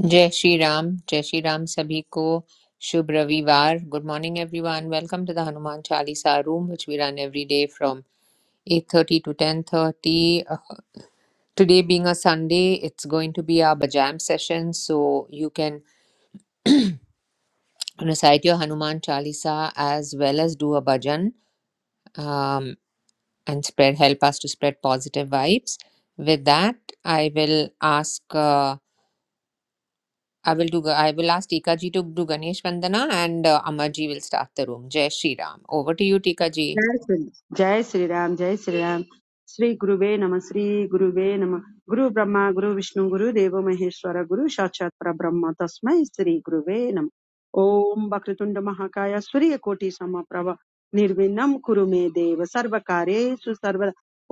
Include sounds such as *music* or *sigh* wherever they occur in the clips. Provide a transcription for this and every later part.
Jai Shri Ram, Jai Shri Ram sabhi ko Shubh Ravivar. Good morning everyone. Welcome to the Hanuman Chalisa room which we run every day from 8:30 to 10:30. Uh, Today being a Sunday, it's going to be our bhajam session so you can recite your Hanuman Chalisa as well as do a bhajan um, and spread help us to spread positive vibes. With that, I will ask uh, I will do. Ga- I will ask Tika ji to do Ganesh Vandana, and uh, Amar ji will start the room. Jai Shri Ram. Over to you, Tika ji. जय श्री जय श्री राम जय श्री राम श्री गुरुवे नम श्री गुरुवे नम गुरु ब्रह्मा गुरु विष्णु गुरु देवो महेश्वर गुरु साक्षात परब्रह्म तस्मै श्री गुरुवे नम ओम वक्रतुंड महाकाय सूर्य कोटि समप्रभ निर्विघ्नं कुरु मे देव सर्व कार्येषु सर्व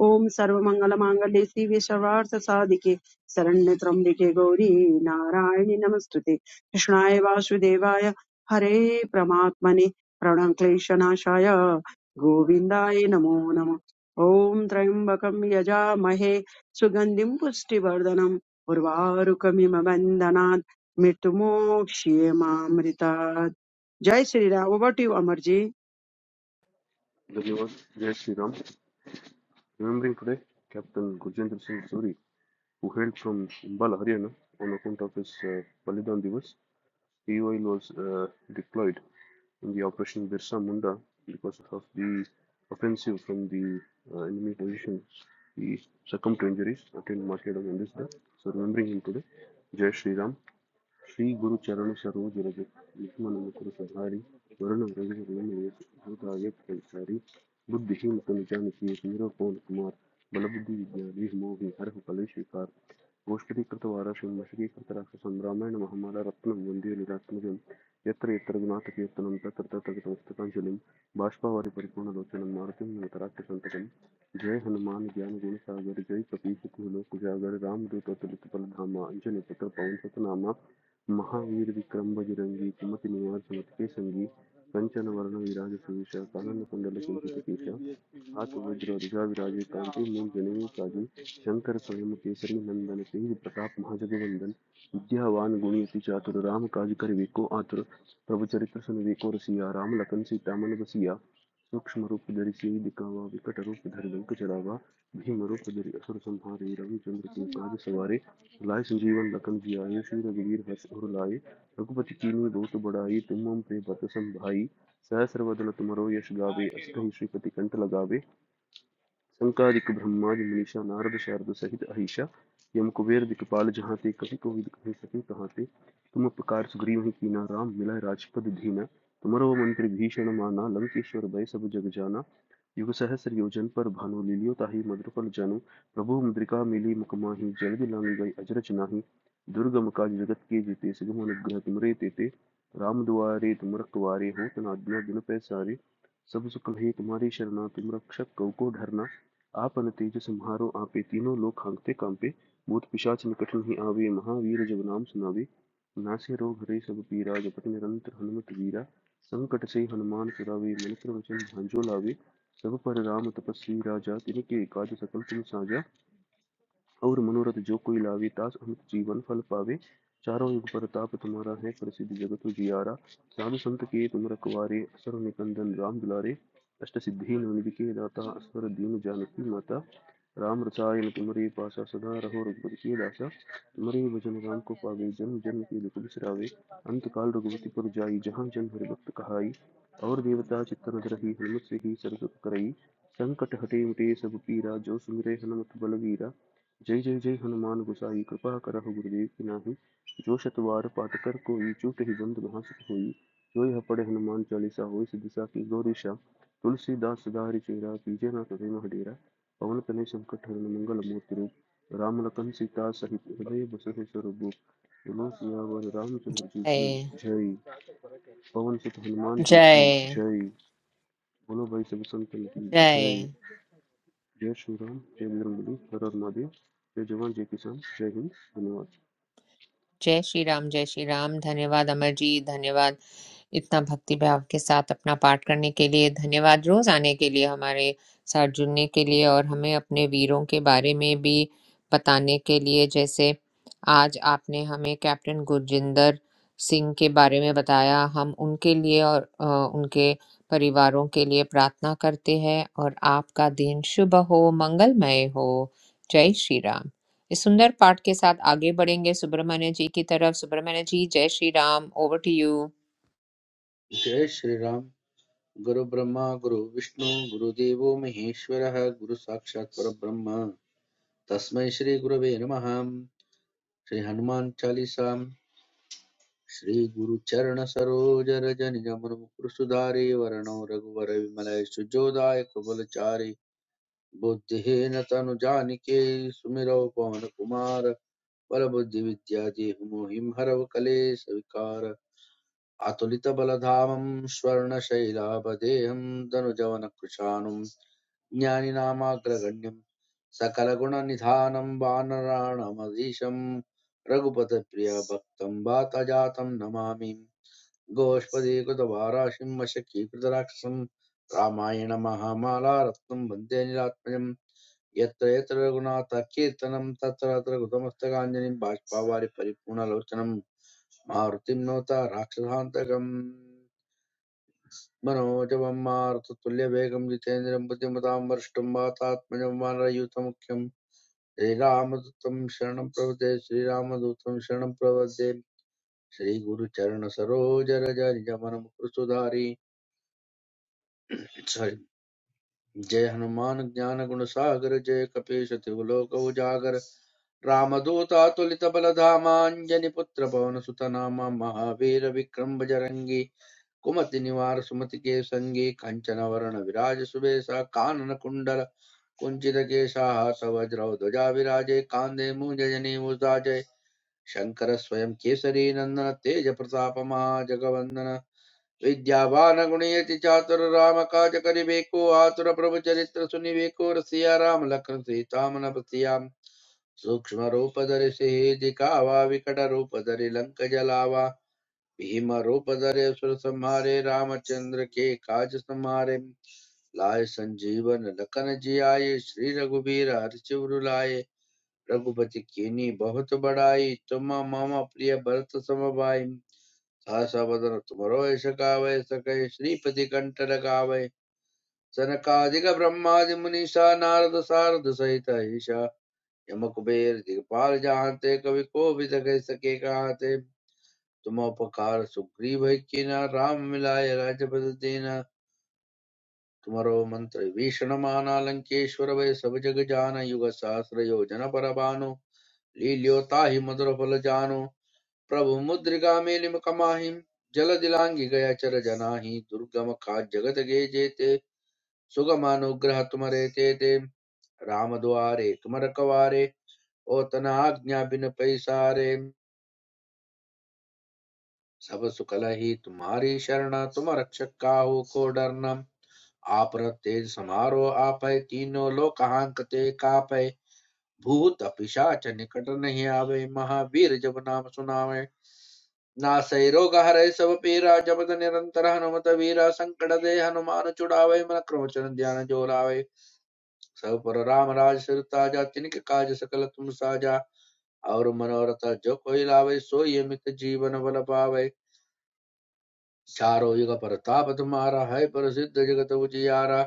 ओम सर्व मंगल मांगल्ये शिवे सर्वार्थ साधिके शरण्य त्र्यंबिके गौरी नारायणि नमस्तुते कृष्णाय वासुदेवाय हरे प्रमात्मने प्रणक्लेशनाशाय गोविन्दाय नमो नमः ॐ त्र्यम्बकं यजामहे सुगन्धिं पुष्टिवर्धनम् उर्वारुकमिम बन्धनात् मृत्युमोक्ष्ये मामृतात् जय Shri Ram over to you Amar ji The Lord Jai Shri Ram. Remembering today Captain Gurjendra Singh Suri, who hailed from Umbala, Haryana, on account of his uh, Balidan Divas, he was uh, deployed in the Operation Birsa Munda because of the offensive from the uh, enemy position. He succumbed to injuries, attained martyrdom on this day. So remembering him today, Jai Shri Ram, श्री गुरु चरण सरोज रज निगमन मुकुर सहारी वरण रवि रमण भूताय परिचारी बुद्धिहीन तनु जान कीर वीर पवन कुमार बल बुद्धि विद्या मोहि हरहु कलेश विकार गोश्त के लिए करतवार आशय हम असली करतराक संब्रामें न महामारा रत्नम बुंदियों निराश मुझे यत्र यत्र गुना तक यत्र नमतर्ता तक तमस्तकां चलें बांशपावरी परिकोण लोचनमार्त्य में उत्तराखे संतकम जय हनुमान ज्ञान गुण सागर जय कपीष कुलों कुजागर राम दूत और तुलसीपल धाम आंचल निकटर पांचोतनामा म आत्र विज्र अधिजाव राजी कांटी मुझ जनेवी काजी शंकर स्वहम केशरी नंदन तेही प्रताप महाज़द वंदन इत्यावान गुणी अतिचातुर राम काजिकर वेको आतुर प्रवचरित्र सन वेको रसिया राम लकन सी तामन वसिया ಸೂಕ್ಷ್ಮರೂಪು ಧರಿಸಿ ದಿಕ್ಕಾವ ವಿಕಟರೂಪು ಧರಿದಂಕ ಜಡಾವ ಭೀಮರೂಪು ಧರಿ ಅಸುರ ಸಂಹಾರಿ ರವಿಚಂದ್ರ की काज सवारे लाए संजीवन लखन जी आए श्री रघुवीर हर्ष उर लाए रघुपति कीन्ही बहुत बड़ाई तुम हम पे बत संभाई सहस्र बदन तुमरो यश गावे अष्टही श्रीपति कंठ लगावे शंकादिक ब्रह्मादि मनीषा नारद शारद सहित अहिषा यम कुबेर दिखपाल जहाँ ते कभी कोई कही सके कहाँ ते तुम उपकार सुग्रीव ही कीना राम मिला राजपद धीना तुम्हारो मंत्र भीषण माना लंकेश्वर भय सब जग जाना युग सहस्र योजन पर भानु लीलियो ताहि मधुर फल जानु प्रभु मुद्रिका मिली मुकमा ही जल्द लांग गई अजरच नाही दुर्गम काज जगत के जीते सुगम अनुग्रह तुमरे तेते राम दुआरे तुम रखवारे हो तना आज्ञा बिनु पैसारे सब सुख है तुम्हारी शरणा तुम रक्षक कव को ढरना आप अन तेज सम्हारो आपे तीनों लोग खांगते कांपे भूत पिशाच निकट नहीं आवे महावीर जब नाम सुनावे नासे रोग हरे सब पीरा जपत निरंतर हनुमत वीरा संकट से हनुमान सुरावे मन क्रम वचन भांजो लावे सब पर राम तपस्वी राजा तिनके काज सकल तुम साजा और मनोरथ जो कोई लावे तास अमित जीवन फल पावे चारों युग प्रताप तुम्हारा है प्रसिद्ध जगत जियारा राम संत के तुम रखवारे असुर निकंदन राम दुलारे अष्ट सिद्धि नवनिधि के दाता असवर दीन जानकी माता राम रसायन तुम्हारे पासा सदा रहो रघुपति के दासा तुम्हारे भजन राम को पावे जन्म जन्म के दुख बिसरावे अंत काल रघुपति पर जाई जहाँ जन हरि भक्त कहाई और देवता चित्तन रही हनुमत से ही सर्व सुख करई संकट हटे मिटे सब पीरा जो सुमिरे हनुमत बलवीरा जय जय जय हनुमान गुसाई कृपा करहु गुरुदेव की नाही जो शतवार पाठ कर कोई चूट ही बंद भाषित होई जो यह पढ़े हनुमान चालीसा होई सिद्धिसा की गौरीशा तुलसीदास सदारि चेरा कीजे ना कभी मह डेरा पवन तनय संकट हरण मंगल मूर्ति रूप राम लखन सीता सहित हृदय बसहि स्वरूप बोलो सियावर रामचंद्र जी की Jai, जय पवन सुत हनुमान जी की Jai, जय बोलो भाई सब संतन की जय Jai, Yer Şura'nın temsilcileri, Karadınadi ve Juvan Jepisam, Jenkins yanıvar. Jai Shri Ram, Jai Shri Ram. धन्यवाद अमर जी धन्यवाद इतना भक्ति भाव के साथ अपना पाठ करने के लिए धन्यवाद रोज आने के लिए हमारे साथ जुड़ने के लिए और हमें अपने वीरों के बारे में भी बताने के लिए जैसे आज आपने हमें कैप्टन गुरजिंदर सिंह के बारे में बताया हम उनके लिए और अ, उनके परिवारों के लिए प्रार्थना करते हैं और आपका दिन शुभ हो मंगलमय हो जय श्री राम इस सुंदर पाठ के साथ आगे बढ़ेंगे सुब्रमण्य जी की तरफ सुब्रमण्य जी जय Shri Ram over to you जय श्रीराम गुरु ब्रह्मा गुरु विष्णु गुरुदेवो महेश्वरः गुरु साक्षात् परब्रह्म तस्मै श्री गुरवे नमः श्री हनुमान चालीसाम् श्री गुरु चरण सरोज रज निज मन मुकुर सुधारि वरणो रघुवर विमल सुजोदाय कबल चारि बुद्धिहीन तनु जानिके सुमिरौ पवन कुमार बल बुद्धि विद्या देहु मोहि हरव कलेश विकार अतुलितबलधामं स्वर्णशैलापदेहं दनुजवनकृशानुं ज्ञानिनामाग्रगण्यं सकलगुणनिधानं वानराणामधीशं रघुपतप्रियभक्तं वातजातं नमामि गोष्पदीकृतवाराशिं वशकीकृतराक्षसं रामायणमहामाला रत्नं वन्दे निरात्मजम् यत्र यत्र रघुनाथ कीर्तनं तत्र तत्र कृतमस्तकाञ्जलिं बाष्पावारि परिपूर्णलोचनं मारुतिं नोता राक्षसान्तकम् मनोजवम्मारुततुल्यवेगं जितेन्द्रं बुद्धिमतां वरिष्ठं वातात्मजं वानरयूथं मुख्यं श्रीरामदूतं शरणं प्रवदे श्रीरामदूतं शरणं प्रवदे श्रीगुरुचरणसरोजरजनिजमनमुकुरसुधारी सॉरी जय हनुमान ज्ञान गुण सागर जय कपीश त्रिवलोक उजागर रामदूतातुलितबलधामाञ्जनिपुत्रपवनसुतनामा महावीर विक्रम बजरंगी, कुमतिनिवार सुमतिके सङ्गे कञ्चनवर्णविराज सुबेशः काननकुण्डल कुञ्चितकेशाः सवज्रौ ध्वजा विराजे कान्दे मूञ्जनीमुसाजे शङ्कर स्वयं केसरी नन्दन तेज प्रताप महाजगवन्दन विद्यावान गुणयति चातुर राम काज करिबेको आतुर प्रभु चरित्र सुनिबेको रसिया राम लखन सीतामन बसियाम सूक्ष्म रूप धरि सिहि दिखावा विकट रूप धरि लंक जलावा भीमरूप धरे सुर संहारे रामचंद्र के काज संहारे लाए संजीवन लखन जियाए श्री रघुबीर हरषि लाए रघुपति कीनी बहुत बड़ाई तुम मम प्रिय भरत समबाई सहसा बदन तुमरो सकावै सकय श्रीपति कंठ लगावै सनकादिक ब्रह्मादि मुनीषा नारद सारद सहित ईशा यम कुबेर दिगपाल जहांते कवि को भी सके सके कहाते तुमोपकार सुग्रीव कीना राम मिलाय राज्य बल देना तुम्हारो मंत्र भीषण माना लंकेश्वर वै सब जग जान युग सहस्र योजन पर भानु लील्योता ही मधुर फल जानो प्रभु मुद्रिका मेलिम कमाहि जल दिलांगी गया चर जनाहि दुर्गम खाद जगत गे जेते सुगम अनुग्रह तुम्हारे तेते राम द्वारे तुम रखवारे ओ तना आज्ञा बिन पैसारे सब सुकल ही तुम्हारी शरण तुम रक्षक काहू को डरना आप तेज समारो आपै तीनों लोक हांकते कापै भूत पिशाच निकट नहीं आवे महावीर जब नाम सुनावे नासै रोग हरै सब पीरा जपत निरंतर हनुमत वीरा संकट दे हनुमान छुड़ावे मन क्रमचन ध्यान जो लावे सब पर राम राज सिर ताजा तिनके काज सकल तुम साजा और मनोरथ जो कोई लावे सोई अमित जीवन बल पावे चारों युग परताप तुम्हारा है प्रसिद्ध जगत उजियारा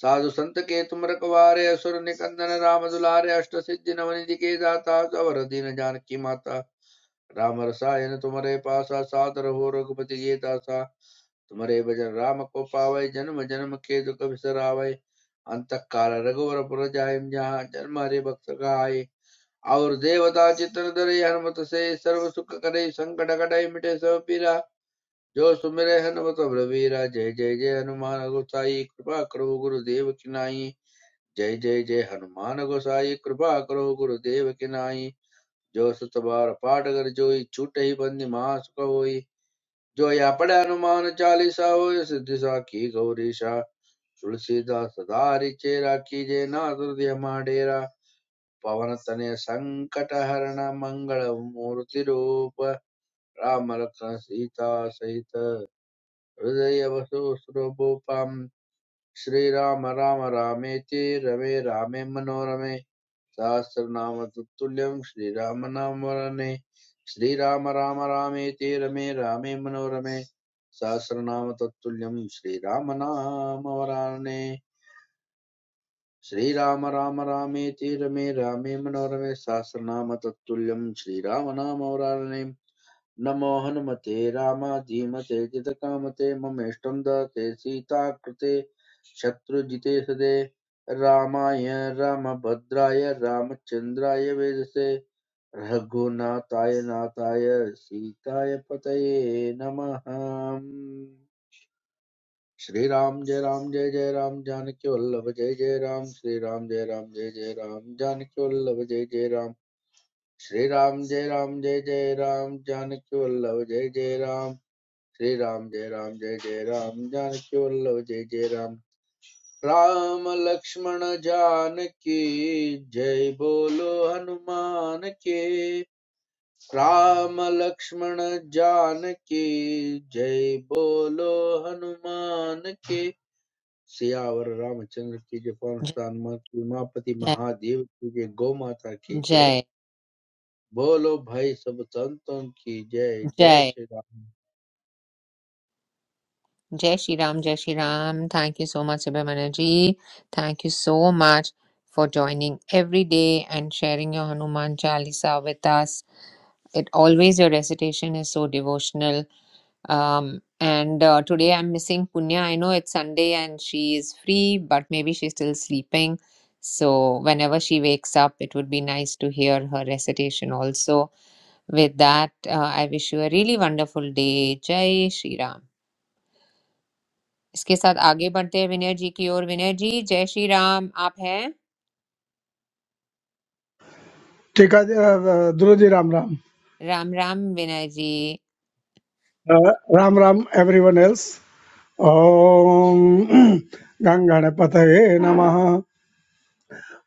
साधु संत के तुम रखवारे असुर निकंदन राम दुलारे अष्ट सिद्धि नव निधि के दाता अवर दीन जानकी माता राम रसायन तुम्हारे पासा सादर हो रघुपति ये दासा तुम्हारे भजन राम को पावै जन्म जन्म के दुख बिसरावै अंत काल रघुवर पुर जाय जहाँ जन्म हरे भक्त कहाय और देवता चित्र धरे हनुमत से सर्व सुख करे संकट कटाई मिटे सब पीरा जो सुमिरै हनुमत बलबीरा जय जय जय हनुमान गोसाई कृपा करो गुरुदेव की नाई जय जय जय हनुमान गोसाई कृपा करो गुरुदेव की नाई जो सुत बार पाठ कर जोई छूटे ही बंदी मास होई जो या पढ़े हनुमान चालीसा होय सिद्धि सा की गौरीशा तुलसीदास सदा रिचे राखी जय ना हृदय डेरा पवन तनय संकट हरण मंगल मूर्ति रूप राम लखन सीता सहित हृदयवसुस्रभूपां श्रीराम राम रामेति रमे रामे मनोरमे सहस्रनाम तत्तुल्यं श्रीराम नाम वरणे श्रीराम राम रामेति रमे रामे मनोरमे सहस्रनाम तत्तुल्यं श्रीराम नाम वराणे श्रीराम राम रामेति रमे रामे मनोरमे सहस्रनाम तत्तुल्यं श्रीराम नाम वराणे नमो हनुमते रामाधीमते जितकामते ममेष्टं दते सीताकृते शत्रुजिते सदे रामाय रामभद्राय रामचन्द्राय वेदसे रघुनाथाय नाथाय सीताय पतये नमः श्री राम जय राम जय जय राम जानकी वल्लभ जय जय राम श्री राम जय राम जय जय राम जानकी वल्लभ जय जय राम श्री राम जय राम जय जय राम जानकी वल्लभ जय जय राम श्री राम जय राम जय जय राम जानकी वल्लभ जय जय राम राम लक्ष्मण जानकी जय बोलो हनुमान के राम लक्ष्मण जानकी जय बोलो हनुमान के सियावर रामचंद्र की जय पवन हनुमान मां की उमापति Jai महादेव की जय गौ माता की जय Jai बोलो भाई सब संतों की जय जय Jai श्री राम जय श्री राम जय Shri Ram thank you so much subhamana ji thank you so much for joining every day and sharing your hanuman chalisa with us it always your recitation is so devotional um and uh, today i'm missing punya i know it's sunday and she is free but maybe she's still sleeping so whenever she wakes up it would be nice to hear her recitation also with that uh, i wish you a really wonderful day jai shri ram इसके साथ आगे बढ़ते हैं विनय जी की ओर विनय जी जय श्री राम आप हैं ठीक है अ, ध्रुव जी राम राम राम राम विनय जी अ, राम राम एवरीवन एल्स ओम *clears throat* गंगणपतये नमः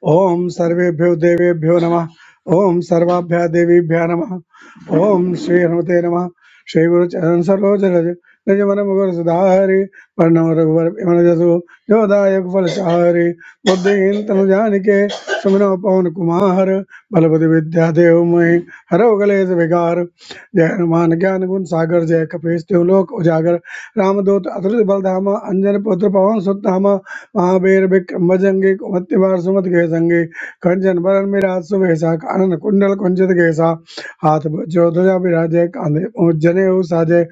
ॐ सर्वेभ्यो देवेभ्यो नमः ॐ सर्वाभ्यः देवीभ्यः नमः ॐ श्री हनुमते नमः श्री गुरुचरण सरोज रज निज मन मुकुर सुधारि वर्णम रघुवर विमल जसु जो दायक फल चारि बुद्धिहीन तनु जानिके सुमिरो पवन कुमार बलबुद्धि विद्या देव मोहि हरो कलेश विकार जय हनुमान ज्ञान गुण सागर जय कपीश तिहु लोक उजागर रामदूत अतुलित बलधामा अंजन पुत्र पवन सुत नामा। महाभैरविक भजंगे मत्तिवार सुमत गए संगे खंजन बरन मेरा सुभेसा कानन कुंडल कुंजित गैसा हाथ जो ध्वजा विराजय कांधे और जने हो साजे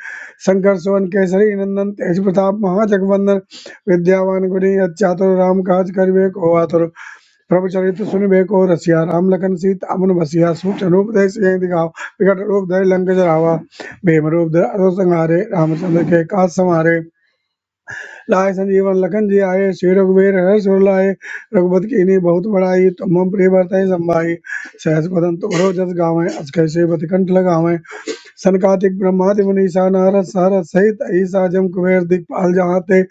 शंकर सुवन केसरी नंदन तेज प्रताप महाजगवंदन विद्यावान गुणी अत्यातुर राम काज करिबे को आतुर प्रभु चरित सुनिबे को रसिया राम लखन सीता अमन बसिया सूचन रूप दय सिंह दिखाओ विकट रूप दय लंक जरावा भीम रूप दय अरो संहारे रामचंद्र के काज समारे लाय संजीवन लखन जी आये श्री रघुवीर हर्ष उर लाए रघुपति कीन्ही बहुत बड़ाई तुम मम प्रिय भरतहि संभाई सहस बदन तुम्हरो जस गावें अस कैसे बत कंठ लगावें सनकादिक ब्रह्मादि मुनीसा नारद सारद सहित ईसा जम कुबेर दिखपाल जहाँ ते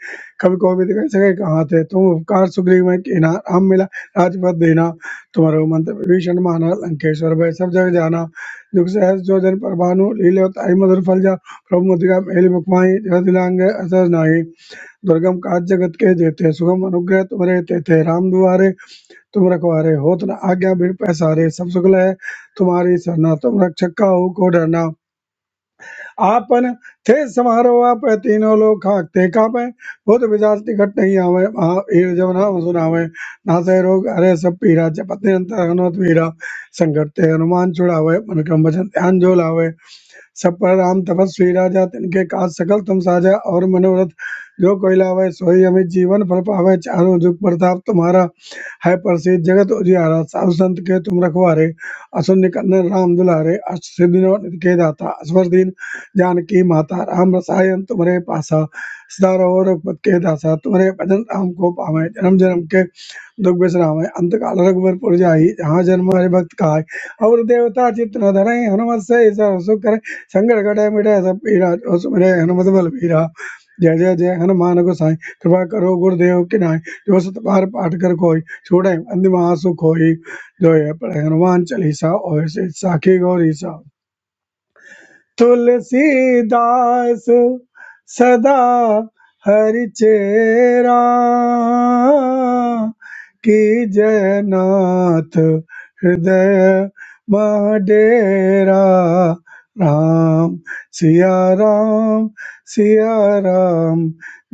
कवि को भी कह सके कहाँ थे तुम उपकार सुग्रीव में कीना राम मिला राजपद देना तुम्हारो मंत्र विभीषण माना लंकेश्वर भय सब जग जाना दुख सहज जो जन पर भानु लीले ताई मधुर फल जा प्रभु मुद्रिका मेल मुख माहि जगत लांग असर नाही दुर्गम काज जगत के जेते सुगम अनुग्रह तुम रहते थे राम दुआरे तुम रखवारे होत न आज्ञा बिन पैसारे सब सुगल है तुम्हारी सरना तुम रक्षक का हो को डरना आपन थे समारो आप तीनों लोग खाकते कापे बहुत विजात निकट नहीं आवे महा वीर जब नाम सुनावे नासे रोग अरे सब पीरा जपत निरंतर हनुमत वीरा संकट ते हनुमान छुड़ावे मन क्रम वचन ध्यान जो लावे सब पर राम तपस्वी राजा तिनके काज सकल तुम साजा और मनोरथ जो कोई लावे सोई अमित जीवन फल पावे चारों जुग प्रताप तुम्हारा है प्रसिद्ध जगत उजियारा साधु संत के तुम रखवारे असुन निकंदन राम दुलारे अष्ट सिद्धि नव निधि के दाता असवर दीन जानकी माता राम रसायन तुम्हारे पासा सदा रहो रघुपत के दासा तुम्हारे भजन राम को पावे जन्म जन्म के दुख बिश्राम अंत काल रघुवर पुर जाई जहाँ जन्म हरे भक्त काय और देवता चित्त न धरे हनुमत से सर्व सुख करई, સંકટ ઘટે મિટે सब પીડા અસુરે હનુમત બલ પીરા जय जय जय हनुमान गोसाई कृपा करो गुरुदेव की नाई जो सत पार पाठ कर कोई छोड़े अंतिम आसु कोई जो ये पढ़े हनुमान चालीसा और से साखी गौरी सा तुलसीदास सदा हरिचेरा की जयनाथ हृदय महडेरा राम सिया राम सिया राम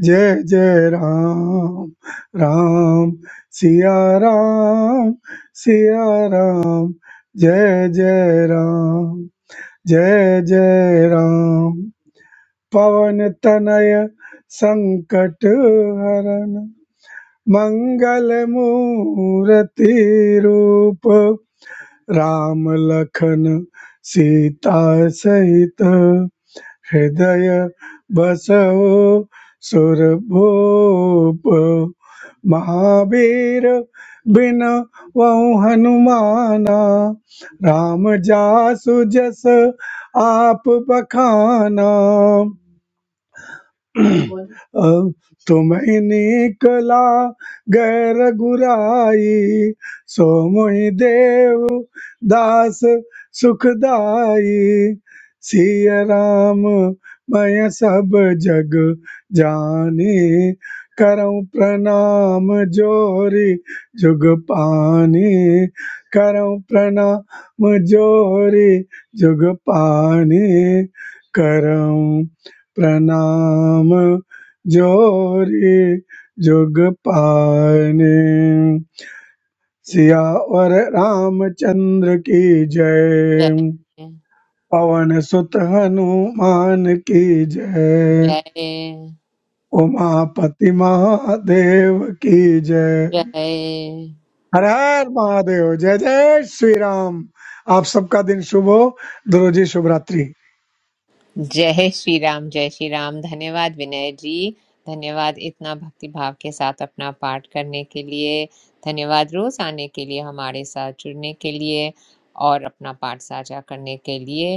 जय जय राम राम सिया राम सिया राम जय जय राम जय जय राम पवन तनय संकट हरण मंगल मूर्ति रूप राम लखन सीता सहित हृदय बसहो सुरभूप महावीर बिन वहु हनुमाना राम जासु जस आप बखाना अब तो मैं निकला गैर गुराई सो मोहि देव दास सुखदाई सिय राम मैं सब जग जानी करऊं प्रणाम जोरी जुग पानी करऊं प्रणाम जोरी जुग पानी करऊं प्रणाम जोरी जुग पाने सिया और रामचंद्र की जय जय पवन सुत हनुमान की जय जय उमापति महादेव की जय जय हर हर महादेव जय जय श्री राम आप सबका दिन शुभ हो दुरुजी शुभ रात्रि जय श्री राम जय श्री राम धन्यवाद विनय जी धन्यवाद इतना भक्ति भाव के साथ अपना पाठ करने के लिए धन्यवाद रोज आने के लिए हमारे साथ जुड़ने के लिए और अपना पाठ साझा करने के लिए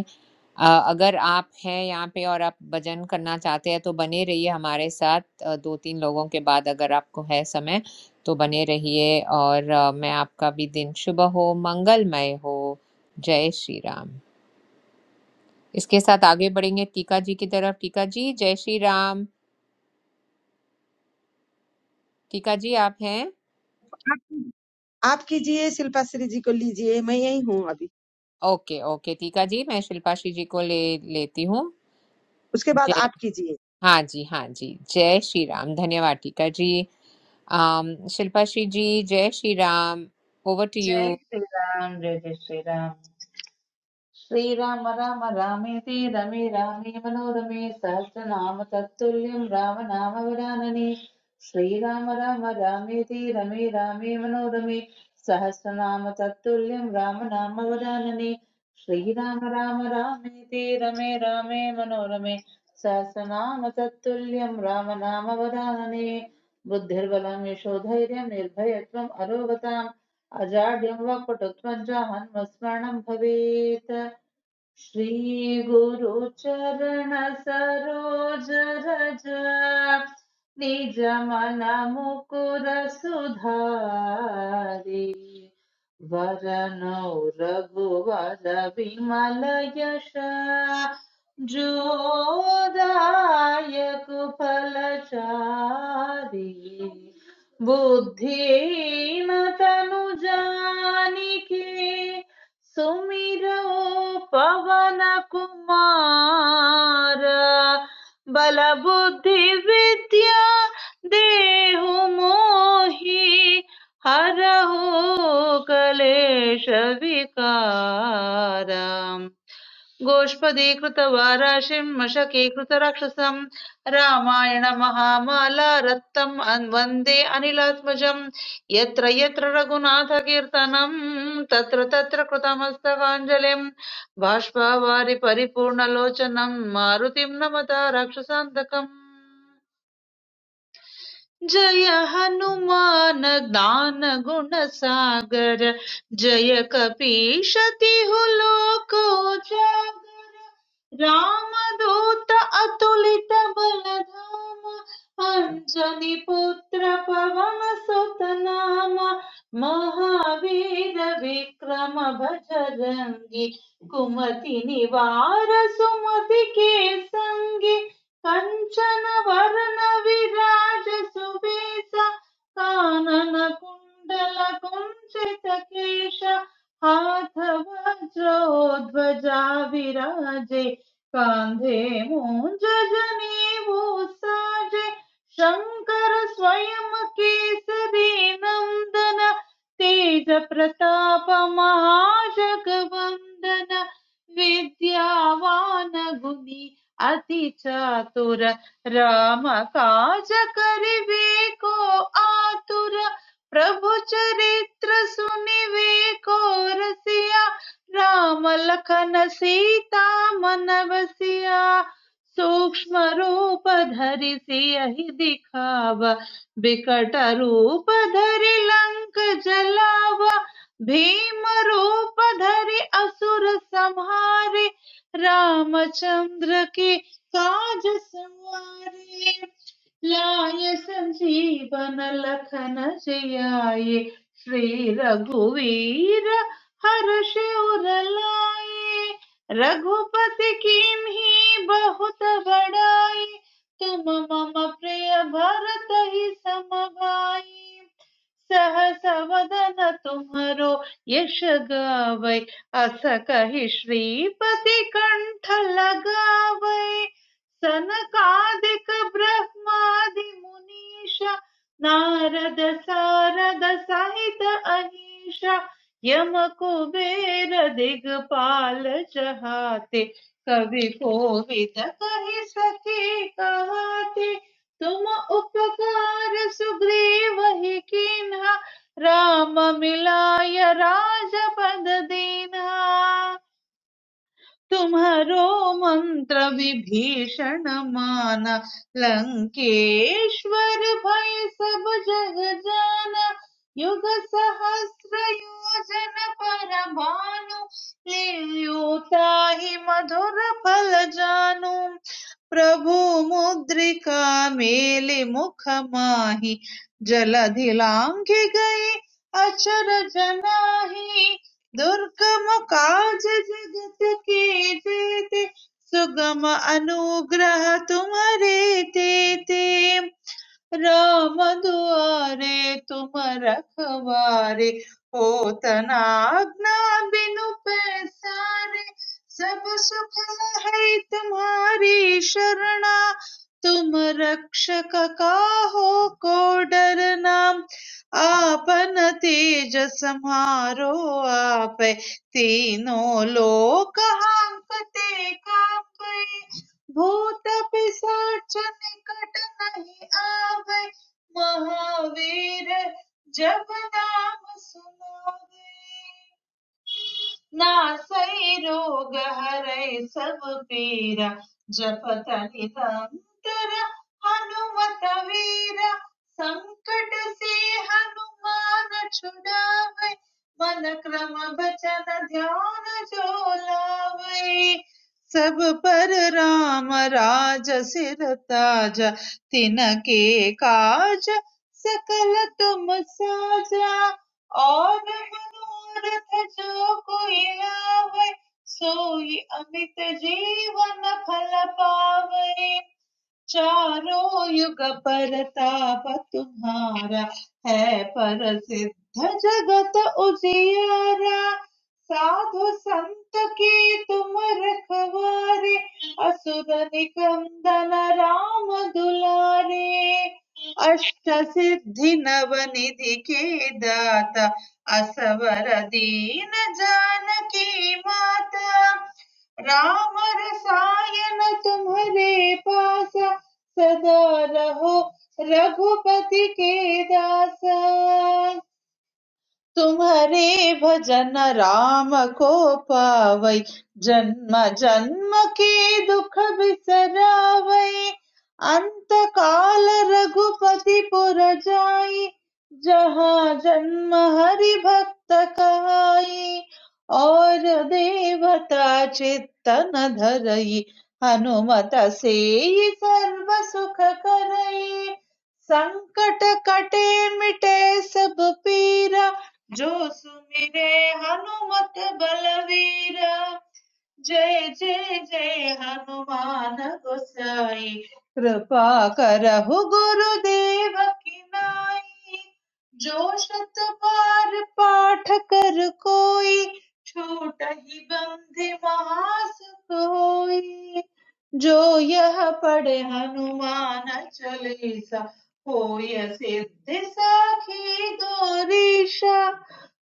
अ, अगर आप हैं यहाँ पे और आप भजन करना चाहते हैं तो बने रहिए हमारे साथ अ, 2-3 लोगों के बाद अगर आपको है समय तो बने रहिए और अ, मैं आपका भी दिन शुभ हो, मंगलमय हो। जय श्री राम। इसके साथ आगे बढ़ेंगे टीका जी की तरफ। टीका जी, जय श्री राम। टीका जी आप हैं? आप कीजिए शिल्पा श्री जी को लीजिए मैं यही हूँ अभी ओके, ओके टीका जी, मैं शिल्पाश्री जी को ले लेती हूँ। उसके बाद जय आप कीजिए हाँ जी, हाँ जी। जय श्री राम। धन्यवाद टीका जी। Um, Shilpa Shiji, Jai Shri Ram, over to जय you. श्री राम जय जय श्री राम श्रीराम राम राम रामेति रमे रामे मनोरमे सहस्रनाम तत्तुल्यं रामनामवरानने श्रीराम राम राम रामेति रमे रामे मनोरमे सहस्रनाम तत्तुल्यं रामनामवरानने श्रीराम राम राम रामेति रमे रामे मनोरमे सहस्रनाम तत्तुल्यं रामनामवरानने बुद्धिर्बलं यशोधैर्यं निर्भयत्वम् अरोगताम् अजाड्यं वक्पटुत्वं च हन्मस्मरणं भवेत् श्रीगुरुचरणसरोज रज निजमनमुकुर सुधारि वरनौ रघुवर विमल यश जोदायक फलचारि बुद्धिमतनु जानिके सुमिरो पवन कुमार बल बुद्धि विद्या देहु मोहि हरहु कलेश विकार गोष्पदीकृतवाराशिं मशके कृतराक्षसं रामायणमहामाला रत्तम् अन्- वन्दे अनिलात्मजं यत्र यत्र रघुनाथकीर्तनं तत्र तत्र कृतमस्तकाञ्जलिं बाष्पवारि परिपूर्णलोचनं मारुतिं नमता राक्षसान्तकम् जय हनुमान ज्ञान गुण सागर जय कपीश तिहु लोक उजागर राम दूत अतुलित बल धाम अंजनी पुत्र पवन सुत नाम महावीर विक्रम भजरंगी कुमति निवार सुमति के संगी कञ्चनवरनविराजसुवेश काननकुण्डलकुञ्चितकेश हाथवज्रोध्वजा विराजे कान्धे मूञ्जनेवोत्साजे शङ्कर स्वयं केसरी नन्दन तेज प्रताप महाजगवन्दन विद्यावान गुणी अति चातुर राम काज करिवे को आतुर प्रभु चरित्र सुनिवे को रसिया राम लखन सीता मन बसिया सूक्ष्म रूप धरि सियहि दिखाव बिकट रूप धरि लंक जलावा भीम रूप धरि असुर संहारे रामचंद्र के काज सवारे लाय संजीवन लखन जियाए श्री रघुवीर हर्ष उर लाए रघुपति कीन्ही बहुत बड़ाई तुम मम प्रिय भरत ही समभाई सहस वदन तुम्हरो यश गावै अस कहि श्रीपति कंठ लगावै सनकादिक ब्रह्मादि मुनीश नारद सारद सहित अहीश यम कुबेर दिगपाल चहाते कवि कोविद कहि सके कहते तुम उपकार सुग्रीव ही कीन्हा राम मिलाय राजपद दीन्हा तुम्हरो मंत्र विभीषण माना लंकेश्वर भय सब जग जाना युग सहस्र योजन पर भानु लियो ताहि मधुर फल जानु प्रभु मुद्रिका मेलि मुख माहि जलधि लांघि गए अचर जनाहि दुर्गम काज जगत के जेते सुगम अनुग्रह तुम्हरे तेते राम दुआरे तुम रखवारे हो तना आज्ञा बिनु पैसारे सब सुख है तुम्हारी शरणा तुम रक्षक काहो को डरना आपन तेज समारो आप तीनों लोक कांपते कांपे भूत पिशाच निकट नहीं आवे महावीर जब नाम सुनावे नासै रोग हरै सब पीरा जपत निरंतर हनुमत वीरा संकट से हनुमान छुड़ावे मन क्रम बचन ध्यान जो लावे सब पर राम राज सिर ताजा तिनके काज सकल तुम साजा और मनोरथ जो कोई लावे सोई अमित जीवन फल पावे चारों युग परताप तुम्हारा है प्रसिद्ध जगत उजियारा साधु संत के तुम रखवारे असुर निकंदन राम दुलारे अष्ट सिद्धि नव निधि के दाता असवर दीन जानकी माता राम रसायन तुम्हारे पास सदा रहो रघुपति के दासा तुम्हारे भजन राम को पावई जन्म जन्म के दुख बिसरावई अंत काल रघुपति पुर जाई जहाँ जन्म हरि भक्त कहाई और देवता चित्तन धरई हनुमत से सर्व सुख करई संकट कटे मिटे सब पीरा जो सुमिरे हनुमत बलवीरा जय जय जय हनुमान गोसाई कृपा करहु गुरुदेव की नाई जो शत बार पाठ कर कोई छूटहि बंधि महासुख होई जो यह पढ़े हनुमान चालीसा होय सिद्धि साखी गौरीशा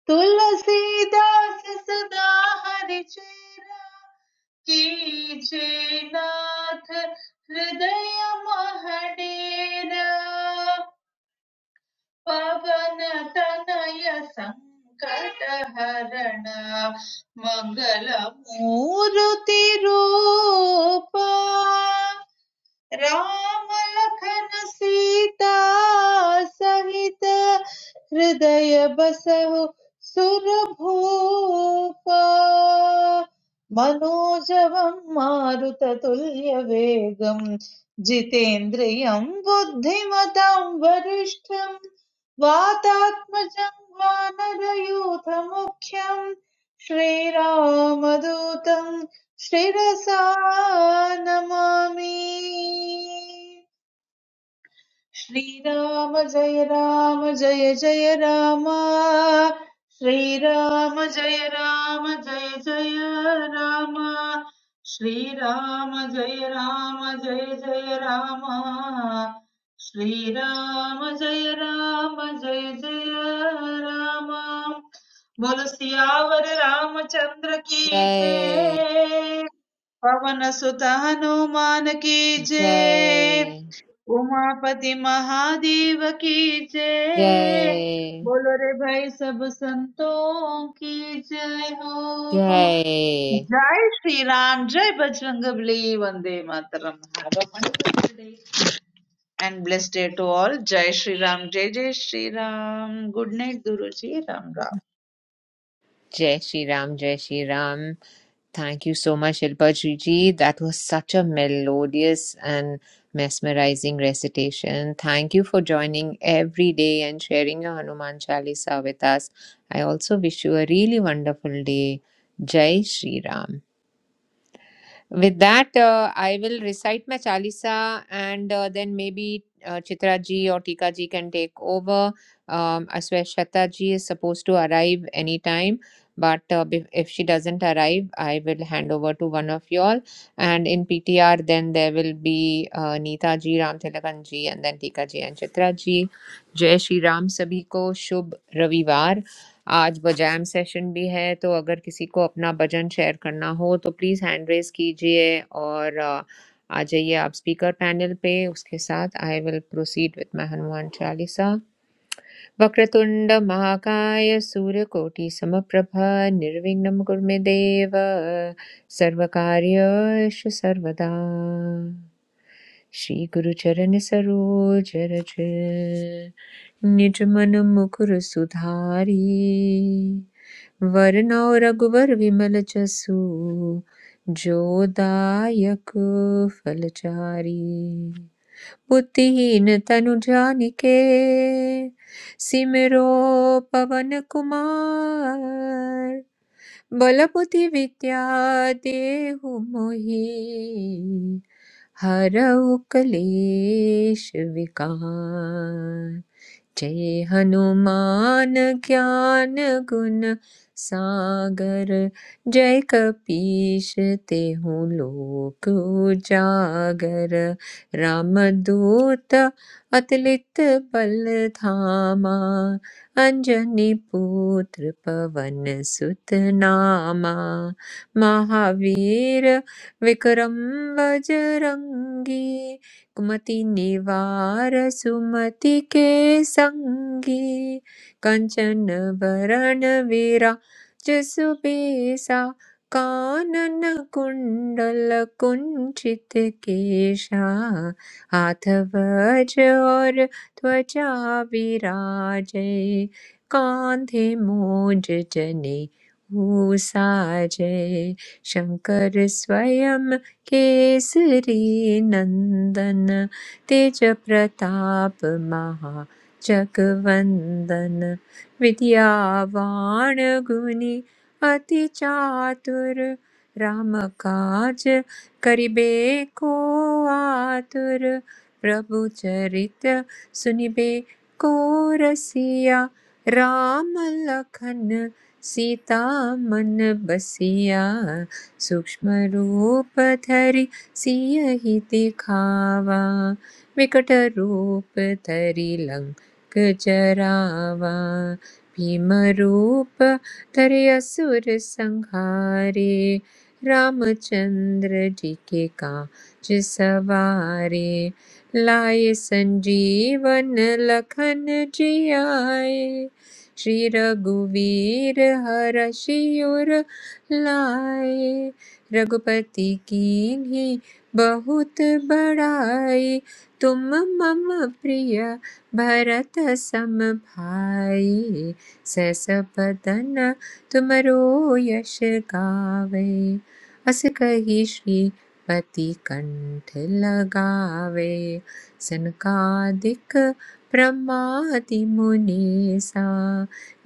तुलसीदास सदा हरि चेरा कीजे नाथ हृदय महडेरा पवन तनय संकट हरणा मंगल मूर्ति रूपा राम लखन सीता सहित हृदय बसहु सुर भूप मनोजवं मारुततुल्य वेगं जितेन्द्रियं बुद्धिमतां वरिष्ठं वातात्मजं वानरयूथमुख्यं श्रीरामदूतं Shreya Sanamami. श्रीराम जय राम जय जय राम श्रीराम जय राम जय जय राम श्रीराम जय राम जय जय राम श्रीराम जय राम जय जय राम बोलो सियावर रामचंद्र की Jai, जय पवन सुत हनुमान की जय Jai, उमापति महादेव की जय Jai, बोलो रे भाई सब संतों की जय हो Jai, जय श्री राम जय बजरंगबली वंदे मातरम have a wonderful day and blessed day to all जय श्री राम जय जय श्री राम गुड नाइट गुरु जी Ram Ram Jai Shri Ram, Jai Shri Ram. Thank you so much, Shilpa Shiji. That was such a melodious and mesmerizing recitation. Thank you for joining every day and sharing your Hanuman Chalisa with us. I also wish you a really wonderful day. Jai Shri Ram. With that, uh, I will recite my Chalisa and uh, then maybe uh, Chitra ji or Tika ji can take over. Um, Asweshata ji is supposed to arrive anytime, but uh, bef- if she doesn't arrive, I will hand over to one of you all. And in PTR, then there will be uh, Neeta ji, Ram Tilakan ji, and then Tika ji and Chitra ji. Jai Shri Ram Sabhi ko Shubh Ravivar. आज बजैम session भी है तो अगर किसी को अपना भजन share करना हो तो प्लीज़ हैंड रेज कीजिए और अ, आ जाइए आप स्पीकर पैनल पे उसके साथ I will proceed with my Hanuman Chalisa वक्रतुंड महाकाय सूर्यकोटि समप्रभा निर्विघ्नं कुरु मे देव सर्वकार्येषु सर्वदा श्री गुरु चरण सरोज रज निज मन मुकुर सुधारी वरनौ रघुवर विमल जसु जो दायक फलचारी बुद्धिहीन तनु जानिके सिमरो पवन कुमार बल बुद्धि विद्या देहु मोहि हरऊ कलेश विकार जय हनुमान ज्ञान गुण सागर जय कपीश तेहु लोक उजागर रामदूत अतलित बल धामा अंजनी पुत्र पवन सुत नामा महावीर विक्रम बजरंगी कुमति निवार सुमति के संगी कंचन वरण विराज सुबेसा कानन कुंडल कुंचित केशा हाथ वज और त्वचा विराजय कान्धे मोज जने ऊसाजय शङ्कर स्वयं केसरी नन्दन तेजप्रताप महा जगवन्दन विद्यावान गुणी अति चातुर रामकाज करिबे को आतुर प्रभु चरित सुनिबे को रसिया राम लखन सीता मन बसिया सूक्ष्मरूप धरि सियहि दिखावा विकट रूप धरि लंक जरावा भीम रूप धरि असुर संहारे रामचंद्र जी के काज सवारे लाए संजीवन लखन जी आए श्री रघुवीर हरषि उर लाए रघुपति कीन्ही बहुत बड़ाई तुम मम प्रिय भरत सम भाई सस बदन तुमरो यश गावे अस कही श्रीपति कंठ लगावे सनकादिक ब्रह्मादि मुनीसा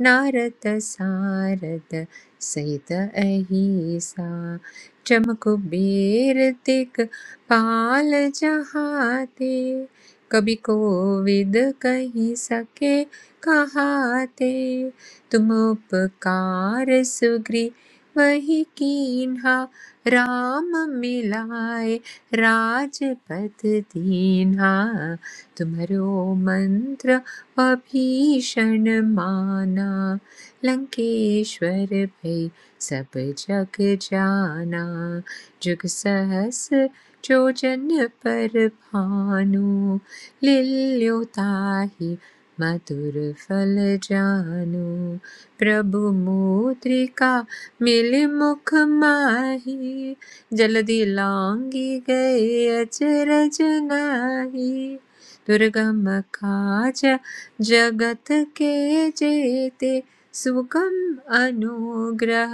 नारद सारद सहित अहिसा चम कुबेर तिक पाल जहाते कभी कोविद कही सके कहाते तुम उपकार सुग्री वही कीन्हा राम मिलाए राजपथ दीन्हा तुम्हरो मंत्र अभीषण माना लंकेश्वर भई सब जग जाना जुग सहस जो जन पर भानु लील्यो ताहि मधुर फल जानु प्रभु मुद्रिका मिल मुख माही जल्दी लांगी गए अचरज नाही दुर्गम काज जगत के जेते सुगम अनुग्रह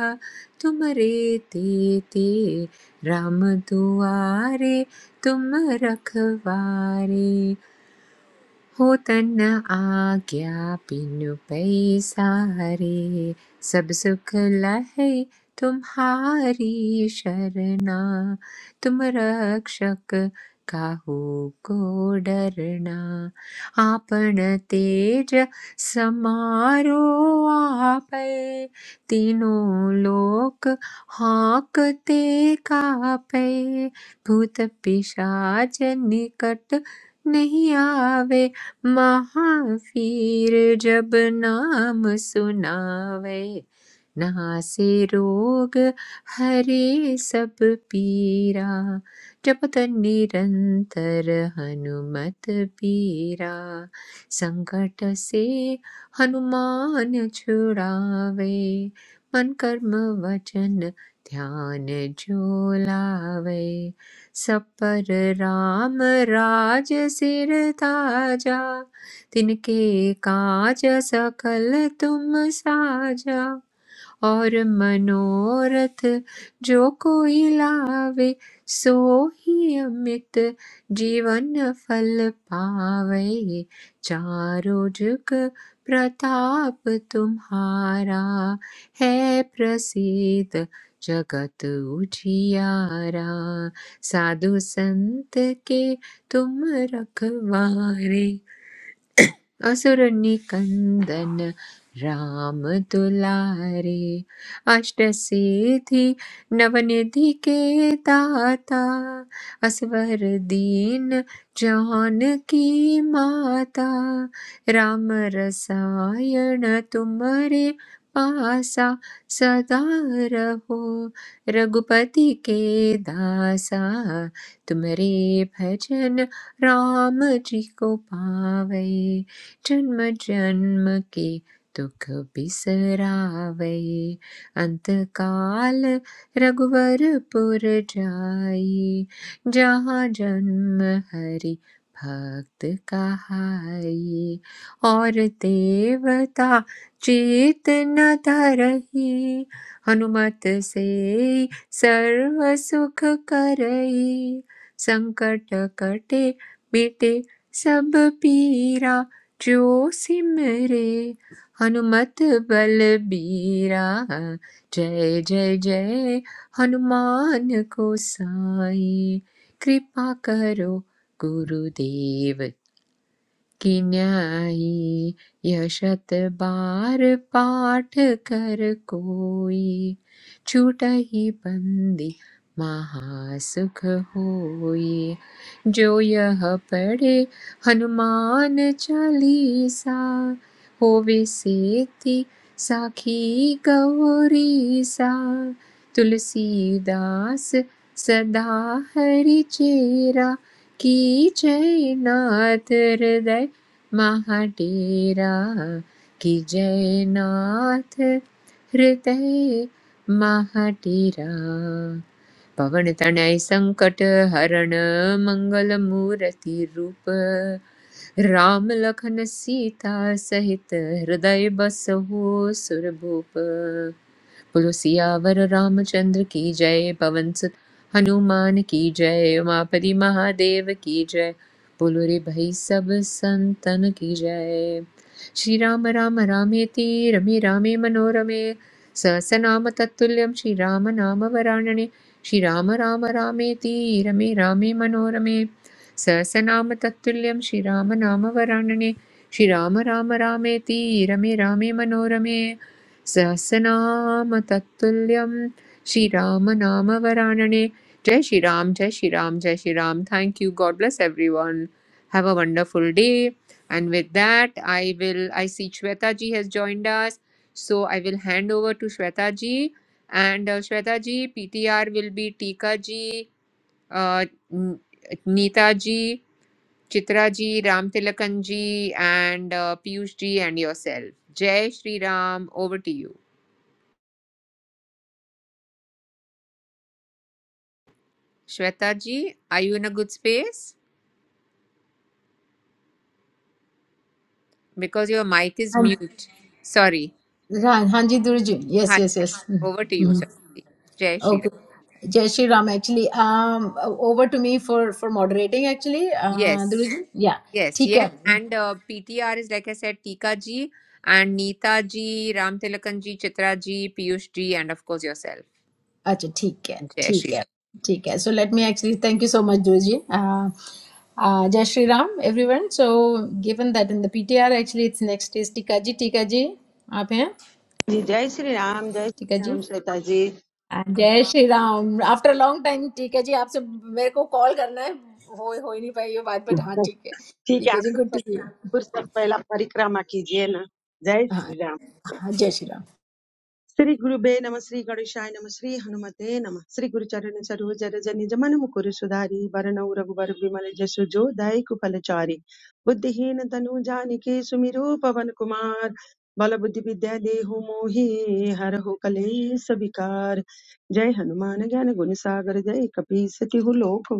तुम तेते राम दुआरे तुम रखवारे होतन आज्ञा बिनु पैसारे सब सुख लहे तुम्हारी शरणा तुम रक्षक काहू को डरना आपन तेज समारो आपै तीनों लोक हाँकते कापै भूत पिशाच निकट नहीं आवे महावीर जब नाम सुनावे नासे रोग हरे सब पीरा जपत निरंतर हनुमत पीरा संकट से हनुमान छुड़ावे मन कर्म वचन ध्यान जो लावे सब पर राम राज सिर ताजा तिनके काज सकल तुम साजा और मनोरथ जो कोई लावे सो ही अमित जीवन फल पावे चारों जुग प्रताप तुम्हारा है प्रसिद्ध जगत उजियारा साधु संत के तुम रखवारे असुर निकंदन राम दुलारे अष्ट सिद्धि नवनिधि के दाता असवर दीन जान की माता राम रसायन तुम्हारे पासा सदा रहो रघुपति के दासा तुम्हारे भजन राम जी को पावे जन्म जन्म के दुख बिसरावे अंत काल रघुवरपुर जाई जहाँ जन्म हरि भक्त कहाई और देवता चेत न धरही हनुमत से सर्व सुख करई संकट कटे मिटे सब पीरा जो सिमरे हनुमत बलबीरा जय जय जय हनुमान को साई कृपा करो गुरुदेव कि न्यायी यह शत बार पाठ कर कोई छूटहि बंदी महासुख होई जो यह पढ़े हनुमान चालीसा होवे सेति साखी गौरी सा तुलसीदास सदा हरि चेरा की जय नाथ हृदय महाडेरा कि जय नाथ हृदय महाडेरा पवन तनय संकट हरण मंगल मूर्ति रूप राम लखन सीता सहित हृदय बसहु सुरभूप पुलुसियावर रामचंद्र की जय पवन सुत हनुमान की जय उमापति महादेव की जय पुलुरि भई सब संतन की जय श्री राम राम रामेति रमे रामे मनोरमे सहसनाम तत्तुल्यं श्री राम नाम वराणने श्री राम राम रामेति रमे रामे मनोरमे सहसनाम तत्तुल्यं श्री राम नाम वराणने श्रीराम राम राम रामेति रमे रामे मनोरमे सहस्रनाम तत्तुल्यम श्री राम नाम वरानने जय श्री राम जय श्री राम जय Shri Ram thank you god bless everyone have a wonderful day and with that i will i see shweta ji has joined us so i will hand over to shweta ji and uh, shweta ji ptr will be tika ji uh, N- neeta ji chitra ji ram tilakan ji and uh, piyush ji and yourself jay shri ram over to you Shweta ji, are you in a good space? Because your mic is Um, mute. Sorry. right, Hanji Guruji. Yes, Hi. yes, hi. yes. Over to you, Mhm. Shweta ji. Jai Shri Ram. Okay. Jai Shri Ram, actually, um, over to me for for moderating actually, uh, Yes. Guruji. Yeah, Yes. ठीक Yes. है. And uh, PTR is, like I said, Tika ji and Neeta ji, Ram Tilakan ji, Chitra ji, Piyush ji, and of course yourself. अच्छा ठीक है, Jai Shri Ram. ठीक है, ठीक है. So let me actually thank you so much, Guruji. Uh, uh, Jai Shri Ram, everyone. So given that in the PTR actually it's next is Tika ji, Tika ji, आप हैं? जी जय श्री राम जय Tika Shri ji. Ram Shweta ji जय Shri Ram after long time ठीक है जी आपसे मेरे को कॉल करना है हो हो ही नहीं पाई ये बात बट हाँ *laughs* ठीक है ठीक ठीक है है आप जी गुड टू फुर्सत सी फुर्सत पहला परिक्रमा कीजिए ना जय हाँ श्री राम हाँ जय श्री राम स्त्री गुरु बे नमः स्त्री कार्यशायी नमः स्त्री हनुमते नमः स्त्री गुरु चरण सरोजा दजनी जमाने मुकुरे सुधारी बारन अवृग्भ बार विमले जसुजो दायिकु पलचारी बुद्धिहीन तनुजानिके सुमीरो पवन कुमार बाल बुद्धि विद्या देहु मोही हर हो कलेस अभिकार जय हनुमान ग्यान गुनिसागर जय कपीसती हु लोको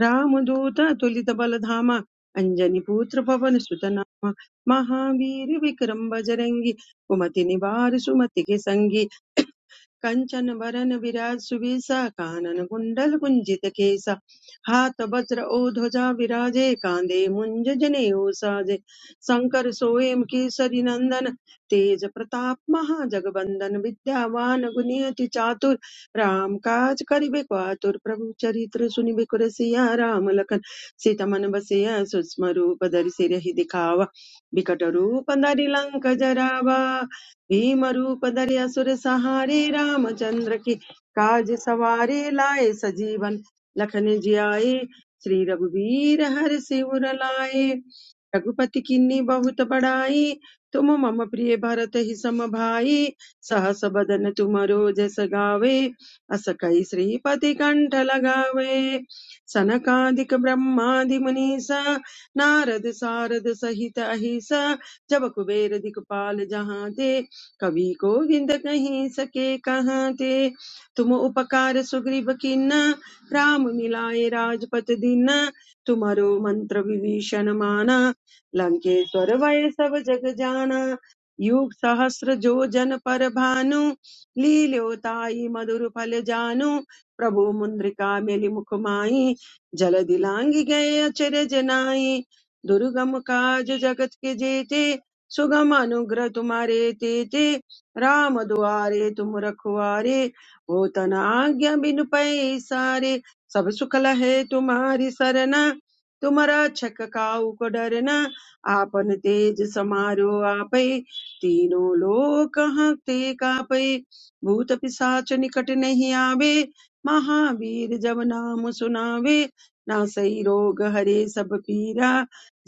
रामदूत अतुलित बल धामा अंजनी पुत्र पवन सुत नामा महावीर विक्रम बजरंगी कुमति निवार सुमति के संगी कंचन बरन विराज सुबीसा कानन कुंडल कुंजित केसा हाथ वज्र ओ ध्वजा विराजे कांधे मुंज जनेऊ साजे शंकर सोएम केसरी नंदन तेज प्रताप महाजगबंदन विद्यावान गुणियति चातुर राम काज करिबे को आतुर प्रभु चरित्र सुनिबे को रसिया राम लखन सीता मन बसिया सूक्ष्म रूप धरि सिरहि दिखावा बिकट रूप धरि लंक जरावा भीमरूपधरे असुर सहारे रामचंद्र के काज सवारे लाए सजीवन लखन जियाए श्री रघुवीर हर सिर लाए रघुपति किन्नी बहुत बड़ाई तुम मम प्रिय भरत ही सम भाई सहस बदन तुम जस गावे अस कई श्रीपति कंठ लगावे सनकादिक ब्रह्मादि मुनीसा नारद सारद सहित अहिसा जब कुबेर दिखपाल जहाँ ते कवि गोविंद कहीं सके कहाँ ते तुम उपकार सुग्रीव किन्ना राम मिलाए राजपत दीना तुम्हारो मंत्र विभीषण माना लंकेश्वर वै सब जग जाना युग सहस्र जो जन पर भानु लील्योताई मधुर फल जानु प्रभु मुद्रिका मेलि मुख माहि जल दिलांग गए अचरज नाहि दुर्गम काज जगत के जेते सुगम अनुग्रह तुम्हारे तेते राम दुआरे तुम रखवारे हो तना आज्ञा बिनु पैसारे सब सुख लहे तुम्हारी सरना तुम रक्षक काहू को डरना आपन तेज समारो आपै तीनों लोक हंते कापै भूत पिसाच निकट नहीं आवे महावीर जब नाम सुनावे नासई रोग हरे सब पीरा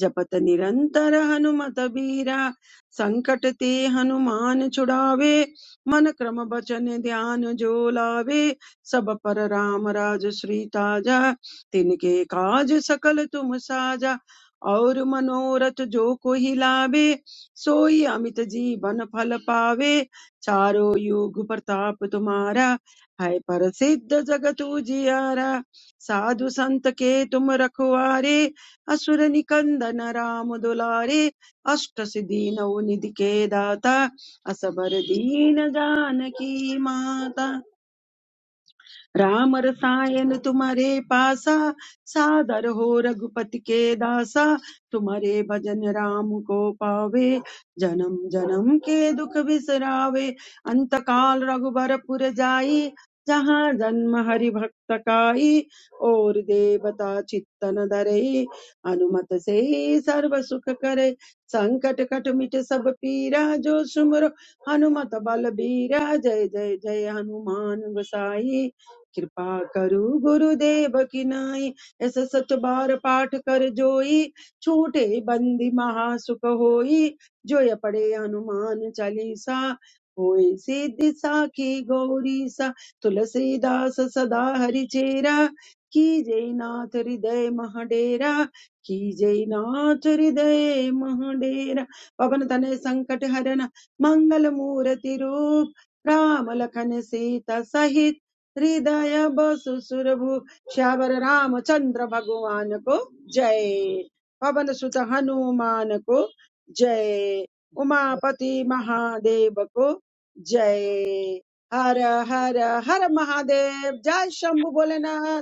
जपत निरंतर हनुमत बीरा संकट ते हनुमान छुड़ावे मन क्रम बचन ध्यान जो लावे सब पर राम राज श्री ताजा तिनके काज सकल तुम साजा और मनोरथ जो कोई लावे सोई अमित जीवन फल पावे चारों युग प्रताप तुम्हारा है प्रसिद्ध जगत उजियारा साधु संत के तुम रखवारे असुर निकंदन राम दुलारे अष्ट सिद्धि नौ निधि के दाता असबर दीन जानकी माता राम रसायन तुम्हारे पासा सादर हो रघुपति के दासा तुम्हारे भजन राम को पावे जन्म जन्म के दुख बिसरावे अंत काल रघुबरपुर जाई जहाँ जन्म हरि भक्त काई और देवता चित्तन धरे अनुमत से सर्व सुख करे संकट कट मिट सब पीरा जो सुमरो हनुमत बल बीरा जय जय जय हनुमान गोसाई कृपा करु गुरुदेव की नाई ऐस सत बार पाठ कर जोई छूटे बंदी महासुख होई जोय पड़े हनुमान चालीसा होय सिद्धि साखी गौरी सा तुलसीदास सदा हरि चेरा की जय नाथ हृदय मह डेरा की जय नाथ हृदय मह डेरा पवन तनय संकट हरन मंगल मूर्ति रूप राम लखन सीता सहित हृदय बसु सुरभु श्यावर रामचंद्र भगवान को जय पवन सुत हनुमान को जय उमापति महादेव को जय हर हर हर महादेव जय शंभु भोलेनाथ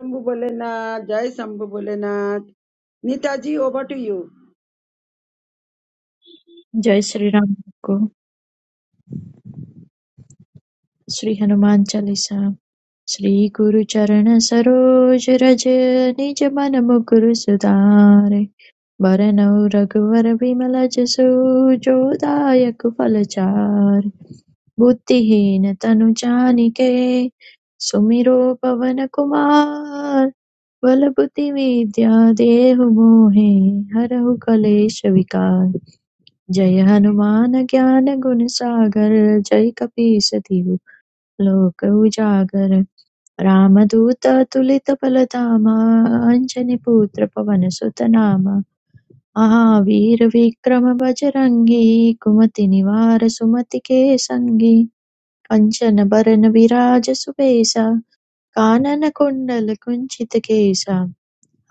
शंभु भोलेनाथ जय Shambhu Bholenath Neetaji over to you जय श्री राम को श्री हनुमान चालीसा श्री गुरु चरण सरोज रज निज मन मुकुर सुधारे बरनऊ रघुवर विमल जसो जो दायक फल चार बुद्धिहीन तनु जानिके सुमिरो पवन कुमार बल बुद्धि विद्या देहु मोहे हरहु कलेश विकार जय हनुमान ज्ञान गुण सागर जय कपीस तिहु लोक उजागर रामदूत अतुलित बल धामा अंजनी पुत्र पवन सुत नामा महावीर विक्रम बजरंगी कुमति निवार सुमति के संगी कंचन बरन विराज सुबेसा कानन कुंडल कुंचित केसा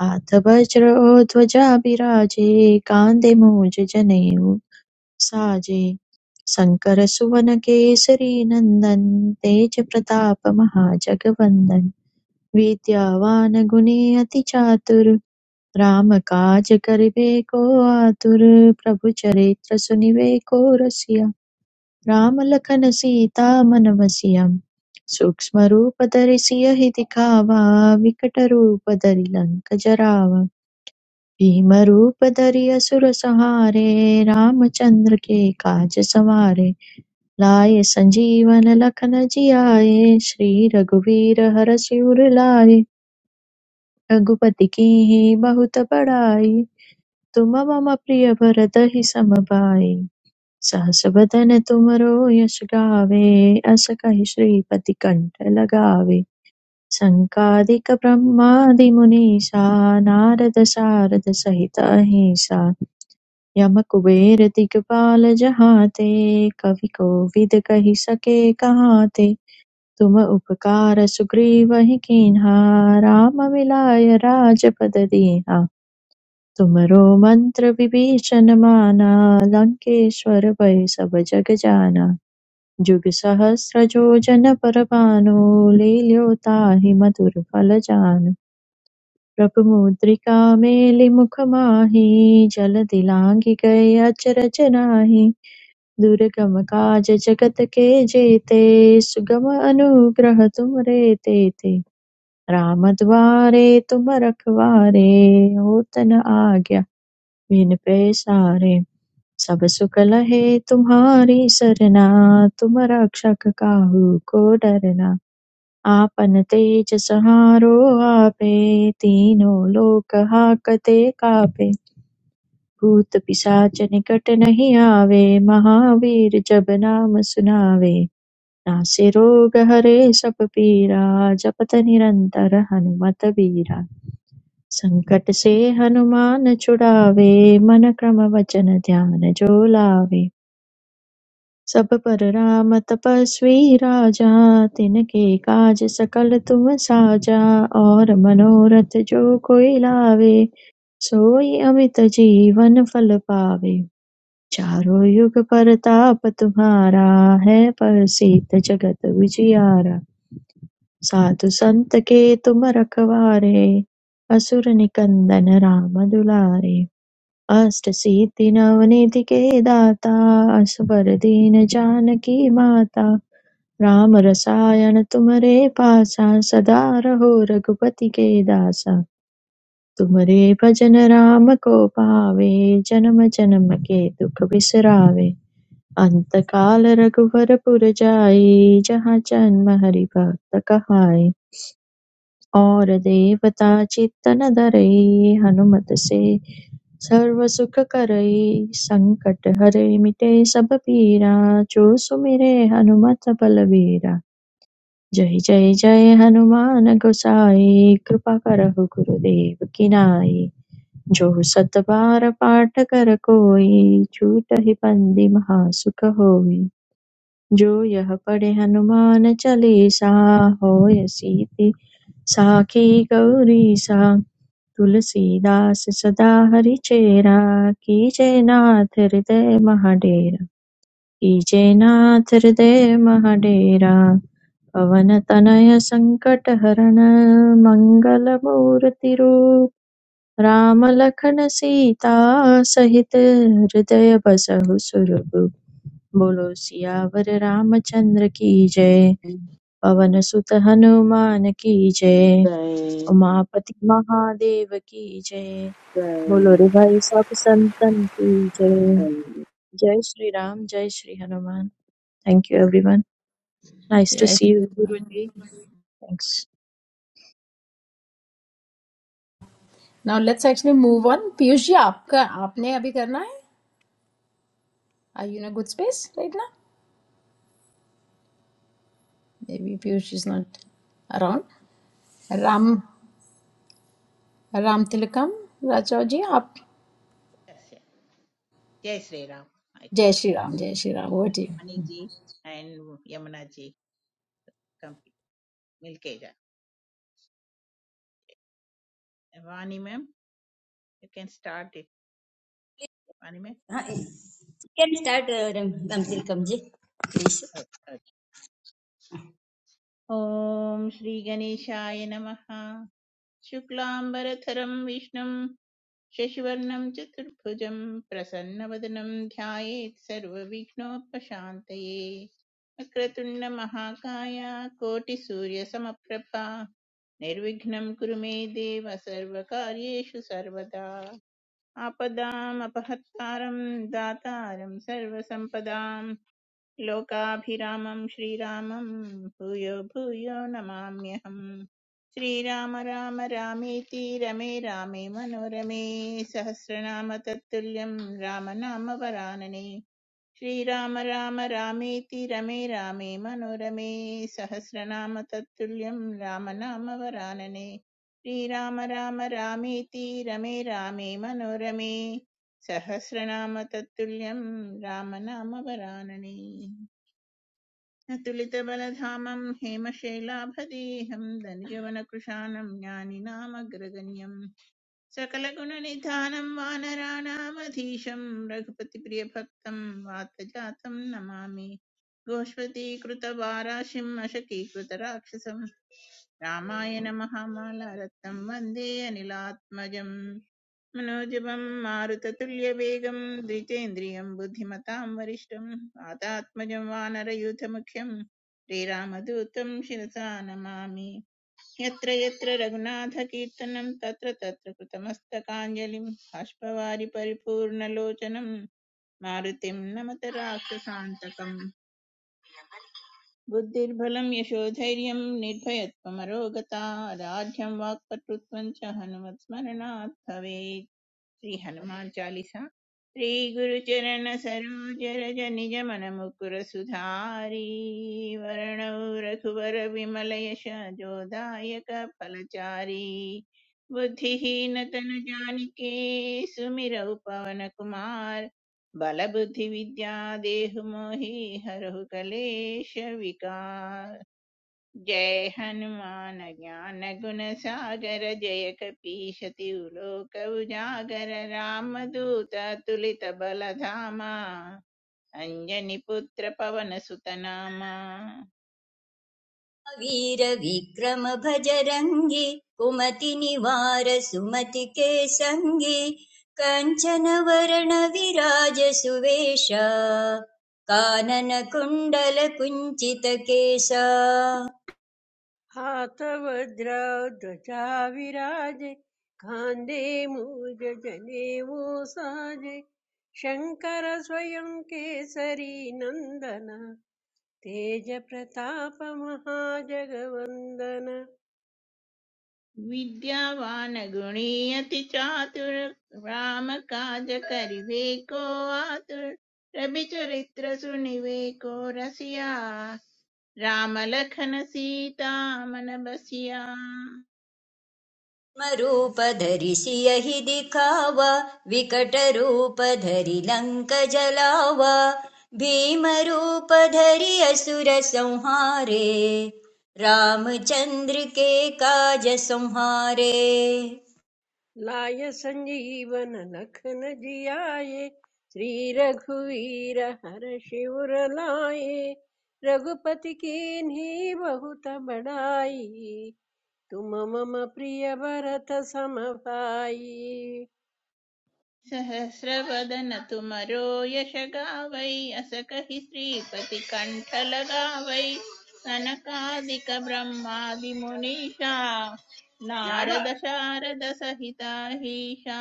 हाथ वज्र और ध्वजा बिराजे कांधे मूज जनेऊ साजे शङ्करसुवनकेसरी नन्दन तेजप्रतापमहाजगवन्दन विद्यावान गुणी अति चातुर राम काज करिबे को आतुर प्रभु चरित्र सुनिबे को रसिया राम लखन सीता मन बसिया सूक्ष्म रूप धरि सियहि दिखावा विकट रूप धरि लंक जरावा भीम रूप धरि असुर संहारे रामचंद्र के काज सवारे लाए संजीवन लखन जियाए श्री रघुवीर हर शिवर लाए रघुपति की ही बहुत बड़ाई तुम मम प्रिय भरत ही समबाई सहस बदन तुमरो यश गावे अस कहि श्रीपति कंठ लगावे संकादिक ब्रह्मादि मुनीसा नारद सारद सहित अहिंसा यम कुबेर दिगपाल जहाँ ते कवि कोविद कहि सके कहाँ ते तुम उपकार सुग्रीवहि कीन्हा राम मिलाय राजपद दीन्हा तुमरो मंत्र विभीषण माना लंकेश्वर भय सब जग जाना जुग सहस्र जोजन पर भानु लील्यो ताहि मधुर फल जानु प्रभु मुद्रिका मेलि मुख माहि जल दिलांघि गए अचरज नाही दुर्गम काज जगत के जेते सुगम अनुग्रह तुम रे ते रामद्वारे तुम रखवारे होत न आज्ञा बिन पैसारे सब सुख लहे तुम्हारी सरना तुम रक्षक काहू को डरना आपन तेज सहारो आपे तीनों लोक हाकते कापे भूत पिशाच निकट नहीं आवे महावीर जब नाम सुनावे नासे रोग हरे सब पीरा जपत निरंतर हनुमत बीरा संकट से हनुमान छुड़ावे मन क्रम वचन ध्यान जो लावे सब पर राम तपस्वी राजा तिनके काज सकल तुम साजा और मनोरथ जो कोई लावे सोई अमित जीवन फल पावे चारों युग परताप तुम्हारा है प्रसिद्ध जगत विजियारा साधु संत के तुम रखवारे असुर निकंदन राम दुलारे अष्टसिद्धीनवनीतिके दाता असबर दीन जानकी माता राम रसायन तुम्हरे पासा सदा रहो रघुपति के दासा तुम्हरे भजन राम को पावे जन्म जन्म के दुख बिसरावे अंत काल रघुवर पुर जाई जहाँ जन्म हरि भक्त कहाई और देवता चित्तन धरई हनुमत से सर्वसुखकरै सङ्कटहरै मिटे सब पीरा जो सुमिरे हनुमत बलबीरा जय जय जय हनुमान गोसाई कृपा करहु गुरुदेव की नाई जो सत बार पाठ कर कोई छूट ही बंदी महासुख होई जो यह पढ़े हनुमान चालीसा होय सीति साखी गौरी सा तुलसीदास सदा हरिचेरा कीजे नाथ हृदय महाडेरा कीजे नाथ हृदय महाडेरा पवन तनय संकट हरण मंगल मूर्ति रूप राम लखन सीता सहित हृदय बसहु सुरभु बोलो सियावर रामचंद्र की जय पवन सुत हनुमान की जय जय उमापति महादेव की जय जय बोलो रे भाई सब संतन की जय जय जय श्री राम जय Shri Hanuman thank you everyone nice to जय see you Shri Ram Guruji thanks now let's actually move on Piyush ji आपका आपने अभी करना है are you in a good space right ना maybe Piyush is not around Ram Ram Tilakam Raja ji आप Yes, yeah. जय श्री राम माइक जय श्री राम जय श्री राम वो जी वाणी जी एंड यमुना जी कम मिलके जा Vani ma'am you can start it Vani ma'am Uh, you can start, uh, Ram- Ram Tilakam ji, please. ओम श्री गणेशाय नमः शुक्लांबरधरं विष्णुं शशिवर्णं चतुर्भुजं प्रसन्नवदनं ध्यायेत् सर्वविघ्नोपशान्तये वक्रतुण्डमहाकाय कोटिसूर्यसमप्रभा निर्विघ्नं कुरु मे देव सर्वकार्येषु सर्वदा आपदामपहत्तारं दातारं सर्वसम्पदां लोकाभिरामं श्रीरामं भूयो भूयो नमाम्यहम् श्रीराम राम रामेति रमे रामे मनोरमे सहस्रनाम तत्तुल्यं रामनाम वरानने श्रीराम राम रामेति रमे रामे मनोरमे सहस्रनाम तत्तुल्यं राम नाम वरानने श्रीराम राम रामेति रमे रामे मनोरमे सहस्रनाम तत्तुल्यं राम नाम वरानने अतुलितबलधामं हेमशैलाभदेहं धनुजवनकृशानं ज्ञानिनामग्रगण्यम् सकलगुणनिधानं वानराणामधीशं रघुपतिप्रियभक्तं वातजातं नमामि गोष्पदीकृतवाराशिम् अशकीकृतराक्षसं रामायण महामालारत्नं वन्दे अनिलात्मजम् मनोजवं मारुततुल्यवेगं द्वितेन्द्रियं बुद्धिमतां वरिष्ठं वातात्मजं वानरयूथमुख्यं श्रीरामदूतं शिरसा नमामि यत्र यत्र रघुनाथकीर्तनं तत्र तत्र कृतमस्तकाञ्जलिं बाष्पवारि परिपूर्णलोचनं मारुतिं नमत राक्षसान्तकम् बुद्धिर्बलं यशोधैर्यं निर्भयत्वमरोगता राढ्यं वाक्पटुत्वं च हनुमत्स्मरणात् भवेत् श्री हनुमान चालीसा श्री गुरु चरण सरोज रज निज मन मुकुर सुधारी वरण रघुवर विमल यश जोदायक फलचारी बुद्धिहीन तन जानिके सुमिरौ पवन कुमार बल बुद्धि विद्या देहु मोहि हरहु कलेश विकार जय हनुमान ज्ञान गुण सागर जय कपीश तिहु लोक उजागर राम दूत तुलित बल धामा अंजनी पुत्र पवन सुत नामा वीरविक्रम भजरङ्गि कुमति निवार सुमति के सङ्गि कञ्चन वरण विराज सुवेश कानन कुण्डल कुञ्चित केसा हाथवज्राव ध्वजा विराजे खान्दे मूज जनेऊ साजे शङ्कर स्वयं केसरी नन्दन तेज प्रताप महाजगवन्दन विद्यावान गुणी अति चातुर राम काज करिवे को आतुर रविचरित्र सुनिवे को रसिया राम लखन सीता मन बसिया रूप धरि सियहि दिखावा विकट रूप धरि लंक जलावा भीम रूप धरि असुर संहारे रामचंद्र के काज संहारे लाय संजीवन लखन जियाए श्री रघुवीर हर शिवर लाए रघुपति कीन्ही बहुत बड़ाई तुम मम प्रिय भरत सम भाई सहस्रवदन तुमरो यश गावै अस कहि श्रीपति कंठ लगावै सनकादिक ब्रह्मादि मुनीषा नारद शारद सहिताहीशा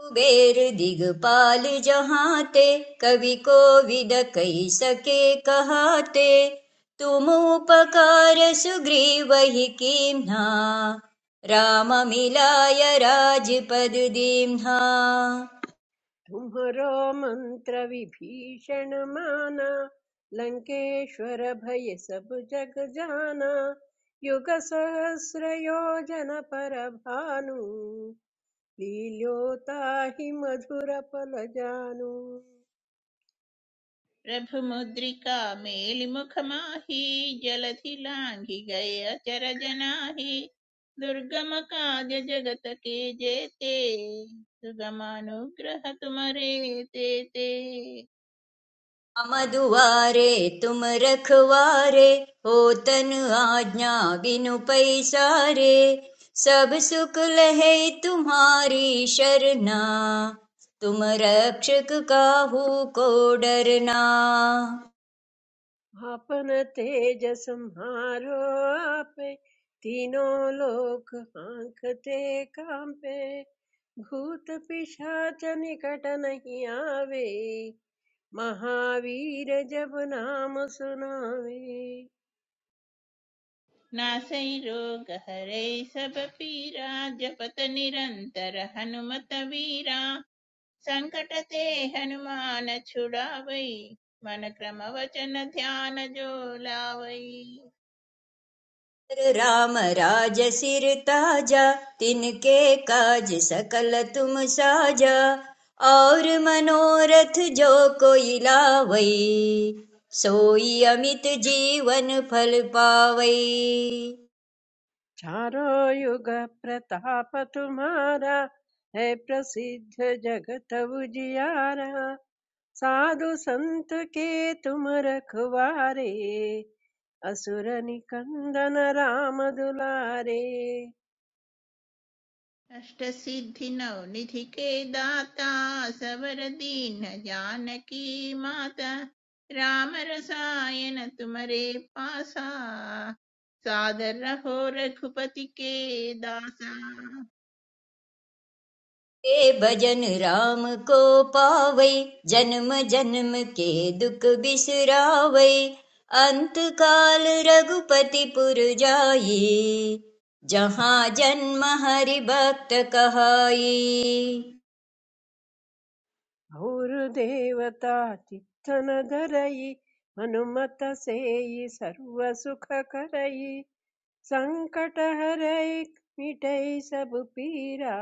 कुबेर दिगपाल जहाते कवि कोविद कही सके कहाते तुम उपकार सुग्रीवहि कीम्हा राम मिलाय राजपद दीम्हा तुम्हरो मंत्र विभीषण माना लंकेश्वर भय सब जग जाना युग सहस्र योजन पर भानु लील्योता हि मधुरफलजानु प्रभु मुद्रिका मेलि मुख माही जलधि लांघि गए अचर जनाही दुर्गम काज जगत के जेते सुगम अनुग्रह तुम्हरे तेते हम दुआरे तुम रखवारे हो तन आज्ञा बिनु पैसारे सब सुख लहे तुम्हारी शरणा तुम रक्षक काहू को डरना आपन तेज संहारो आपे तीनों लोक हांकते कांपे भूत पिशाच निकट नहीं आवे महावीर जब नाम सुनावे नासै रोगहरै सब पीरा जपत निरन्तर हनुमत वीरा संकट ते हनुमान छुड़ावै मन क्रम वचन ध्यान जो लावै राम राज सिर ताजा तिनके काज सकल तुम साजा और मनोरथ जो कोई लावई सोई अमित जीवन फल पावई चारों युग प्रताप तुम्हारा है प्रसिद्ध जगत उजियारा साधु संत के तुम रखवारे असुर निकंदन राम दुलारे अष्ट सिद्धि नव निधि के दाता सबर दीन जानकी माता राम रसायन तुम्हारे पासा सादर रहो रघुपति के दासा ए भजन राम को पावै जन्म जन्म के दुख बिसरावै अंत काल रघुपति पुर जाई जहाँ जन्म हरि भक्त कहाई और देवता चित्तन धरई हनुमत सेई सर्व सुख करई संकट हरई मिटई सब पीरा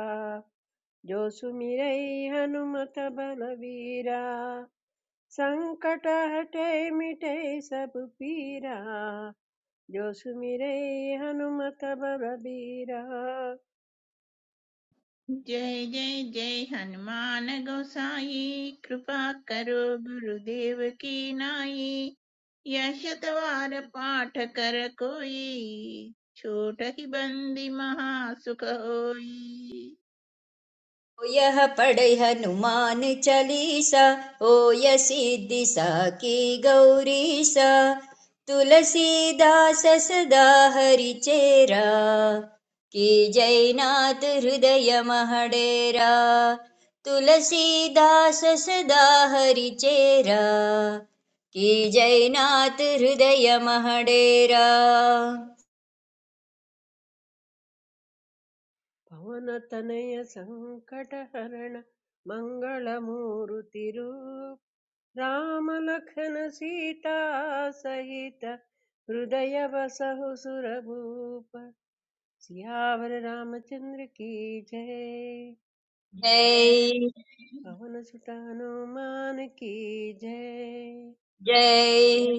जो सुमिरई हनुमत बलवीरा संकट हटै मिटै सब पीरा जो सुमिरे हनुमत बल बीरा जय जय जय हनुमान गोसाई कृपा करो गुरुदेव की नाई यह शतवार पाठ कर कोई छोट ही बंदी महा सुख होई ओ यः पढ़ै हनुमान चालीसा ओ य सिद्धि साकी गौरीसा तुलसीदास सदा हरि चेरा की जयनाथ हृदय महडेरा तुलसीदास सदा हरि चेरा की जयनाथ हृदय महडेरा पवन तनय संकट हरण मंगल मूर्ति रूप राम लखन सीता सहित हृदय बसहु सुर भूप सियावर रामचंद्र की जय जय जय पवन सुत हनुमान की जय जय जय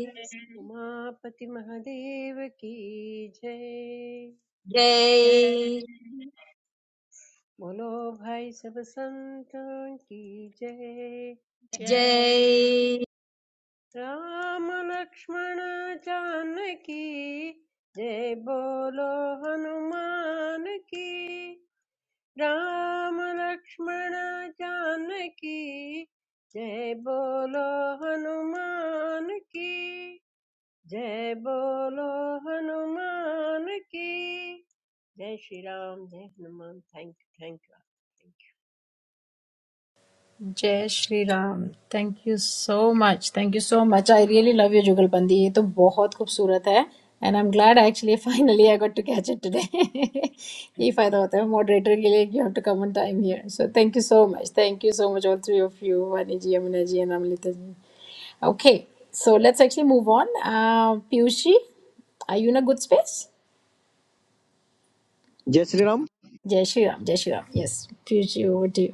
उमापति महादेव की जय जय जय बोलो भाई सब संतों की जय जय जय राम लक्ष्मण जानकी जय बोलो हनुमान की राम लक्ष्मण जानकी जय बोलो हनुमान की जय बोलो हनुमान की जय श्री राम जय Hanuman thank you thank you जय Shri Ram thank you so much thank you so much I really love your jugalbandi ये तो बहुत खूबसूरत है and I am glad actually finally I got to catch it today *laughs* ये फायदा होता है मॉडरेटर के लिए you have to come on time here so thank you so much thank you so much all three of you वानी जी Yamuna ji and Amrita ji okay so let's actually move on Piyush ji are you in a good space जय श्री राम जय श्री राम जय Shri Ram yes Piyush ji over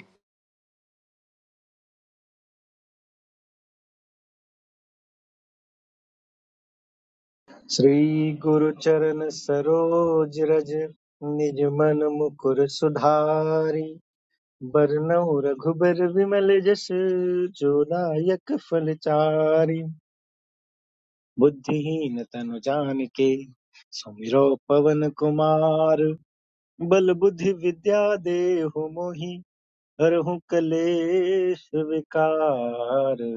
श्री गुरु चरण सरोज रज निज मन मुकुर सुधारी बरनउँ रघुबर विमल जस जो नायक फल चारि बुद्धिहीन तनु जान के सुमिरो पवन कुमार बल बुद्धि विद्या देहु मोहि हरहु कलेश विकार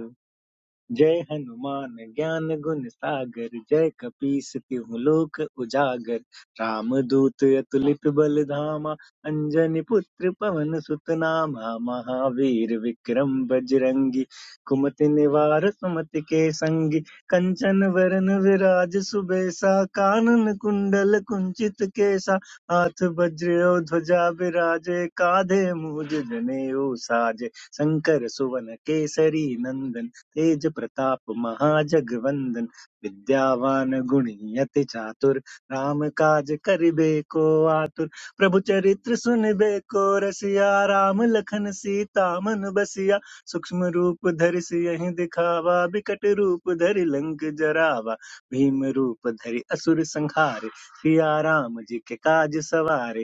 जय हनुमान ज्ञान गुण सागर जय कपीस तिहु लोक उजागर राम दूत अतुलित बल धामा अंजनी पुत्र पवन सुत नामा महावीर विक्रम बजरंगी कुमति निवार सुमति के संगी कंचन वरन विराज सुबेसा कानन कुंडल कुंचित केसा हाथ वज्र और ध्वजा विराजे काधे मूज जनेऊ साजे शंकर सुवन केसरी नंदन तेज प्रताप महाजगवंदन विद्यावान गुणी अति चातुर राम काज करिबे को आतुर प्रभु चरित्र सुनबे को रसिया राम लखन सीता मन बसिया सूक्ष्म रूप धरि सियहि दिखावा बिकट रूप धरि लंक जरावा भीम रूप धरि असुर संहारे सिया राम जी के काज सवारे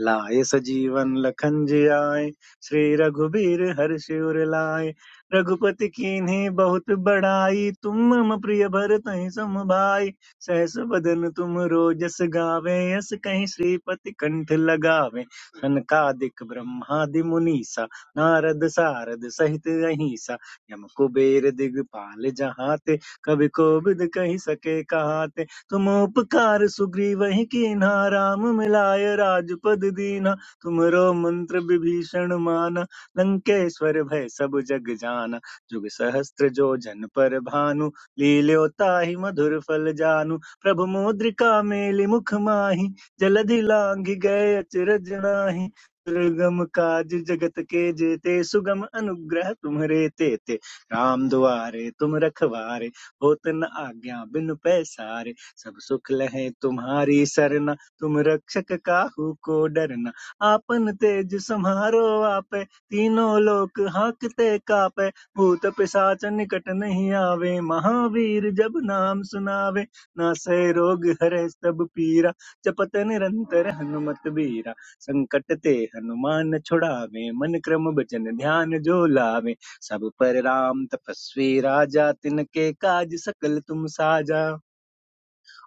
लाए सजीवन लखन जी आए श्री रघुबीर हर्ष उर लाए रघुपति कीन्ही बहुत बड़ाई तुम मम प्रिय भरत सम भाई सहस बदन तुम रोजस गावे यस कहीं श्रीपति कंठ लगावे सनकादिक ब्रह्मादि मुनीसा नारद सारद सहित अहिसा यम कुबेर दिगपाल जहाते कवि कोविद कहि सके कहाते तुम उपकार सुग्रीव ही कीन्हा राम मिलाय राजपद दीन्हा तुमरो मंत्र विभीषण माना लंकेश्वर भय सब जग जाना जुग सहस्त्र जो जन पर भानु लील्योता ही मधुर फल जानु प्रभु मुद्रिका मेलि मुख माहि जलधि लांघ गए अचरज नाही दुर्गम काज जगत के जेते सुगम अनुग्रह तुम्हरे तेते राम दुआरे तुम रखवारे होत न आज्ञा बिनु पैसारे सब सुख लहे तुम्हारी सरना तुम रक्षक काहू को डरना आपन तेज सम्हारो आपे तीनों लोक हाकते कापे भूत पिशाच निकट नहीं आवे महावीर जब नाम सुनावे नासे रोग हरे सब पीरा जपत निरंतर हनुमत बीरा संकट ते हनुमान छुड़ावे मन क्रम भजन ध्यान जो लावे सब पर राम तपस्वी राजा तिनके काज सकल तुम साजा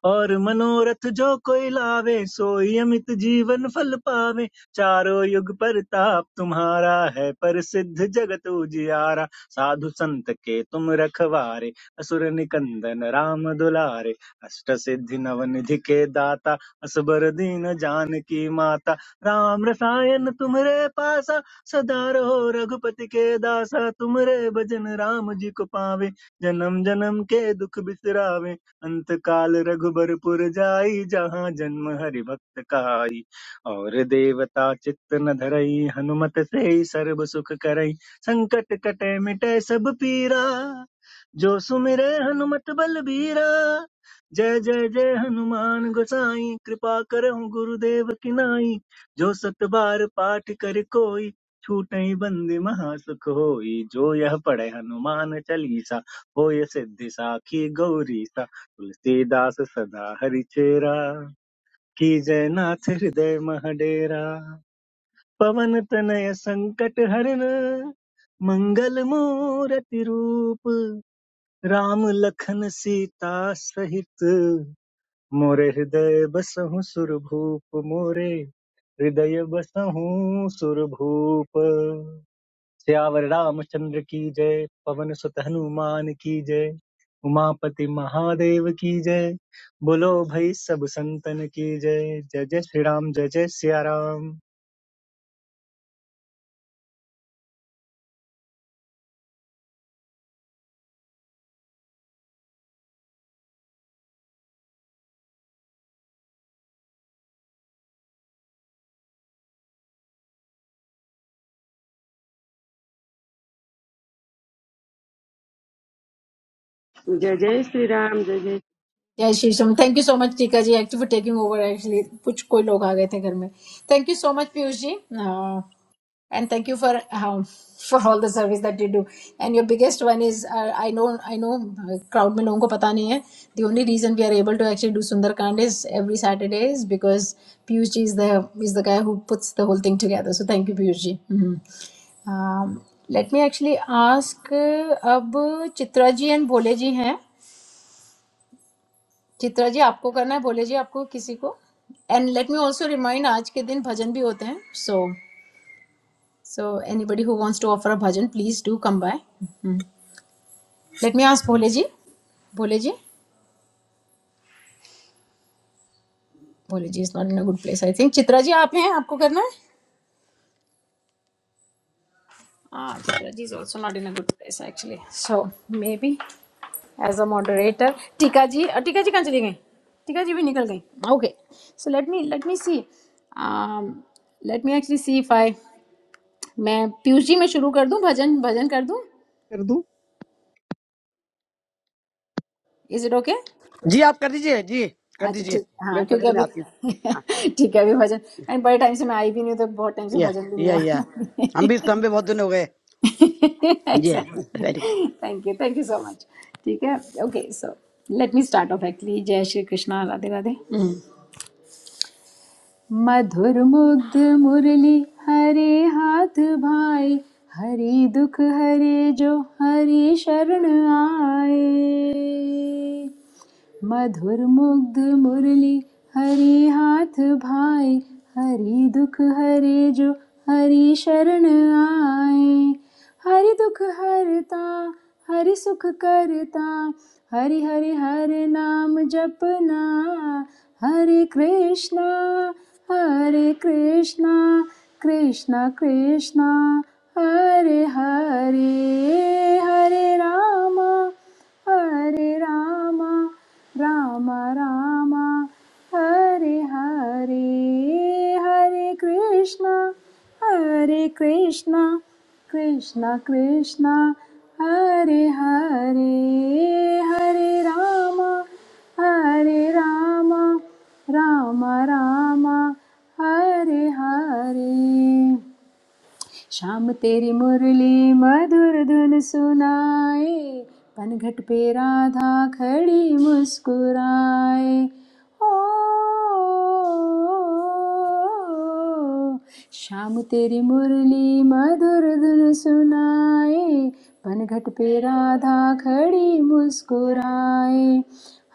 और मनोरथ जो कोई लावे सोई अमित जीवन फल पावे चारों युग परताप तुम्हारा है प्रसिद्ध जगत उजियारा साधु संत के तुम रखवारे असुर निकंदन राम दुलारे अष्ट सिद्धि नवनिधि के दाता असबर दीन जान की माता राम रसायन तुम्हरे पासा सदा रहो रघुपति के दासा तुमरे भजन राम जी को पावे जन्म जन्म के दुख बिसरावे अंत काल रघुबरपुर जाई जहाँ जन्म हरि भक्त कहाई और देवता चित्त न धरई हनुमत से सर्व सुख करई संकट कटे मिटे सब पीरा जो सुमिरे हनुमत बलबीरा जय जय जय हनुमान गोसाई कृपा करहु गुरुदेव की नाई जो सत बार पाठ कर कोई छूटई बंदी महासुख होई जो यह पढ़े हनुमान चालीसा होय सिद्धि साखी गौरी सा। तुलसीदास सदा हरिचेरा की जयनाथ हृदय महडेरा पवन तनय संकट हरण मंगल मूरति रूप राम लखन सीता सहित मोरे हृदय बसहु सुरभूप मोरे हृदय बसहु सुरभूप सियावर रामचंद्र की जय पवन सुत हनुमान की जय उमापति महादेव की जय बोलो भाई सब संतन की जय जय जय श्री राम जय जय सिया राम जय जय श्री राम जय जय जय Shri Shyam thank you so much Tika ji actually for taking over actually कुछ कोई लोग आ गए थे घर में thank you so much Piyush ji and thank you for for all the service that you do and your biggest one is I know I know crowd में लोगों को पता नहीं है the only reason we are able to actually do Sunderkand is every Saturday is because Piyush ji is the is the guy who puts the whole thing together so thank you Piyush ji let me actually ask अब चित्रा जी and भोले जी हैं चित्रा जी आपको करना है बोले जी आपको किसी को and let me also remind आज के दिन भजन भी होते हैं so so anybody who wants to offer a bhajan please do come by let me ask Bhole ji Bhole ji Bhole ji is not in a good place I think Chitra ji आप हैं आपको करना है हाँ Chitra ji is also not in a good place actually so maybe as a moderator टीका जी अ, टीका जी कहाँ चली गई टीका जी भी निकल गई okay so let me let me see let me actually see if i मैं पीयूष जी मैं शुरू कर दूं भजन भजन कर दूं कर दू इज इट ओके जी आप कर दीजिए जी कर अच्छा दीजिए ठीक मैं हाँ भी थोड़ी क्योंकि देर में अभी आती हूँ हाँ *laughs* ठीक है अभी भजन मैं बड़े टाइम से मैं आई भी नहीं हूं, तो बहुत टाइम से या भजन भी नहीं या हुआ या हम भी हम भी बहुत दिन हो गए *laughs* जी exactly very good thank you thank you so much ठीक है okay so let me start off actually जय श्री कृष्णा राधे राधे हम्म। मधुर मुग्ध मुरली हरे हाथ भाई हरि दुख हरे जो हरि शरण आए मधुर मुग्ध मुरली हरे हाथ भाई हरि दुख हरे जो हरि शरण आए हरि दुख हरता हरि सुख करता हरि हरि हर नाम जपना हरे कृष्णा हरे कृष्णा कृष्णा कृष्णा हरे हरे हरे रामा हरे रामा राम रामा हरे हरे हरे कृष्णा हरे कृष्णा कृष्णा कृष्णा हरे हरे हरे रामा हरे रामा राम राम हरे हरे श्याम तेरी मुरली मधुर धुन सुनाए पनघट पे राधा खड़ी मुस्कुराए ओ श्याम तेरी मुरली मधुर धुन सुनाए पनघट पे राधा खड़ी मुस्कुराए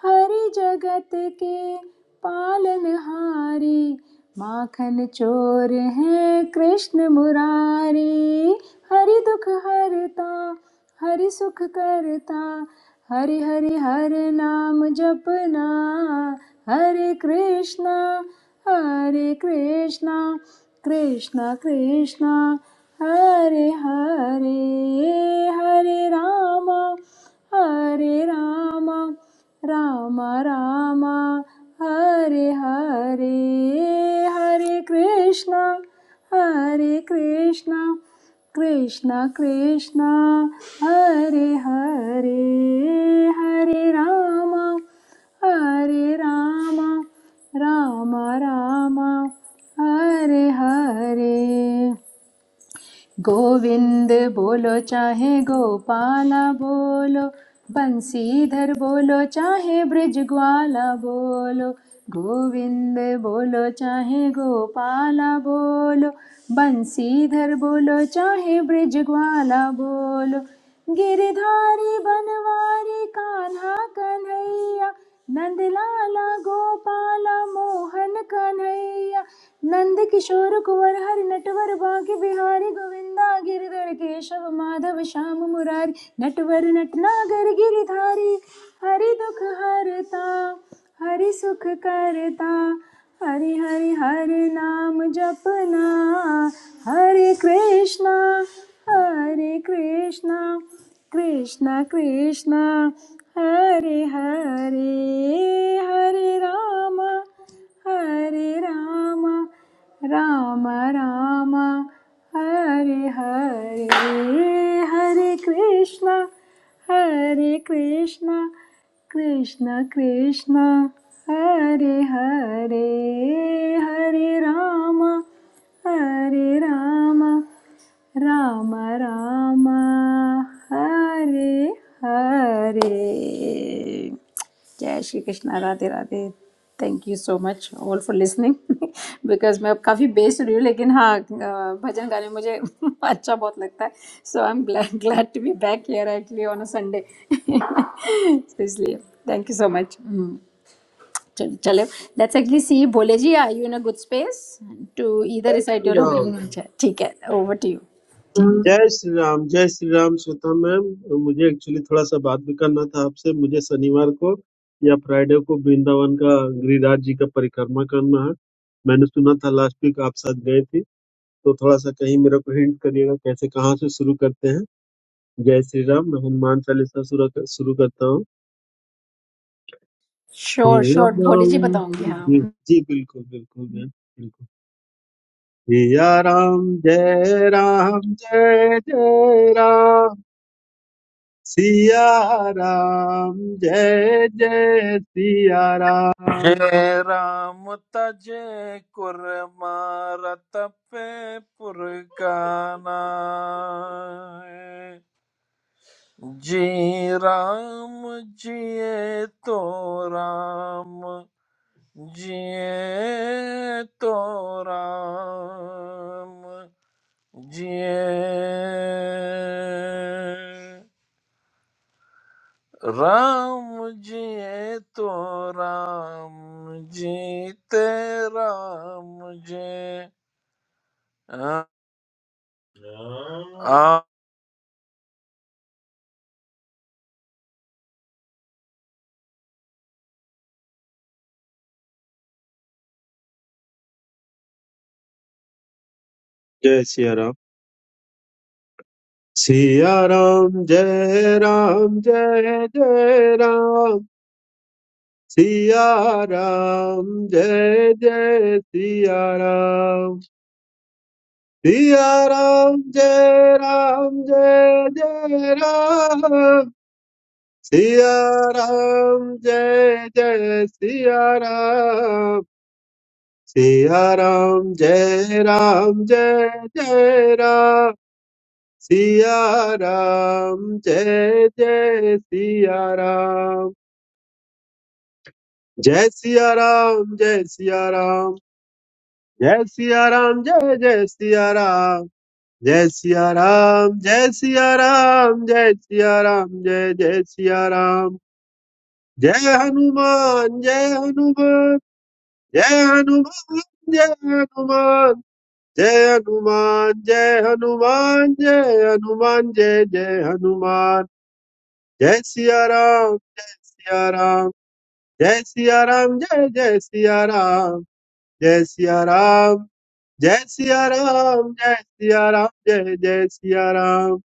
हरी जगत के पालनहारी माखन चोर है कृष्ण मुरारी हरि दुख हरता हरि सुख करता हरि हरि हर नाम जपना हरे कृष्णा हरे कृष्णा कृष्णा कृष्णा हरे हरे हरे रामा हरे रामा राम राम हरे हरे हरे कृष्णा हरे कृष्णा कृष्णा कृष्णा हरे हरे हरे राम हरे राम राम राम हरे हरे गोविंद बोलो चाहे गोपाला बोलो बंसीधर बोलो चाहे ब्रज ग्वाला बोलो गोविंद बोलो चाहे गोपाला बोलो बंसीधर बोलो चाहे ब्रज ग्वाला बोलो गिरधारी बनवारी कान्हा कन्हैया नंदलाला गोपाला मोहन कन्हैया नंद किशोर कुंवर हर नटवर बांके बिहारी गोविंदा गिरधर केशव माधव श्याम मुरारी नटवर नटनागर गिरधारी हरि दुख हरता हरि सुख करता हरि हरि हरि नाम जपना हरे कृष्णा हरे कृष्णा कृष्णा कृष्णा हरे हरे हरे राम हरे राम राम राम हरे हरे हरे कृष्णा हरे कृष्णा कृष्ण कृष्ण हरे हरे हरे राम हरे राम राम राम हरे हरे जय Shri Krishna Radhe Radhe thank you so much all for listening because *laughs* मैं अब काफ़ी बेस्ड रही हूँ लेकिन हाँ अ, भजन गाने मुझे *laughs* अच्छा बहुत लगता है so I am glad glad to be back here actually on a Sunday *laughs* इसलिए थैंक यू सो मच चलो चलो let's actually see Bhole ji are you in a good space to इधर जय रिसाइट श्री योर राम हमें ठीक है ओवर टू यू ठीक। जय श्री राम जय श्री राम श्वेता मैम मुझे एक्चुअली थोड़ा सा बात भी करना था आपसे मुझे शनिवार को या फ्राइडे को वृंदावन का गिरिराज जी का परिक्रमा करना है मैंने सुना था लास्ट वीक आप साथ गए थे तो थोड़ा सा कहीं मेरे को हिंट करिएगा कैसे कहाँ से शुरू करते हैं जय श्री राम मैं हनुमान चालीसा शुरू कर, शुरू करता हूँ श्योर हिया श्योर भोले राम जी बताऊंगी जी हाँ जी, बिल्कुल बिल्कुल मैम बिल्कुल हिया राम जय राम जय जय राम सिया राम जय जय Siya Ram Jai Ram, Taja Kure Mara Tap Purgana. Ji Ram, Jieto Ram, Jieto Ram, Ji. Ramji, to Ramji, te Ramji. जय सिया राम सिया राम जय राम जय जय राम सिया राम जय जय सिया राम सिया राम जय राम जय जय राम सिया राम जय जय सिया राम सिया राम जय राम जय जय राम सिया राम जय जय सिया राम जय सिया राम जय सिया राम जय सिया राम जय जय सिया राम जय सिया राम जय सिया राम जय सिया राम जय जय सिया राम जय हनुमान जय हनुमान जय हनुमान जय हनुमान जय हनुमान जय हनुमान जय हनुमान जय जय हनुमान जय सिया राम जय सिया राम जय सिया राम जय जय सिया राम जय सिया राम जय सिया राम जय सिया राम जय जय सिया राम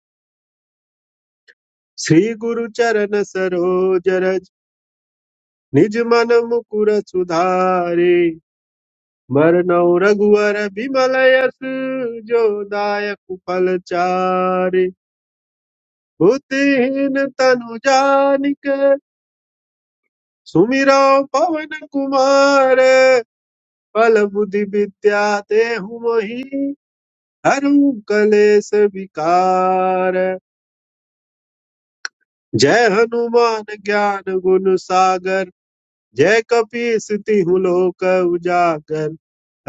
श्री गुरु चरण सरोज रज निज मन मुकुर सुधारे मरनौ रघुवर बिमल यस जो दायक फल चारे बुद्धिहीन तनु जानिक सुमिरो पवन कुमार बल बुद्धि विद्या देहु मोहि हरहु कलेस विकार जय हनुमान ज्ञान गुण सागर जय कपीस तिहु लोक उजागर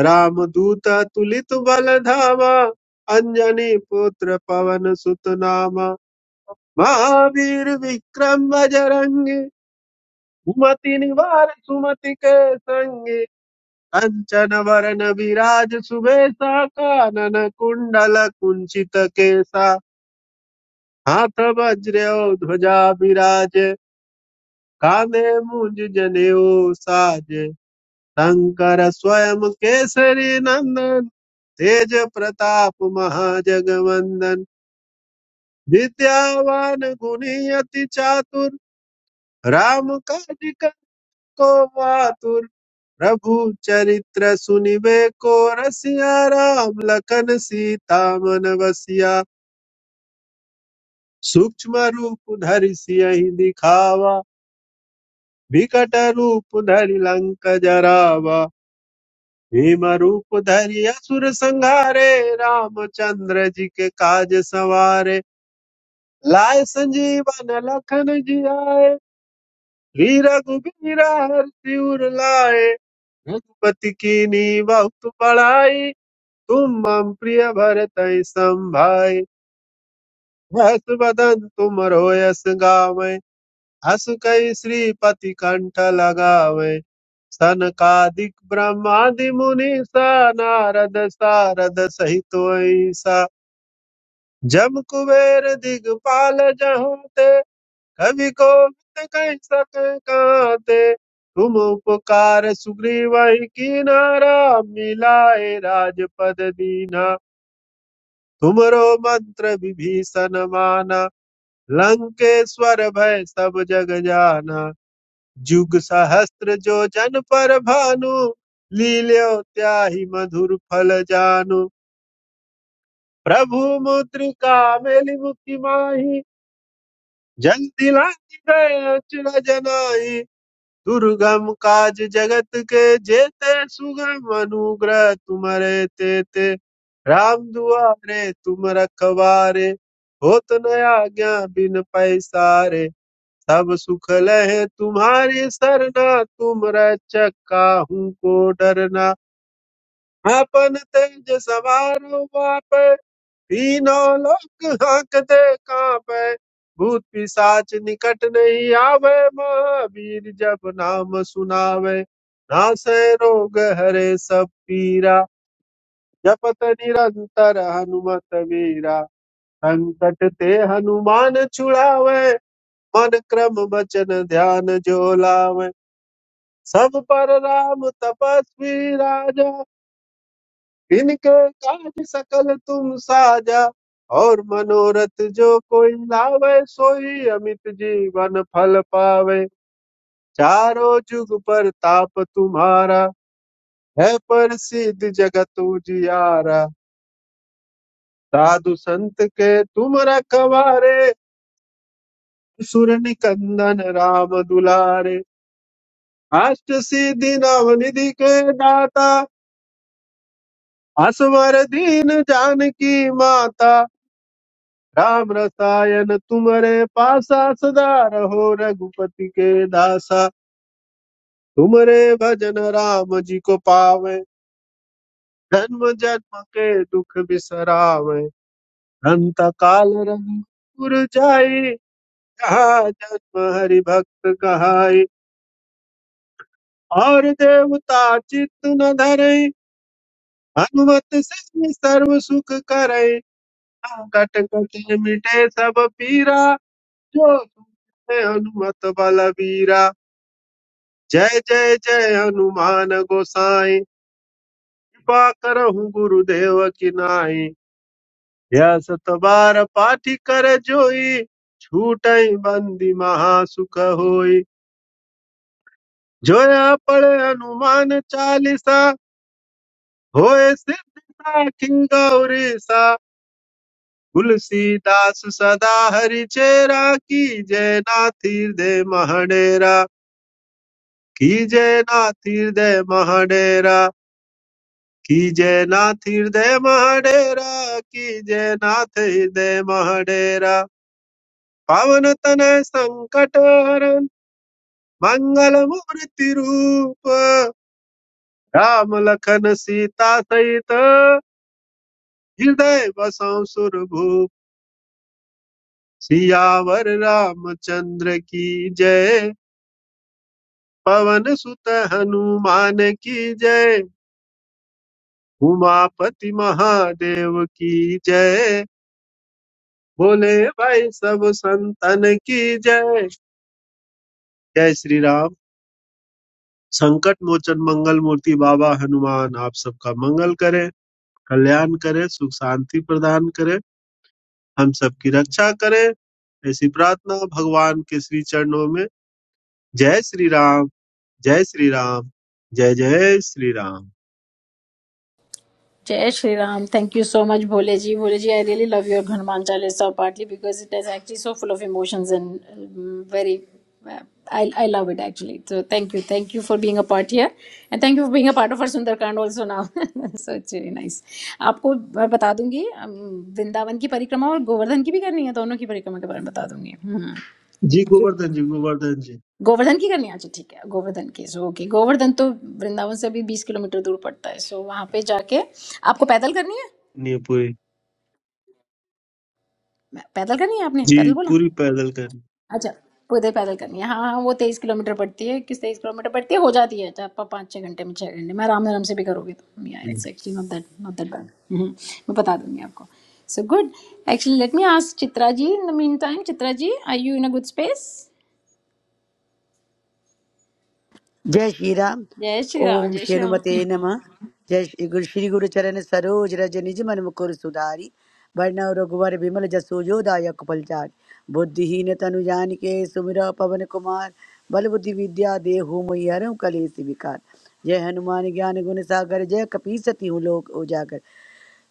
राम दूत तुलित बल धामा अंजनी पुत्र पवन सुत नामा महावीर विक्रम बजरंगी सुमति निवार सुमति के संगे कंचन वरन विराज सुबेसा कानन कुंडल कुंचित केसा हाथ वज्र और ध्वजा विराज कांधे मुंज जनेऊ साज शंकर स्वयं केसरी नंदन तेज प्रताप महाजगवंदन विद्यावान गुणी अति चातुर राम काज को प्रभु चरित्र सुनिबे को रसिया राम लखन सीता मन बसिया सूक्ष्म रूप धरि सियहि दिखावा विकट रूप धरि लंक जरावा भीम रूप धरि असुर संहारे रामचंद्र जी के काज सवारे लाए संजीवन लखन जियाए श्री रघुबीरा हर सिर लाए रघुपति की बहुत बड़ाई तुम मम प्रिय भरतहि संभाय हस बदन तुम रोयस गावै हस कई श्रीपति कंठ लगावै सनकादिक ब्रह्मादि मुनि सा नारद सारद सहित ऐसा जम कुबेर दिगपाल जहाँ ते कवि को कह सक काते तुम उपकार सुग्रीव की नारा मिलाए राजपद दीना तुमरो मंत्र विभीषण माना लंकेश्वर भय सब जग जाना जुग सहस्त्र जो जन पर भानु लील्यो त्याहि मधुर फल जानु प्रभु मुद्रिका मेलि मुखि माहि जल दिलांग गए अचरज नाहि। दुर्गम काज जगत के जेते सुगम अनुग्रह तुम्हारे तेते राम दुआरे तुम रखवारे होत न आज्ञा बिन पैसारे सब सुख लहे तुम्हारी सरना तुम रक्षक काहू को डरना अपन तेज सवार वापे तीनों लोग हांकते कांपे भूत पिशाच निकट नहीं आवे महावीर जब नाम सुनावे नासे रोग हरे सब पीरा जपत निरंतर हनुमत वीरा संकट ते हनुमान छुड़ावे मन क्रम वचन ध्यान जो लावे सब पर राम तपस्वी राजा इनके काज सकल तुम साजा और मनोरथ जो कोई लावे सोई अमित जीवन फल पावे चारों जुग पर ताप तुम्हारा है प्रसिद्ध जगत उजियारा साधु संत के तुम रखवारे सुर निकंदन राम दुलारे अष्ट सिद्धि नव निधि के दाता असवर दीन जानकी माता राम रसायन तुमरे पासा सदा रहो रघुपति के दासा तुमरे भजन राम जी को पावे जन्म जन्म के दुख बिसरावे अंत काल रघुपुर जाई जहाँ जन्म हरि भक्त कहाई और देवता चित्त न धरई हनुमत से सर्व सुख करई संकट कटे मिटे सब पीरा जो सुनते हनुमत बलबीरा जय जय जय हनुमान गोसाई कृपा करहु गुरुदेव की नाई यह सत बार पाठी कर जोई छूटई बंदी महा सुख होई जोया पड़े हनुमान चालीसा होए सिद्धि साखी गौरीसा तुलसीदास सदा हरि चेरा की जय नाथी दे महडेरा की जय नाथी दे महडेरा कीजय नाथ हृदय महडेरा कीजय नाथ हृदय महडेरा पवन तनय संकट हरण मंगल मूर्ति रूप राम लखन सीता सहित हृदय बसौ सुरभूप सियावर रामचंद्र की जय पवन सुत हनुमान की जय उमापति महादेव की जय बोले भाई सब संतन की जय जय श्री राम संकट मोचन मंगल मूर्ति बाबा हनुमान आप सबका मंगल करें कल्याण करें सुख शांति प्रदान करें हम सबकी रक्षा करें ऐसी प्रार्थना भगवान के श्री चरणों में जय श्री राम जय श्री राम जय जय श्री राम जय Shri Ram thank you so much Bhole ji Bhole ji I really love your Hanuman Chalisa partly because it is actually so full of emotions and very I, I love it actually. So thank you. Thank you for being a part here. And thank you for being a part of our Sundarkand also now. *laughs* so it's really nice. आपको मैं बता दूंगी अम, वृंदावन की परिक्रमा और गोवर्धन की भी करनी है दोनों की परिक्रमा के बारे में बता दूंगी हम्म। जी गोवर्धन जी गोवर्धन जी गोवर्धन की करनी है? अच्छा ठीक है गोवर्धन की सो ओके गोवर्धन तो वृंदावन से अभी बीस किलोमीटर दूर पड़ता है सो वहां पे जाके आपको पैदल करनी है नहीं पूरी मैं- पैदल करनी है आपने जी पैदल बोला पूरी पैदल करनी अच्छा पूरे पैदल करनी है हाँ हाँ वो तेईस किलोमीटर पड़ती है किस तेईस किलोमीटर पड़ती है हो जाती है चार पा- पाँच छः घंटे में छः घंटे में आराम आराम से भी करोगे तो या it's actually not that not that bad मैं बता दूंगी आपको so good actually let me ask Chitra ji in the meantime Chitra ji are you in a good space जय श्री राम जय श्री राम ओम जय श्री राम शेनुमते नमः जय श्री गुरु श्री गुरु चरण सरोज रज निज मन मुकुर सुधारी वर्ण रघुवर विमल जसोजो दायक फलचारी बुद्धिहीन तनु जानिके सुमिर पवन कुमार बल बुद्धि विद्या देहु मैहरम कलेस विकार जय हनुमान ज्ञान गुण सागर जय कपी सती लोक उजागर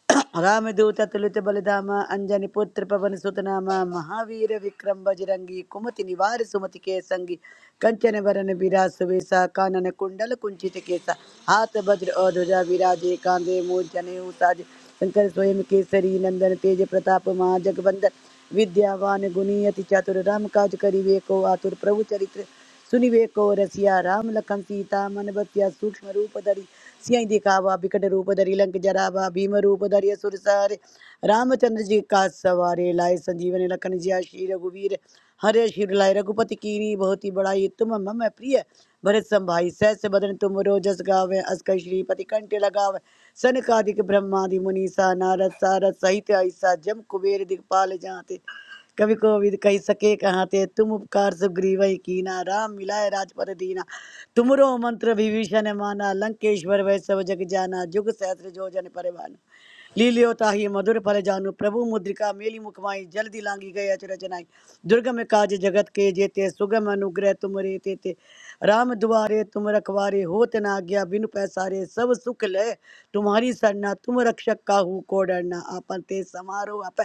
*coughs* रामदूत तुलित बलिधाम अंजनी पुत्र पवन सुतनाम महावीर विक्रम बजरंगी कुमति निवार सुमति के संगी कंचन बरन बिरास वेसा कानन कुंडल कुंचित केसा हाथ वज्र और ध्वजा विराजे कांधे मूल जने साजे शंकर स्वयं केसरी नंदन तेज प्रताप महाजगवंदन विद्यावान गुणी अति चातुर राम काज करिवे को आतुर प्रभु चरित्र सुनिवे को रसिया राम लखन सीता मन बसिया सूक्ष्म रूप धरि सियहि दिखावा बिकट रूप धरि लंक जरावा भीम रूप धरि असुर सहारे रामचंद्र जी का सवारे लाए संजीवन लखन जिया श्री रघुवीर हरे शिव लाए रघुपति कीनी बहुत ही बड़ाई तुम मम प्रिय भरत संभाई सहस बदन तुम रोजस गावे अस्कर श्रीपति कंठ लगावे सनकादिक ब्रह्मादि मुनीसा नारद सारद सहित ऐसा जम कुबेर दिखपाल जाते कवि कोविद कही सके कहाते तुम उपकार सुग्रीव कीना राम मिलाए राजपद दीना तुमरो मंत्र विभीषण माना लंकेश्वर वै सब जग जाना जुग सहस्र जो जन परिवाना लीलियो ताहि मधुर फल जानु प्रभु मुद्रिका मेली मुखमाई जल्दी लांगी गए अचरज रचनाई दुर्गम काज जगत के जेते सुगम अनुग्रह तुम रे तेते राम दुआरे तुम रखवारे होत ना आज्ञा बिनु पैसारे सब सुख लय तुम्हारी सरना तुम रक्षक काहू को डरना आपन ते समारो आप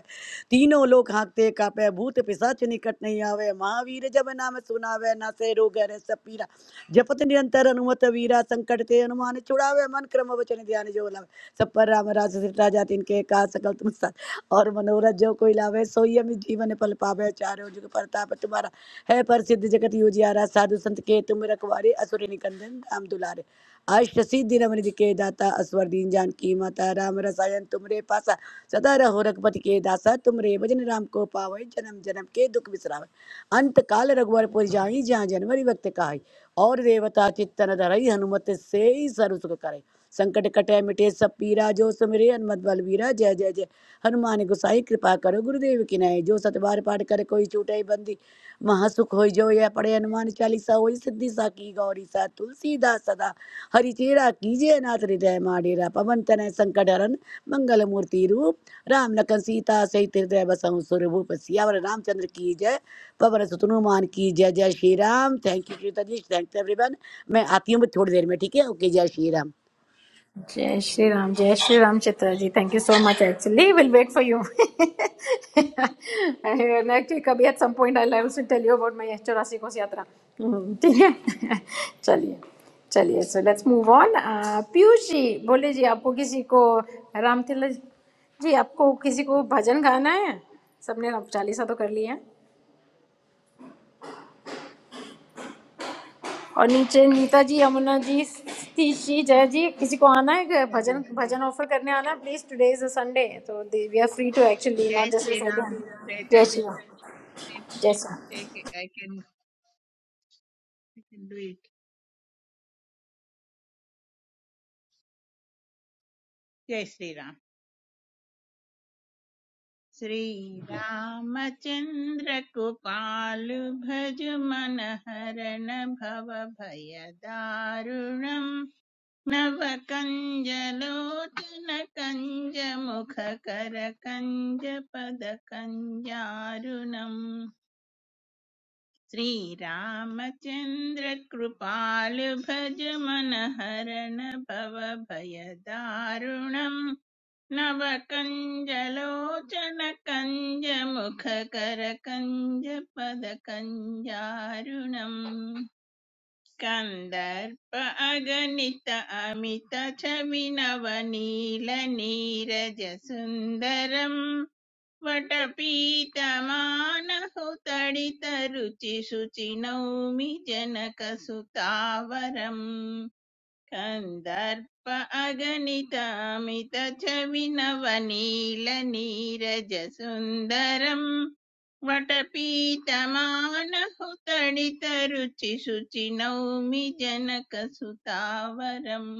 तीनों लोग हाँकते कापे भूत पिशाच निकट नहीं आवे महावीर जब नाम सुनावे ना से रोग हरे सब पीरा जपत निरंतर हनुमत वीरा संकट ते हनुमान छुड़ावे मन क्रम वचन ध्यान जो लावे सब पर राम राज सिमटा जाति इनके का सकल तुम साथ और मनोरथ जो कोई लावे सोई अमित जीवन फल पावे चारों जुग परताप तुम्हारा है प्रसिद्ध जगत योगियारा साधु संत के तुम रखवारे असुर निकंदन राम दुलारे अष्ट सिद्धि रमन के दाता असवर दीन जान की माता राम रसायन तुमरे पासा सदा रहो रघुपति के दासा तुमरे भजन राम को पावै जन्म जन्म के दुख बिसरावै अंत काल रघुवर पुर जाई जहाँ जनवरी वक्त कहाई और देवता चित्तन धरई हनुमत से ही सर्व सुख करे संकट कटे मिटे सब पीरा जो सुमिरे हनुमत बलवीरा जय जय जय हनुमान गोसाई कृपा करो गुरुदेव की नय जो सतबार पाठ करे कोई छूटे बंदी महासुख होई जो यह पढ़े हनुमान चालीसा होई सिद्धि साकी गौरी सा तुलसीदास सदा हरिचेरा कीजिए नाथ हृदय माडेरा पवन तनय संकट हरन मंगल मूर्ति रूप राम लखन सीता सहित हृदय बसहु सुर भूप सियावर रामचंद्र की जय बाबा सतनुमान की जय जय Shri Ram thank you Shweta ji thanks everyone मैं आती हूँ थोड़ी देर में ठीक है ओके जय Shri Ram Jai Shri Ram, Jai Shri Ram Chitraji. Thank you so much. Actually, we'll wait for you. *laughs* And actually, कभी at some point I'll also tell you about my चौरासी कोस यात्रा हम्म, ठीक है *laughs* चलिए चलिए so let's move on. Uh, Piyush जी बोले जी आपको किसी को रामतिलक जी आपको किसी को भजन गाना है सबने राम चालीसा तो कर लिया है और नीचे नीता जी यमुना जी तीशी जय जी किसी को आना है क्या? श्वेता जी, भजन भजन ऑफर करने आना है please today is a Sunday तो we are free to actually not जय जस्ट श्री राम रिकॉर्डिंग। श्वेता जय श्री जी, राम जय Shri I Ram I can I can do it जय श्री राम श्रीरामचन्द्र कृपालु भज मन हरण भव भय दारुणम् नव कंज लोचन कंज मुख कर कंज पद कंजारुणम् श्रीरामचन्द्र कृपाल भज मन हरन भव भय दारुणम् नव कंज लोचन कंज मुख कर कंज पद कंजारुणम् कंदर्प अगणित अमित छवि नव नील नीरज सुंदरम् वटपीतमान हो तड़ितरुचि सुचिनाउमी जनकसुतावरम कंदर्पागनितामिता छविनवनीलनीरजसुंदरम वटपीतमान हो तड़ितरुचि सुचिनाउमी जनकसुतावरम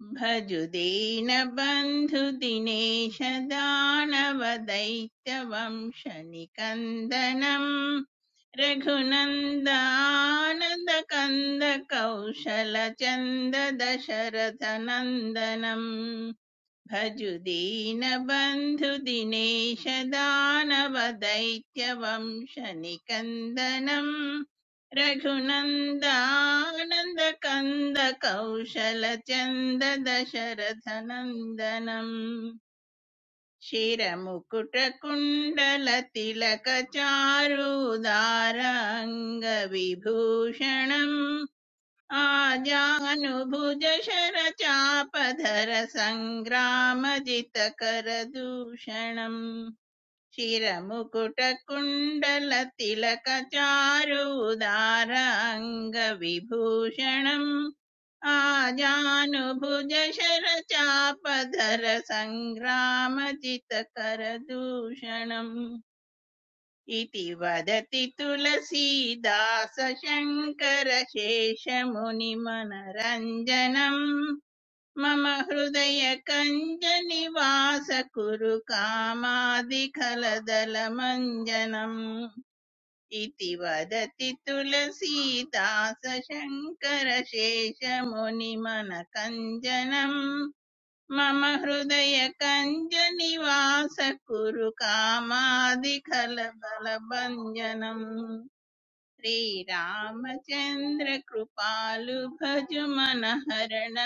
भजुदेन बन्धुदिनेशदानवदैत्यवंशनिकन्दनम् रघुनन्दानन्दकन्दकौशलचन्ददशरथनन्दनम् भजुदीनबन्धुदिनेश दानवदैत्यवंशनिकन्दनम् रघुनन्दानन्दकन्दकौशलचन्ददशरथनन्दनम् शिरमुकुटकुण्डलतिलकचारुदाराङ्गविभूषणम् आजानुभुज शरचापधर सङ्ग्रामजितकर दूषणम् शिरमुकुटकुण्डलतिलकचारूदार अङ्गविभूषणम् आजानुभुज शरचापधर सङ्ग्रामजितकर दूषणम् इति वदति तुलसीदास शङ्कर शेषमुनिमनरञ्जनम् मम हृदय कञ्जनिवास कुरु कामादिखलदलमञ्जनम् इति वदति तुलसीदास शङ्कर शेषमुनिमनकञ्जनम् మమ హృదయ కంజనివాస కురు కామాదికల బలభంజనం శ్రీరామచంద్ర కృపాలు భజు మన హరణ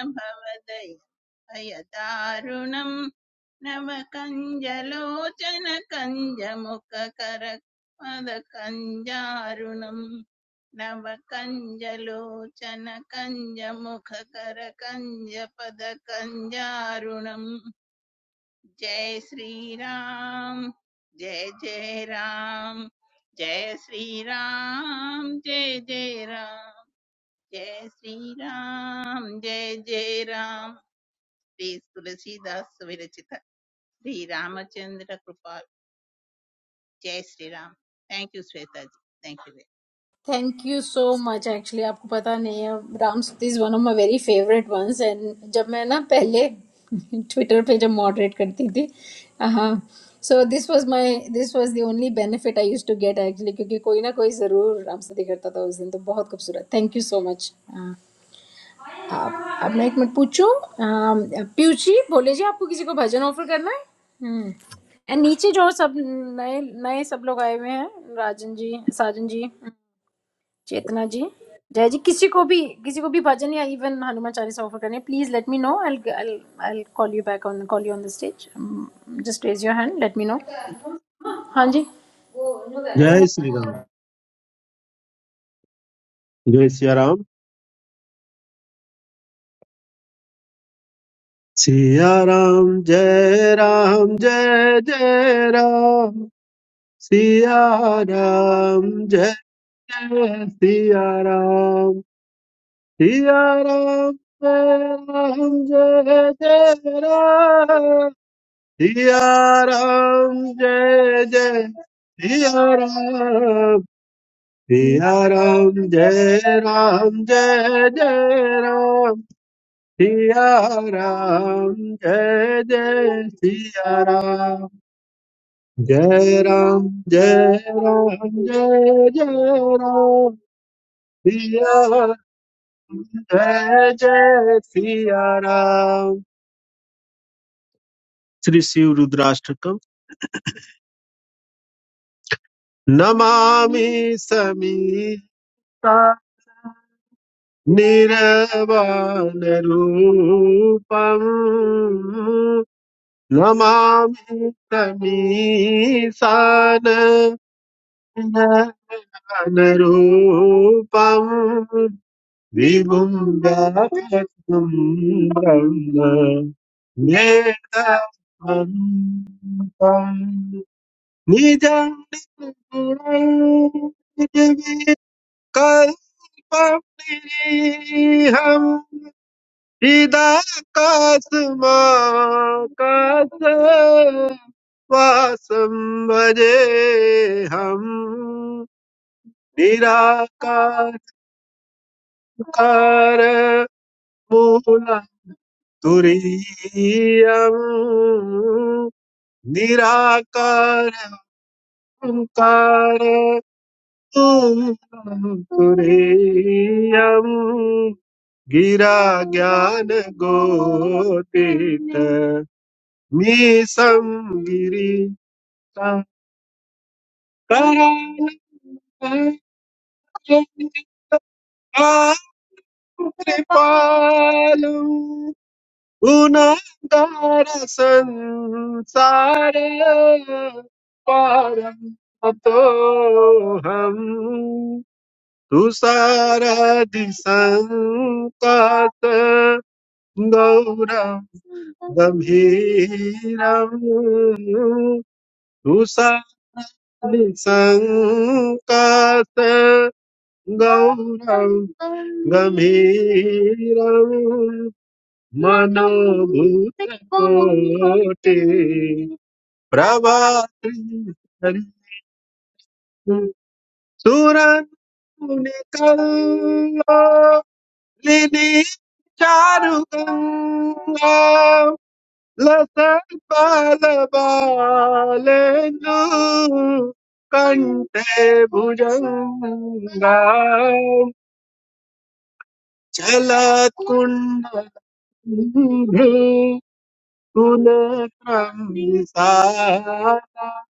భయదారుణం నవ కంజలోచన కంజముఖకర పద కంజారుణం నవ కంజలోచన కంజముఖకర కంజ పద కంజారుణం జయ శ్రీరామ్ జయ జయ రామ్ జయ శ్రీరామ్ జయ జయ రామ్ జయ శ్రీరామ్ జయ జయ రామ్ श्री तुलसीदास विरचित श्री रामचंद्र कृपा जय Shri Ram thank you Shweta ji thank you thank you so much actually आपको पता नहीं है Ram Stuti is one of my very favourite ones and जब मैं ना पहले *laughs* ट्विटर पे जब मॉडरेट करती थी हाँ so this was my this was the only benefit I used to get actually क्योंकि कोई ना कोई ज़रूर राम स्तुति करता था उस दिन तो बहुत खूबसूरत थैंक यू सो मच आप अब मैं एक मिनट पूछूं अम, पीयूष जी बोले जी आपको किसी को भजन ऑफर करना है हम्म एंड नीचे जो सब नए नए सब लोग आए हुए हैं राजन जी साजन जी चेतना जी जय जी किसी को भी किसी को भी भजन या इवन हनुमान चालीसा ऑफर करनी है please let me know I I call you back on call you on the stage just raise your hand let me know हाँ जी जय श्री राम जय सिया राम। सिया राम जय राम जय जय राम सिया राम जय जय सिया राम सिया राम जय राम जय जय राम सिया राम जय जय सिया राम सिया राम जय राम जय जय राम सिया राम जय जय सिया राम जय राम जय राम जय जय राम सिया राम, जय जय सिया राम श्री शिव रुद्राष्टकम नमामि समीता निरवान रूपम नमामि समीसान अनरूपम् विभुं व्यापकं ब्रह्म नेतमन्तं निजं कल्पनिरीहम् चिदाकाशमाकाशवासं भजेऽहम् निराकार कार मूलं तुरीयम् निराकारं कार मूलं तुरीयम् गिरा ज्ञान गोतीत मीसं गिरीशं करालकं कृपालु गुणगार संसार पारम तो हम तुषारादि संकात गौरम गंभीरम तुषादि संकात गौरम गंभीरम मनोभूतकोटि प्रभाति सुरनुकल्लिनि चारुगङ्गा लसत्पालबालेन्दु कण्ठे भुजङ्गा चलत्कुण्डलम् कुलक्रम्बिसालकुण्डलं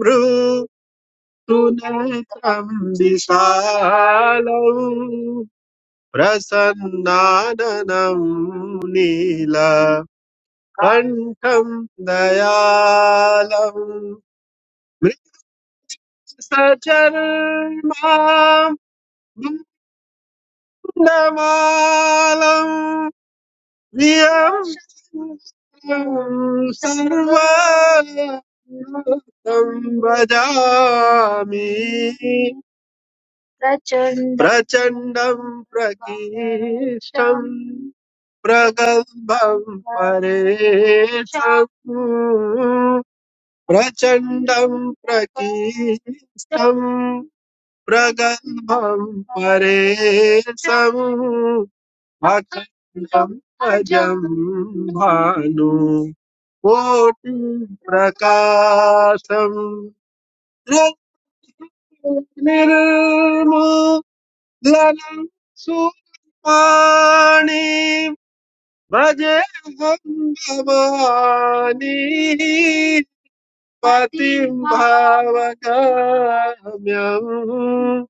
भ्रू कुलत्रं विशालम् प्रसन्नाननं नीलकण्ठं दयालम् मृत्सचर्मां दण्डमालम् धियं सर्वं भजामि प्रचण्डं प्रकीर्षं प्रगल्भं परेशम् प्रचण्डं प्रकीर्षं प्रगल्भं परेशम् अजम् भानु कोटि प्रकाशम निर्मूलनं सुपाणि भजे हम भवानी पतिं भावगम्यं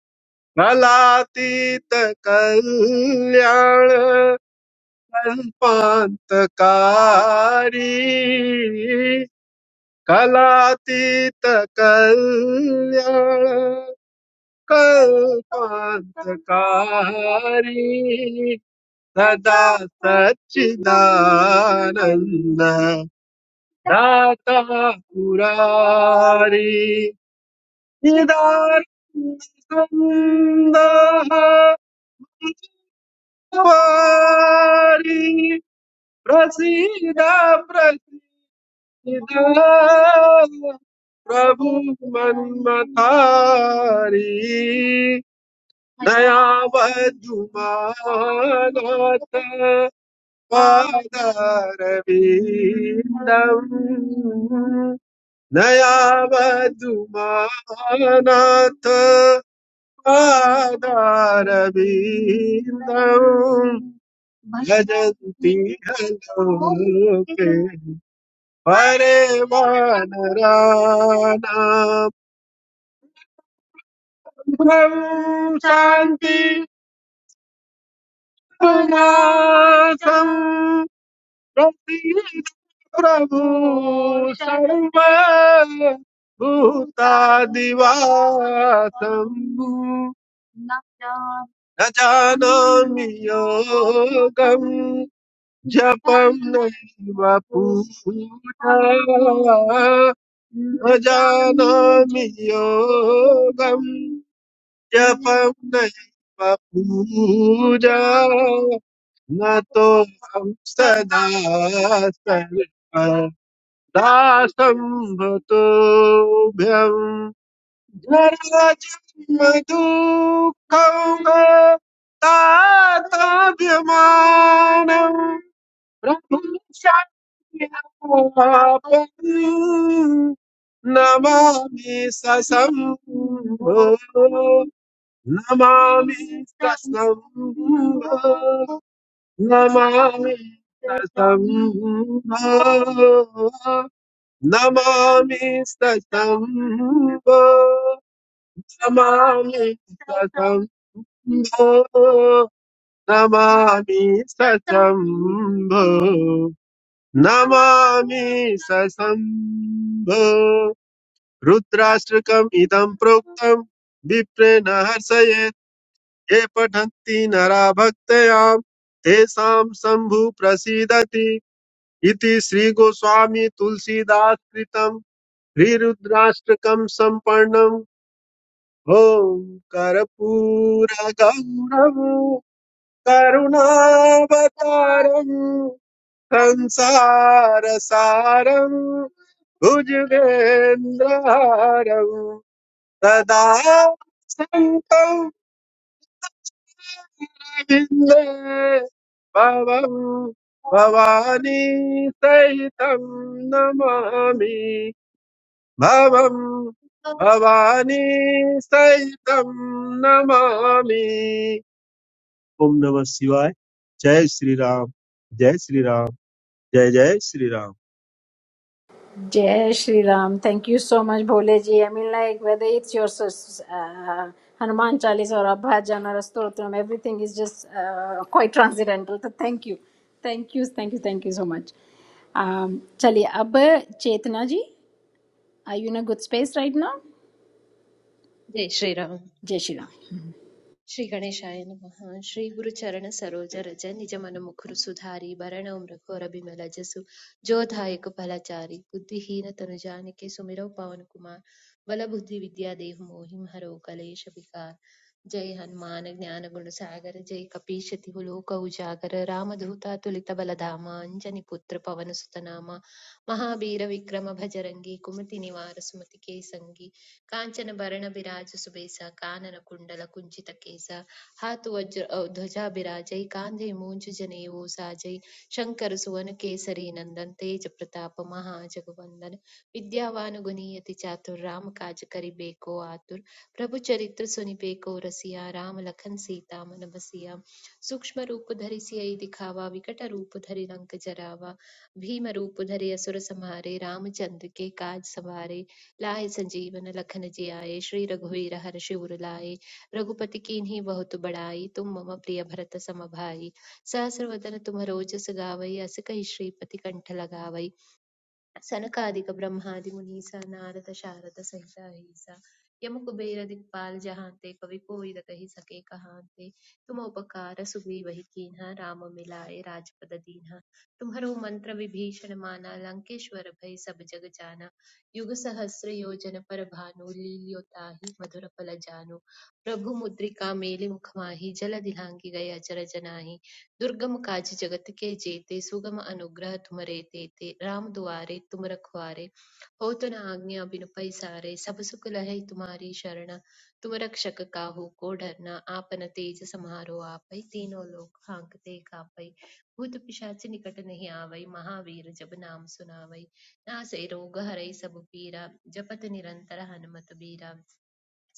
कलातीत कल्याण कल्पान्तकारी कलातीत कल्याण कल्पान्तकारी सदा सच्चिदानन्द दाता पुरारी निदानन्द वारी प्रसीद ప్రభు మన్మతారి దయావధు మానాత పాదారవిందం దయావధు మానాత పాదారవిందం భజంతి హలోకే हरे वानराणाम् ब्रह्म शान्ति पुनासम् प्रभु सर्व भूतादिवासम् न जानामि योगम् जपम् नैव पूजा न जानामि योगम् जपम नहीं पूजा न तो हम सदा सर्वदा संभतोभ्यम जरा जन्म दुःखं तातव्यमानं प्रभु शापं नमामि ससम्भो नमामि कृष्णं नमामि कृष्णं नमामि कृष्णं नमामि कृष्णं नमामि कृष्णं नमामि कृष्णं रुद्राष्ट्रकम् इदं प्रोक्तं विप्रेण हर्षये ये पठन्ति नरा भक्तया तेषां शम्भु प्रसीदति इति श्रीगोस्वामी तुलसीदास कृतं श्रीरुद्राष्टकं सम्पन्नम् ॐ कर्पूरगौरवं करुणावतारम् संसारसारम् भुजगेन्द्रहारम् सदा शङ्कं गोविन्दे भवं भवानी सहितं नमामि भवं भवानी सहितं नमामि ओम नमः शिवाय जय श्री राम जय श्री राम जय जय Shri Ram Jai Shri Ram. Thank you so much, Bholeji. I mean, like, whether it's your uh, Hanuman Chalis or Abhajan or a Stotram, everything is just uh, quite transcendental. So thank you. Thank you, thank you, thank you so much. Um, Chali, ab Chetna ji, are you in a good space right now? Jai Shriram Jai Shri Ram. Shri ಗಣೇಶಾಯ ನಮಃ ಶ್ರೀ ಗುರು ಚರಣ ಸರೋಜ ರಜ ನಿಜ ಮನ ಮುಖುರು ಸುಧಾರಿ ಭರಣ ಮೃಘೋರ ಬಿಮಲ ಜಸು ಜೋಧಾಯಕ ಫಲಚಾರಿ ಬುದ್ಧಿಹೀನ ತನು ಜಾನಕಿ ಸುಮಿರೌ ಪವನ ಕುಮಾರ್ ಬಲ ವಿದ್ಯಾ ದೇಹ ಮೋಹಿಂ harrow ಕಲೇಶ ವಿಕಾರ ಜೈ ಹನುಮಾನ ಜ್ಞಾನ ಗುಣ ಸಾಗರ ಜೈ ಕಪೀಶತಿ ಲೋಕ ಉಜಾಗರ ರಾಮಧೂತ ತುಲಿತ ಬಲಧಾಮ ಅಂಜನಿ ಪುತ್ರ ಪವನ ಸುತನಾಮ महावीर विक्रम भजरंगी कुमति निवार सुमति के संगी कांचन भरण बिराज सुबेसा कानन कुंडल कुंचित केसा हाथ वज्र अ, ध्वजा बिराजै कांधे मूंज जनेऊ साजै शंकर सुवन केसरी नंदन तेज प्रताप महाजगवंदन विद्यावान गुणीयति चातुर राम काज करिबेको आतुर प्रभु चरित्र सुनिबेको रसिया राम लखन सीता मन बसिया ಸೂಕ್ಷ್ಮರೂಪುಧರಿಸಿಯ ಈ ದಿಖಾವ विकटरूपधरि लंक जरावा भीमरूपधरि असुर संहारे रामचंद्र के काज सवारे लाए संजीवन लखन जियाए श्री रघुवीर हर्षि उर लाए रघुपति कीन्ही बहुत बड़ाई तुम मम प्रिय भरत सम भाई सहस्र वदन तुम रोजस गावई अस कहि श्रीपति कंठ लगावई सनकादिक ब्रह्मादि मुनीसा नारद शारद सहित अहिसा यम कुबेर दिखपाल जहांते कवि कोई न कहि सके कहांते तुम उपकार सुग्रीव ही कीन्हा राम मिलाए राजपद दीन्हा तुम्हरो मंत्र विभीषण माना लंकेश्वर भय सब सब जग जाना युग सहस्र योजन पर भानु लील्योताहि मधुर फल जानु प्रभु मुद्रिका मेलि मुख माहि जल दिलांगी गए अचर जनाहि दुर्गम काज जगत के जेते सुगम अनुग्रह तुमरे तेते राम दुआरे तुम रखवारे हो तो न आज्ञा बिनु पैसारे सब सुख लहै तुम्हारी शरण तुम रक्षक काहू को डरना आपन तेज समारो आपै तीनों लोक हांकते कापै भूत पिशाच निकट नहीं आवै महावीर जब नाम सुनावै नासे रोग हरै सब पीरा जपत निरंतर हनुमत बीरा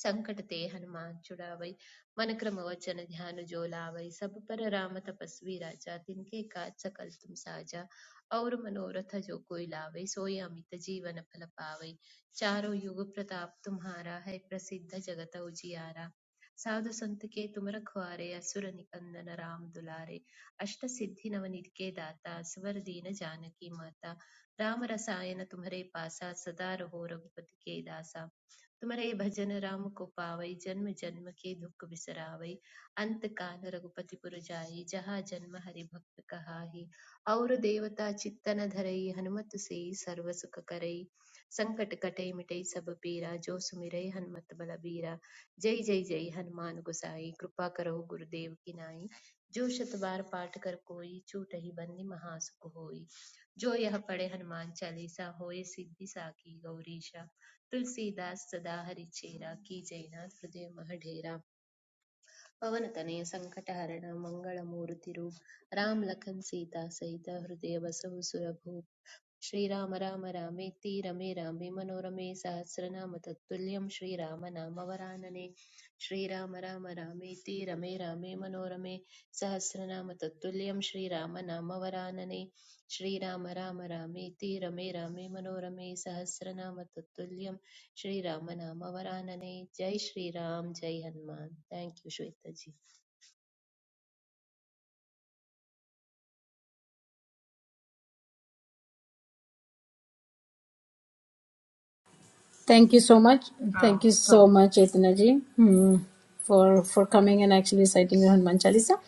संकट ते हनुमान छुड़ावई मन क्रम वचन ध्यान जो लावई सब पर राम तपस्वी राजा तिनके काज सकल तुम साजा और मनोरथ जो कोई लावई सोई अमित जीवन फल पावई चारों युग प्रताप तुम्हारा है प्रसिद्ध जगत उजियारा साधु संत के तुम रखवारे असुर निकंदन राम दुलारे अष्ट सिद्धि नवनीत के दाता स्वर दीन जानकी माता राम रसायन तुम्हारे पासा सदा रहो रघुपति के दासा तुम्हारे ये भजन राम को पावई जन्म जन्म के दुख बिसरावई अंत काल रघुपति पुर जाई जहाँ जन्म हरि भक्त कहाई और देवता चित्तन धरई हनुमत से सर्व सुख करई संकट कटे मिटई सब पीरा जो सुमिरै हनुमत बल बीरा जय जय जय हनुमान गोसाई कृपा करो गुरुदेव की नाई जो शत बार पाठ कर कोई छूटहि बंदी महासुख होई जो यह पढ़े हनुमान चालीसा होए सिद्धि साखी गौरीशा तुलसीदास सदाहरित चेहरा की जयनाथ प्रदेव महाधैरा पवन कन्या संकटाहारणा मंगल अमूर्त रूप राम लक्ष्मीदास सहिता हृदयवसु श्री राम राम रामे तीर रामे रामे मनोरमे सहस्रनाम तत्तुल्यम् श्री रामनाम वराने श्री राम राम रामे तीर रामे मनोरमे, सहस्रनाम तत्तुल्यं श्री राम नाम वरानने। श्री राम राम रामेति रमे रामे मनोरमे सहस्रनाम तत्तुल्यम् श्री रामनामावरानने! जय श्री राम, जय Hanuman! Thank you Shweta ji Thank you so much. Thank you so much, Chetna ji, hmm, for, for coming and actually reciting the Hanuman Chalisa.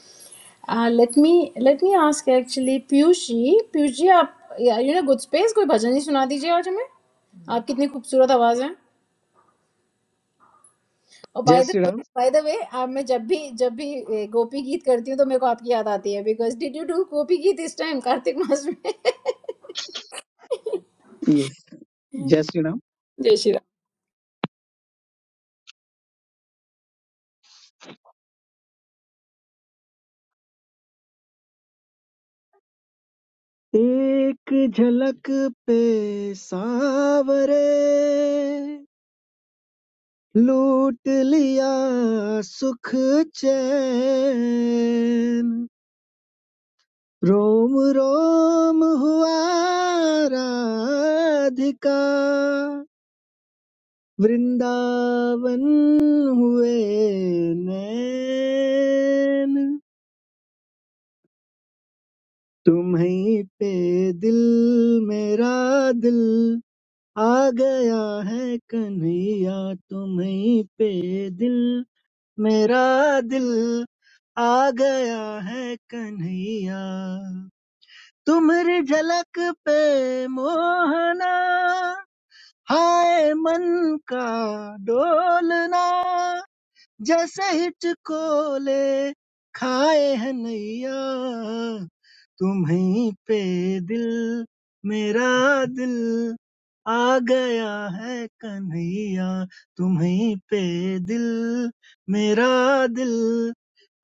Uh, let me let me ask actually Piyush ji Piyush ji आप यू नो गुड स्पेस कोई भजन ही सुना दीजिए आज हमें आप कितनी खूबसूरत आवाज है और जय by the Shri way Ram by the way आप मैं जब भी जब भी ए, गोपी गीत करती हूँ तो मेरे को आपकी याद आती है because did you do Gopi Geet इस टाइम कार्तिक मास में *laughs* यस जय श्री राम जय श्री राम एक झलक पे सावरे लूट लिया सुख चैन रोम रोम हुआ राधिका वृंदावन हुए नैन तुम्हीं पे दिल मेरा दिल आ गया है कन्हैया तुम्हीं पे दिल मेरा दिल आ गया है कन्हैया तुम्हारी झलक पे मोहना हाय मन का डोलना जैसे हिचको ले खाए है नैया तुम्हीं पे दिल मेरा दिल आ गया है कन्हैया तुम्हीं पे दिल मेरा दिल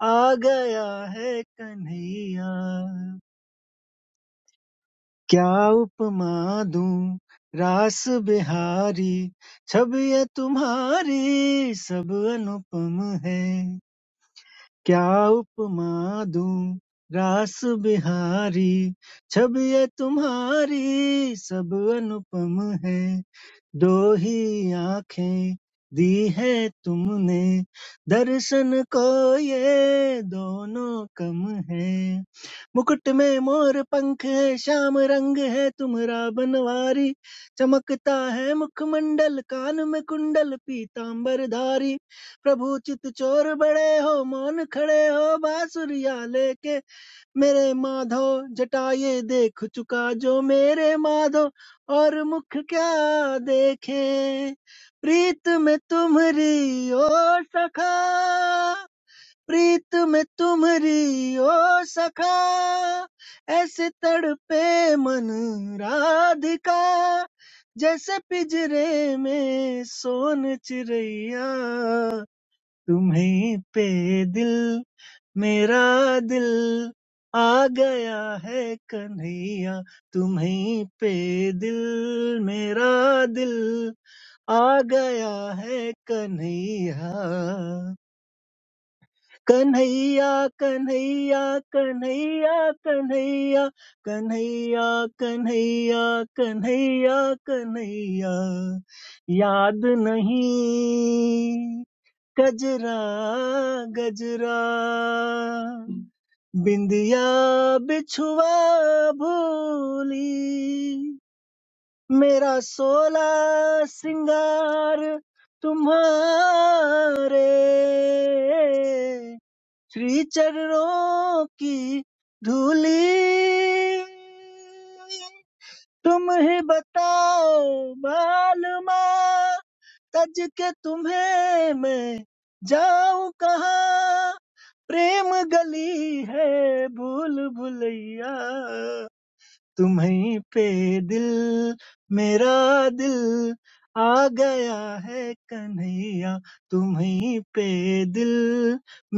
आ गया है कन्हैया क्या उपमा दूं रास बिहारी छवि ये तुम्हारी सब अनुपम है क्या उपमा दूँ रास बिहारी छवि ये तुम्हारी सब अनुपम है दो ही आंखें दी है तुमने दर्शन को ये दोनों कम है मुकुट में मोर पंख है श्याम रंग है तुम्हारा बनवारी चमकता है मुखमंडल कान में कुंडल पीतांबर धारी प्रभु चित चोर बड़े हो मौन खड़े हो बांसुरिया लेके मेरे माधो जटा ये देख चुका जो मेरे माधो और मुख क्या देखे प्रीत में तुम्हरी ओ सखा प्रीत में तुम्हरी ओ सखा ऐसे तड़पे मन राधिका जैसे पिंजरे में सोन चिड़ैया तुम्हीं पे दिल मेरा दिल आ गया है कन्हैया तुम्हीं पे दिल मेरा दिल आ गया है कन्हैया कन्हैया कन्हैया कन्हैया कन्हैया कन्हैया कन्हैया कन्हैया कन्हैया याद नहीं गजरा गजरा बिंदिया बिछुआ भोली मेरा सोला सिंगार तुम्हारे श्री चरणों की धूली तुम ही बताओ मालूमा तज के तुम्हें मैं जाऊं कहाँ प्रेम गली है भूल भुलैया तुम्हीं पे दिल मेरा दिल आ गया है कन्हैया तुम्हीं पे दिल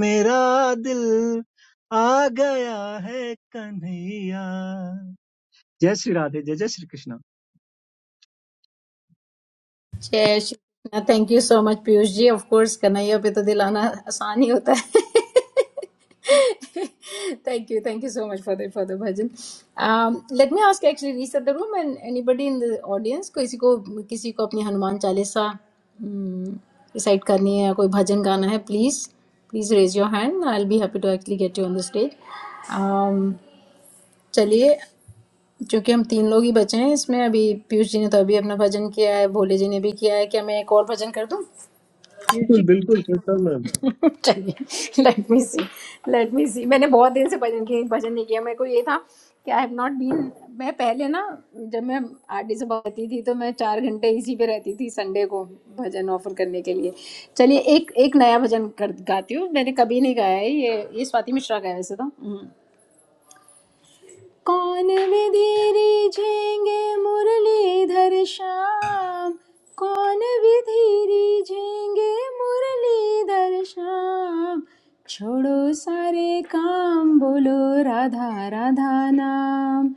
मेरा दिल आ गया है कन्हैया जय श्री राधे जय जय श्री कृष्ण जय Shri Krishna thank you so much Piyush ji of course Kanhaiya पे तो दिलाना आसान ही होता है *laughs* Thank you, thank you so much for the for the bhajan. Um, Let me ask actually rest of the room and anybody in the audience को किसी को किसी को अपने हनुमान चालीसा decide करनी है या कोई भजन गाना है please please raise your hand I'll be happy to actually get you on the stage. चलिए जो कि हम तीन लोग ही बचे हैं इसमें अभी पीयूष जी ने तो अभी अपना भजन किया है भोले जी ने भी किया है कि हमें एक और भजन कर दो बिल्कुल बिल्कुल कीर्तन मैम *laughs* चलिए लेट मी सी लेट मी सी मैंने बहुत दिन से भजन की भजन नहीं किया मेरे को ये था कि आई हैव नॉट बीन मैं पहले ना जब मैं आरडी से पढ़ती थी तो मैं चार घंटे इसी पे रहती थी संडे को भजन ऑफर करने के लिए चलिए एक एक नया भजन कर गाती हूँ मैंने कभी नहीं गाया है ये ये स्वाति मिश्रा का है वैसे तो कौन विधि रीझेंगे मुरलीधर श्याम कौन विधि रीझेंगे मुरलीधर श्याम छोड़ो सारे काम बोलो राधा राधा नाम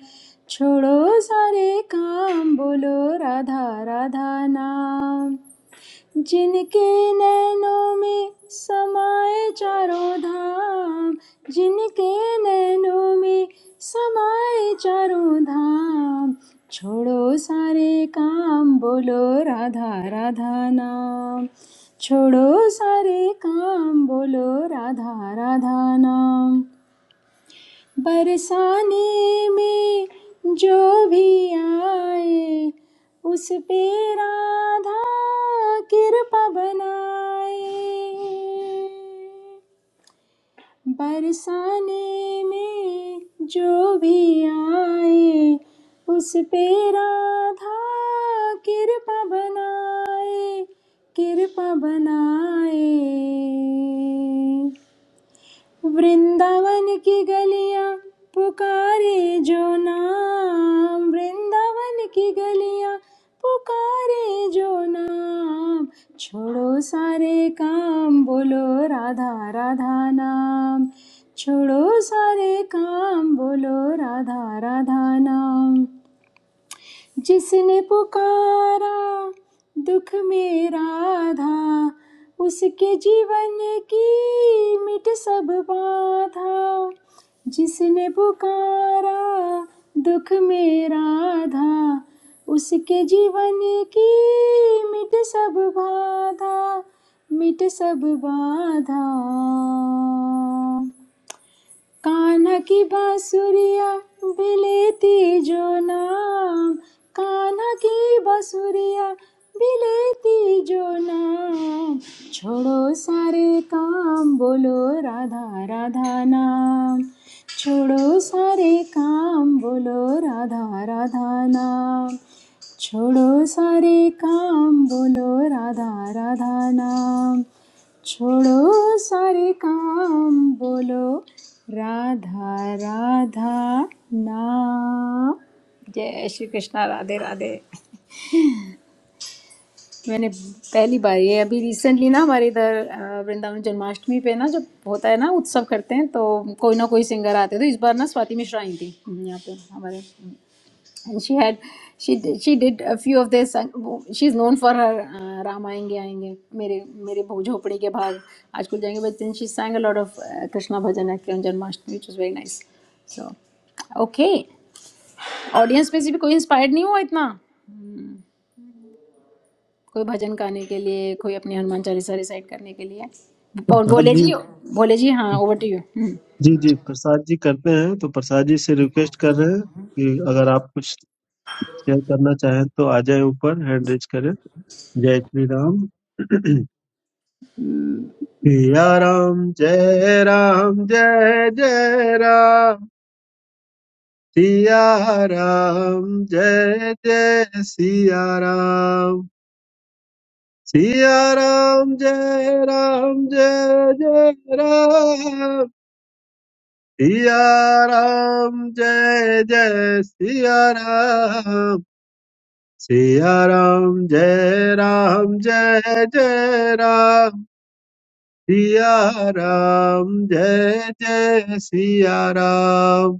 छोड़ो सारे काम बोलो राधा राधा नाम जिनके नैनों में समाए चारों धाम जिनके नैनों में समाए चारों धाम छोड़ो सारे काम बोलो राधा राधा नाम छोड़ो सारे काम बोलो राधा राधा नाम बरसाने में जो भी आए उस पे राधा कृपा बनाए बरसाने में जो भी आए उस पे राधा कृपा बनाए कृपा बनाए वृंदावन की गलियां पुकारे जो नाम वृंदावन की गलियां पुकारे जो नाम छोड़ो सारे काम बोलो राधा राधा नाम छोड़ो सारे काम बोलो राधा राधा नाम जिसने पुकारा दुख में राधा उसके जीवन की मिट सब बाधा जिसने पुकारा दुख में राधा उसके जीवन की मिट सब बाधा मिट सब बाधा कान्हा की बांसुरिया भी लेती जो नाम कान्हा की बांसुरिया भी लेती जो नाम छोड़ो सारे काम बोलो राधा राधा नाम छोड़ो सारे काम बोलो राधा राधा नाम छोड़ो सारे काम बोलो राधा राधा नाम छोड़ो सारे काम बोलो राधा राधा नाम जय श्री कृष्णा राधे राधे मैंने पहली बार ये अभी रिसेंटली ना हमारे इधर अ, वृंदावन जन्माष्टमी पे ना जब होता है ना उत्सव करते हैं तो कोई ना कोई सिंगर आते हैं तो इस बार ना स्वाति मिश्रा आई थी यहाँ पे हमारे and she had she did, she did a few of this and वो- she's known for her uh, Ram आएंगे आएंगे मेरे मेरे भो- झोपड़ी के भाग आज खुल जाएंगे but then she sang a lot of uh, krishna bhajan at janmashtami which was very nice so okay audience में से भी कोई इंस्पायर्ड नहीं हुआ इतना कोई भजन गाने के लिए कोई अपनी हनुमान चालीसा रिसाइट करने के लिए और प्रसाद भोले जी जी भोले जी हाँ ओवर टू यू जी जी प्रसाद जी करते हैं तो प्रसाद जी से रिक्वेस्ट कर रहे हैं कि अगर आप कुछ शेयर करना चाहें तो आ जाए ऊपर हैंड रेज करें जय श्री राम *clears throat* सिया राम जय राम जय जय राम सिया राम जय जय सिया राम सिया राम जय राम जय जय राम सिया राम जय जय सिया राम सिया राम जय राम जय जय राम सिया राम जय जय सिया राम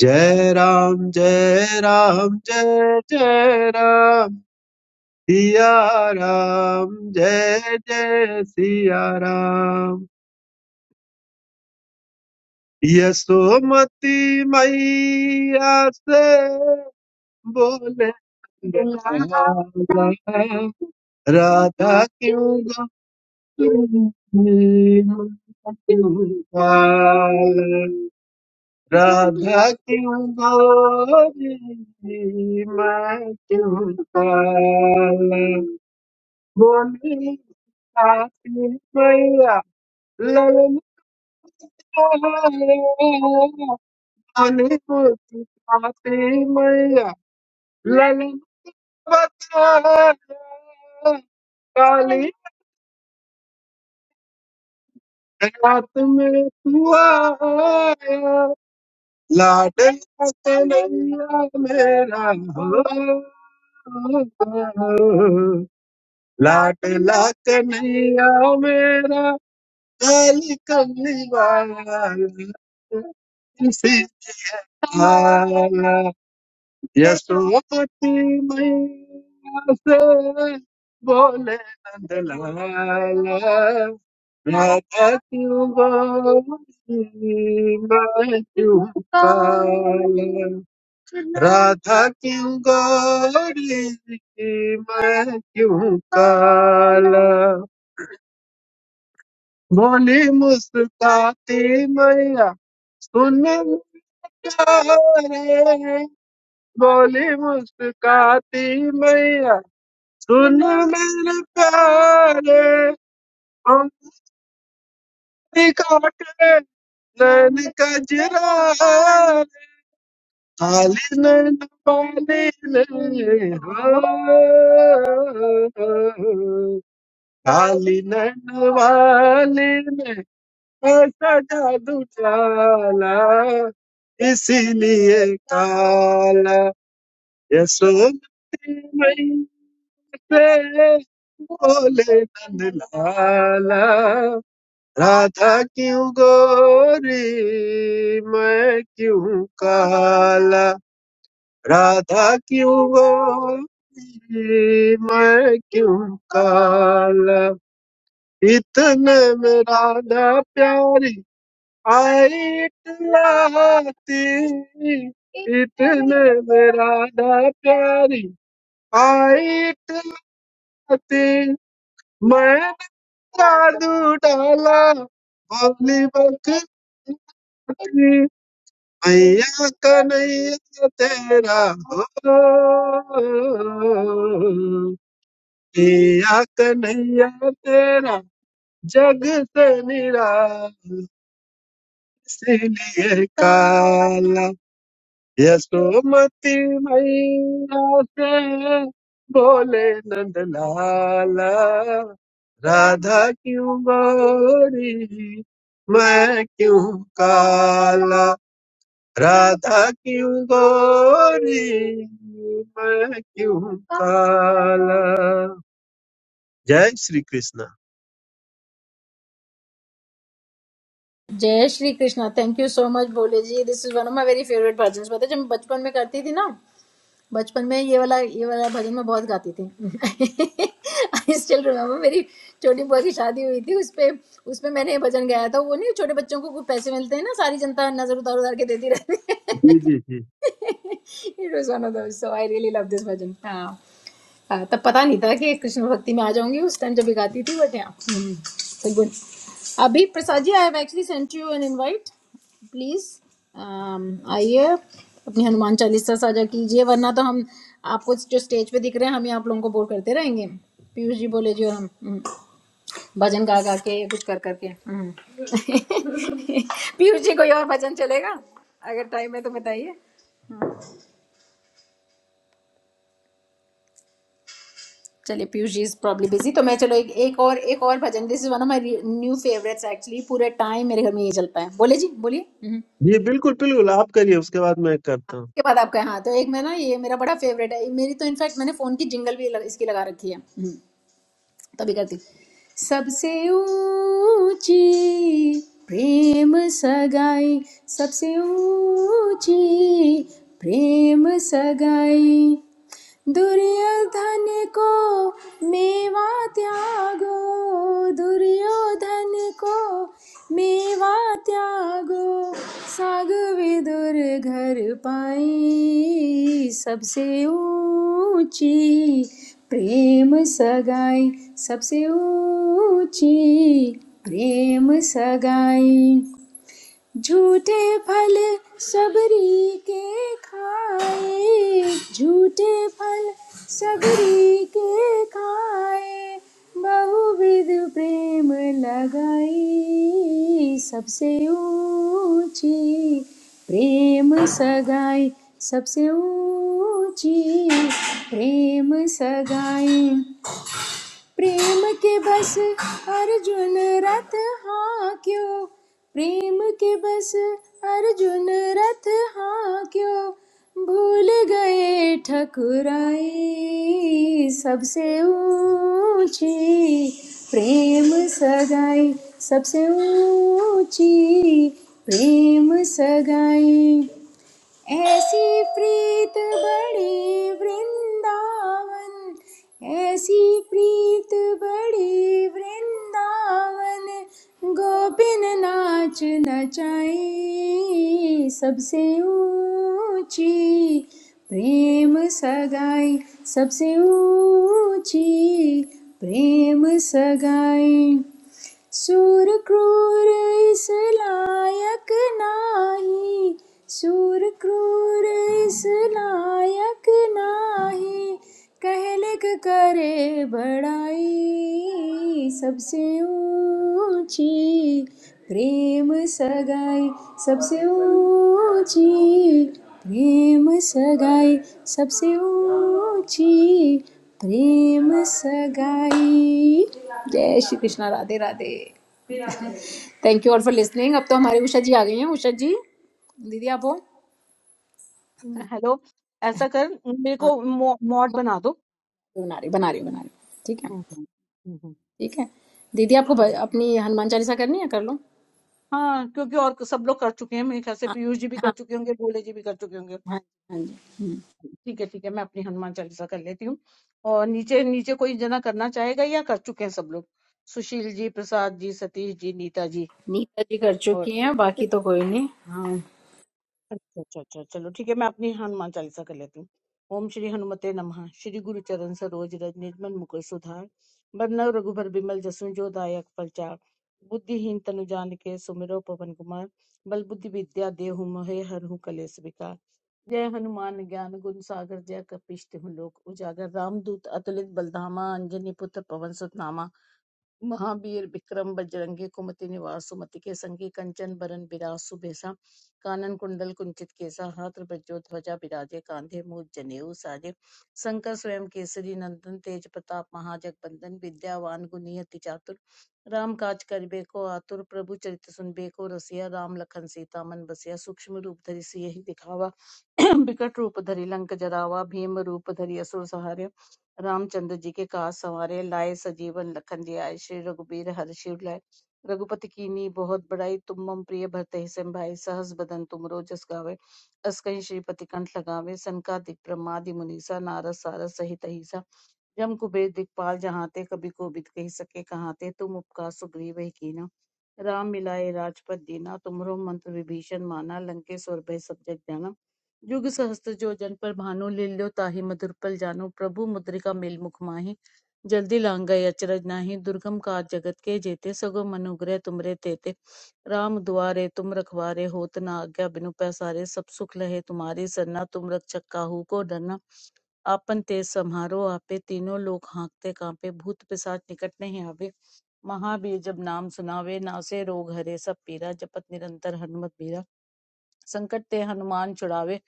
जय राम जय राम जय जय राम सिया राम जय जय सिया राम यशोमती मैया से बोले लाला, राधा क्यों गाती है? Radha ki udagi ma chhod le, kani aati hai ya lele, kani aati hai ya lele, baat hai kani aatme tu hai ya. La de la kanya mera ho, la de la kanya mera kalika niwaal sehala. Yashomati मैया से बोले नंदलाला राधा क्यों गोरी मैं क्यों काला राधा क्यों गोरी मैं क्यों काला बोली मुस्काती मैया सुन क्या रे बोली मुस्काती मैया सुन मेरे प्यारे उंगली काटे नैन कजरा खाली नैन पाली नहीं हो खाली नैन वाली ने ऐसा जादू डाला इसीलिए काला यशोमती मैया रे बोले नंदलाला राधा क्यों गोरी मैं क्यों काला राधा क्यों गोरी मैं क्यों काला इतने में राधा प्यारी आई टहलाती इतने में राधा प्यारी आई टहलाती मैंने जादू डाला भोली बकरी मैया कन्हैया तेरा हो मैया कन्हैया तेरा जग से निरा इसलिए काला यशोमती मैया से बोले नंद लाला राधा क्यों गोरी मैं क्यों काला राधा क्यों गोरी मैं क्यों काला जय श्री कृष्णा जय Shri Krishna thank you so much Bhole ji this is one of my very favourite bhajan पता है, जब मैं बचपन में करती थी ना बचपन में ये वाला ये वाला भजन मैं बहुत गाती थी *laughs* आई स्टिल रिमेम्बर मेरी छोटी बुआ की शादी हुई थी उस पे उसमें मैंने ये भजन गाया था वो नहीं छोटे बच्चों को कुछ पैसे मिलते हैं ना सारी जनता नजर उतार उतार के देती रहती है जी जी जी *laughs* it was one of those so I really love this bhajan हाँ हाँ, तब पता नहीं था कि कृष्ण भक्ति में आ जाऊंगी उस टाइम जब गाती थी बट यहाँ सो गुड अभी Prasad ji I have actually sent you an invite please आइए अपनी हनुमान चालीसा साझा कीजिए वरना तो हम आपको जो स्टेज पे दिख रहे हैं हम ही आप लोगों को बोर करते रहेंगे पीयूष जी बोले जी और हम हम्म, भजन गा गा के या कुछ कर करके *laughs* हम्म। पीयूष जी कोई और भजन चलेगा अगर टाइम है तो बताइए चलिए Piyush ji is probably busy तो मैं चलो एक एक और एक और bhajan this is one of my new favourites actually पूरे टाइम मेरे घर में ये चलता है बोले जी बोलिए हम्म। जी बिल्कुल बिल्कुल आप करिए उसके बाद मैं करता हूँ उसके बाद आपका हाँ तो एक मैं ना ये मेरा बड़ा फेवरेट है मेरी तो इनफैक्ट मैंने फोन की जिंगल भी लग, इसकी लगा रखी है हम्म। तभी करती हूँ। सबसे ऊंची प्रेम सगाई सबसे ऊंची प्रेम सगाई दुर्योधन को मेवा त्यागो दुर्योधन को मेवा त्यागो साग विदुर घर पाई सबसे ऊंची प्रेम सगाई सबसे ऊंची प्रेम सगाई झूठे फल सबरी के खाए झूठे फल से बद प्रेमी सबसे ऊंची प्रेम गाय सबसे ऊंची प्रेम से प्रेम के बस अर्जुन रथ हाँ क्यों प्रेम के बस अर्जुन रथ हाँ क्यों भूल गए ठकुराई सबसे ऊंची प्रेम सगाई सबसे ऊंची प्रेम सगाई ऐसी प्रीत बड़ी वृंदावन ऐसी प्रीत बड़ी वृंदावन गोपिन नाच नचाई सबसे ऊंची प्रेम सगाई सबसे ऊंची प्रेम सगाई सूर क्रूर इस लायक नाही सूर क्रूर इस लायक नाही कहलिक करे बड़ाई सबसे ऊंची प्रेम सगाई सबसे ऊंची प्रेम सगाई सबसे ऊंची प्रेम सगाई जय Shri Krishna Radhe Radhe thank you all for listening अब तो हमारे उषा जी आ गई हैं उषा जी दीदी आप हो हम्म, हेलो ऐसा कर मेरे हाँ को मॉ- मॉड बना दो बना रही बना रही बना रही ठीक है हम्म, हम्म, हम्म, हम्म, ठीक है दीदी आपको भ- हम्म। अपनी हनुमान चालीसा करनी है कर लो हाँ क्योंकि और सब लोग कर चुके हैं मेरे ख्याल से हाँ पीयूष जी भी कर हाँ चुके होंगे भोले जी भी कर चुके होंगे हाँ हाँ जी हम्म। ठीक है ठीक है मैं अपनी हनुमान चालीसा कर लेती हूँ और नीचे नीचे कोई जना करना चाहेगा या कर चुके हैं सब लोग सुशील जी प्रसाद जी सतीश जी नीता जी नीता जी कर चुकी हैं और बाकी तो कोई नहीं हाँ अच्छा अच्छा अच्छा चलो ठीक है मैं अपनी हनुमान चालीसा कर लेती हूँ ओम श्री हनुमते नमः श्री गुरु चरण सरोज रज निजमन मुकुर सुधार बरनव रघुबर बिमल जसु जो दायक फलचार बुद्धिहीन तनु जानिके सुमिरो पवन कुमार बल बुद्धि विद्या देहु मोहे हरहु कलेस विकार जय हनुमान ज्ञान गुण सागर जय कपीश तिहु लोक उजागर रामदूत अतुलित बलधामा अंजनी पुत्र पवन सुत नामा महावीर विक्रम बजरंगी कुमति निवासु मति के संगी कंचन बरन बिरासु बेसा कानन कुंडल कुंचित केसा हाथ ब्रजो ध्वजा बिराजे कांधे मूज जनेऊ साजे शंकर स्वयं केसरी नंदन तेज प्रताप महाजगबंदन विद्यावान गुणियति चातुर राम काज करबे को आतुर प्रभु चरित सुनबे को रसिया राम लखन सीता मन बसिया सूक्ष्म रूप धरि सियहि दिखावा *clears throat* विकट रूप धरि लंक जरावा भीम रूप धरि असुर सहारे रामचंद्र जी के काज संवारे लाए सजीवन लखन जी आए श्री रघुबीर हरषि लाए रघुपति कीन्ही बहुत बड़ाई तुम मम प्रिय भरते सिम भाई सहस बदन तुमरो जस गावे अस कहीं श्रीपति कंठ लगावे सनकादिक ब्रह्मादि मुनीसा नारद सारद सहित अहिसा जम कुबेर दिखपाल जहांते कबि कोबिद कहि सके कहांते तुम उपका सुग्रीव ही कीन्हा राम मिलाए राजपद दीना तुमरो मंत्र विभीषण माना लंकेश्वर भय सब जग जाना जुग सहस्त्र जो जन पर भानु लील्यो ताहि मधुर पल जानो प्रभु मुद्रिका मेल मुख माहि जल्दी लांग गए अचरज नाही दुर्गम काज जगत के जेते सगो मनुग्रह तुमरे तेते राम दुआरे तुम रखवारे होत न आज्ञा बिनु पैसारे सब सुख लहे तुम्हारी सरना तुम रक्षक काहू को डरना आपण ते समारोह आपे तीनों लोग हाँकते कांपे भूत पिशाच निकट नहीं आवे महावीर जब नाम सुनावे नासे रोग हरे सब पीरा जपत निरंतर हनुमत बीरा संकट ते हनुमान छुड़ावे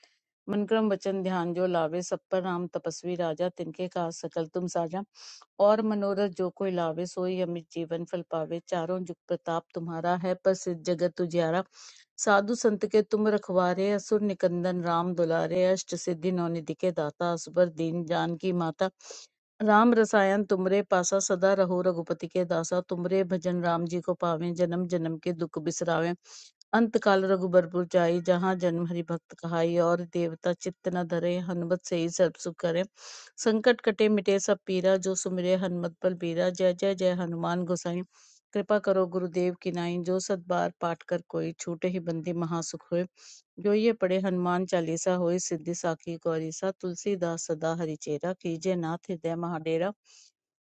मन क्रम वचन ध्यान जो लावे सब पर राम तपस्वी राजा तिनके का सकल तुम साजा और मनोरथ जो कोई लावे सोई अमित जीवन फल पावे चारों जुग प्रताप तुम्हारा है प्रसिद्ध जगत तुझियारा साधु संत के तुम रखवारे असुर निकंदन राम दुलारे अष्ट सिद्धि नौ निधि के दाता असबर दीन जान की माता राम रसायन तुमरे पासा सदा रहो रघुपति के दासा तुमरे भजन राम जी को पावें जन्म जन्म के दुख बिसरावें अंत काल रघुबर जाई जहाँ जन्म हरि भक्त कहाई और देवता चित्त न धरे हनुमत से ही सर्व सुख करे संकट कटे मिटे सब पीरा जो सुमिरे हनुमत बल बीरा जय जय जय हनुमान गोसाई कृपा करो गुरुदेव की नाई जो सत बार पाठ कर कोई छूटे ही बंदी महासुख होय जो ये पढ़े हनुमान चालीसा होए सिद्धि साखी गौरीसा तुलसीदास सदा हरिचेरा कीजे नाथ हृदय महाडेरा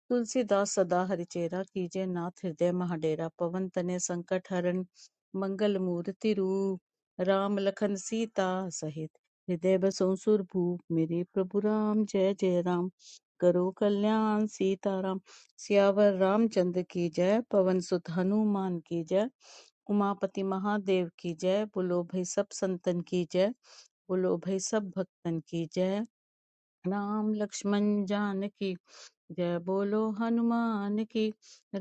तुलसीदास सदा हरिचेरा कीजे नाथ हृदय महाडेरा पवन तने संकट हरण मंगल मूर्ति रूप राम लखन सीता सहित हृदय बसों सुरभूप मेरे प्रभु राम जय जय राम करो कल्याण सीताराम सियावर रामचंद्र की जय पवन सुत हनुमान की जय उमापति महादेव की जय बोलो भाई सब संतन की जय बोलो भाई सब भक्तन की जय राम लक्ष्मण जान की जय बोलो हनुमान की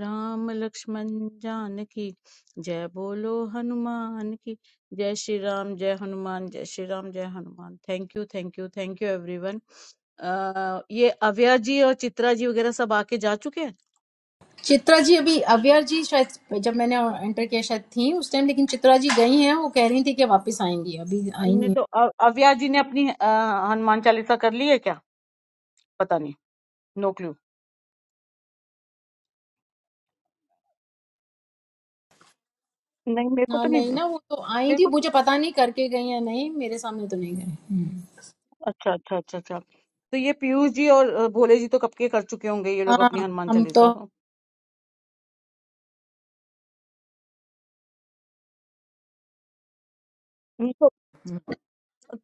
राम लक्ष्मण जान की जय बोलो हनुमान की जय श्री राम जय हनुमान जय श्री राम जय Hanuman thank you thank you thank you everyone ये अव्या जी और चित्रा जी वगैरह सब आके जा चुके हैं चित्रा जी अभी अव्यर जी शायद जब मैंने एंटर किया शायद थी उस टाइम लेकिन चित्रा जी गई हैं वो कह रही थी कि वापस आएंगी अभी आई नहीं नहीं है तो अ- अव्या जी ने अपनी अ, हनुमान चालीसा कर ली है क्या पता नहीं नो क्लू नहीं मेरे को हाँ तो नहीं नहीं ना वो तो आई मेरे थी को तो- मुझे पता नहीं करके गई या नहीं मेरे सामने तो नहीं गई अच्छा अच्छा अच्छा अच्छा तो ये पीयूष जी और अ, भोले जी तो कब के कर चुके होंगे ये लोग हाँ अपनी हनुमान हम तो चालीसा तो नहीं तो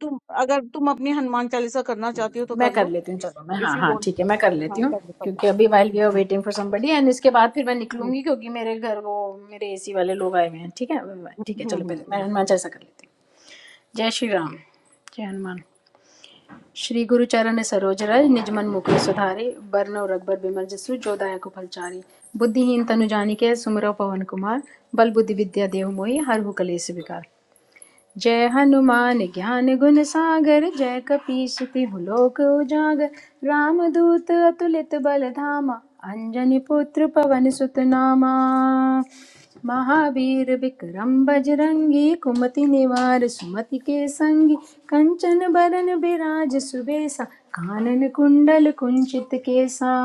तुम अगर तुम अपनी हनुमान चालीसा करना चाहती हो तो मैं कर कर लो लेती हूँ चलो मैं इफ हाँ यू हाँ वांट ठीक है मैं कर लेती हाँ हूँ कर लो कर लो क्योंकि अभी while we are hmm, waiting for somebody and इसके बाद फिर मैं हम्म, निकलूंगी क्योंकि मेरे घर वो मेरे एसी वाले लोग आए हुए हैं ठीक है ठीक है हम्म, चलो हम्म, पहले ठीक मैं है। हनुमान चालीसा कर लेती हूँ जय श्री राम जय हनुमान श्री गुरु चरण सरोज रज निजमन मुकुर सुधारी बरन और अकबर बिमल जसु जो दायक फलचारी बुद्धिहीन तनु जानिके सुमिरो पवन कुमार बल बुद्धि विद्या देहु मोहि हर हु कलेस विकार जय हनुमान ज्ञान गुण सागर जय कपीस तिहु लोक उजागर रामदूत अतुलित बल धामा अंजनी पुत्र पवन सुत नामा महावीर विक्रम बजरंगी कुमति निवार सुमति के संगी कंचन बरन बिराज सुबेसा कानन कुंडल कुंचित केसा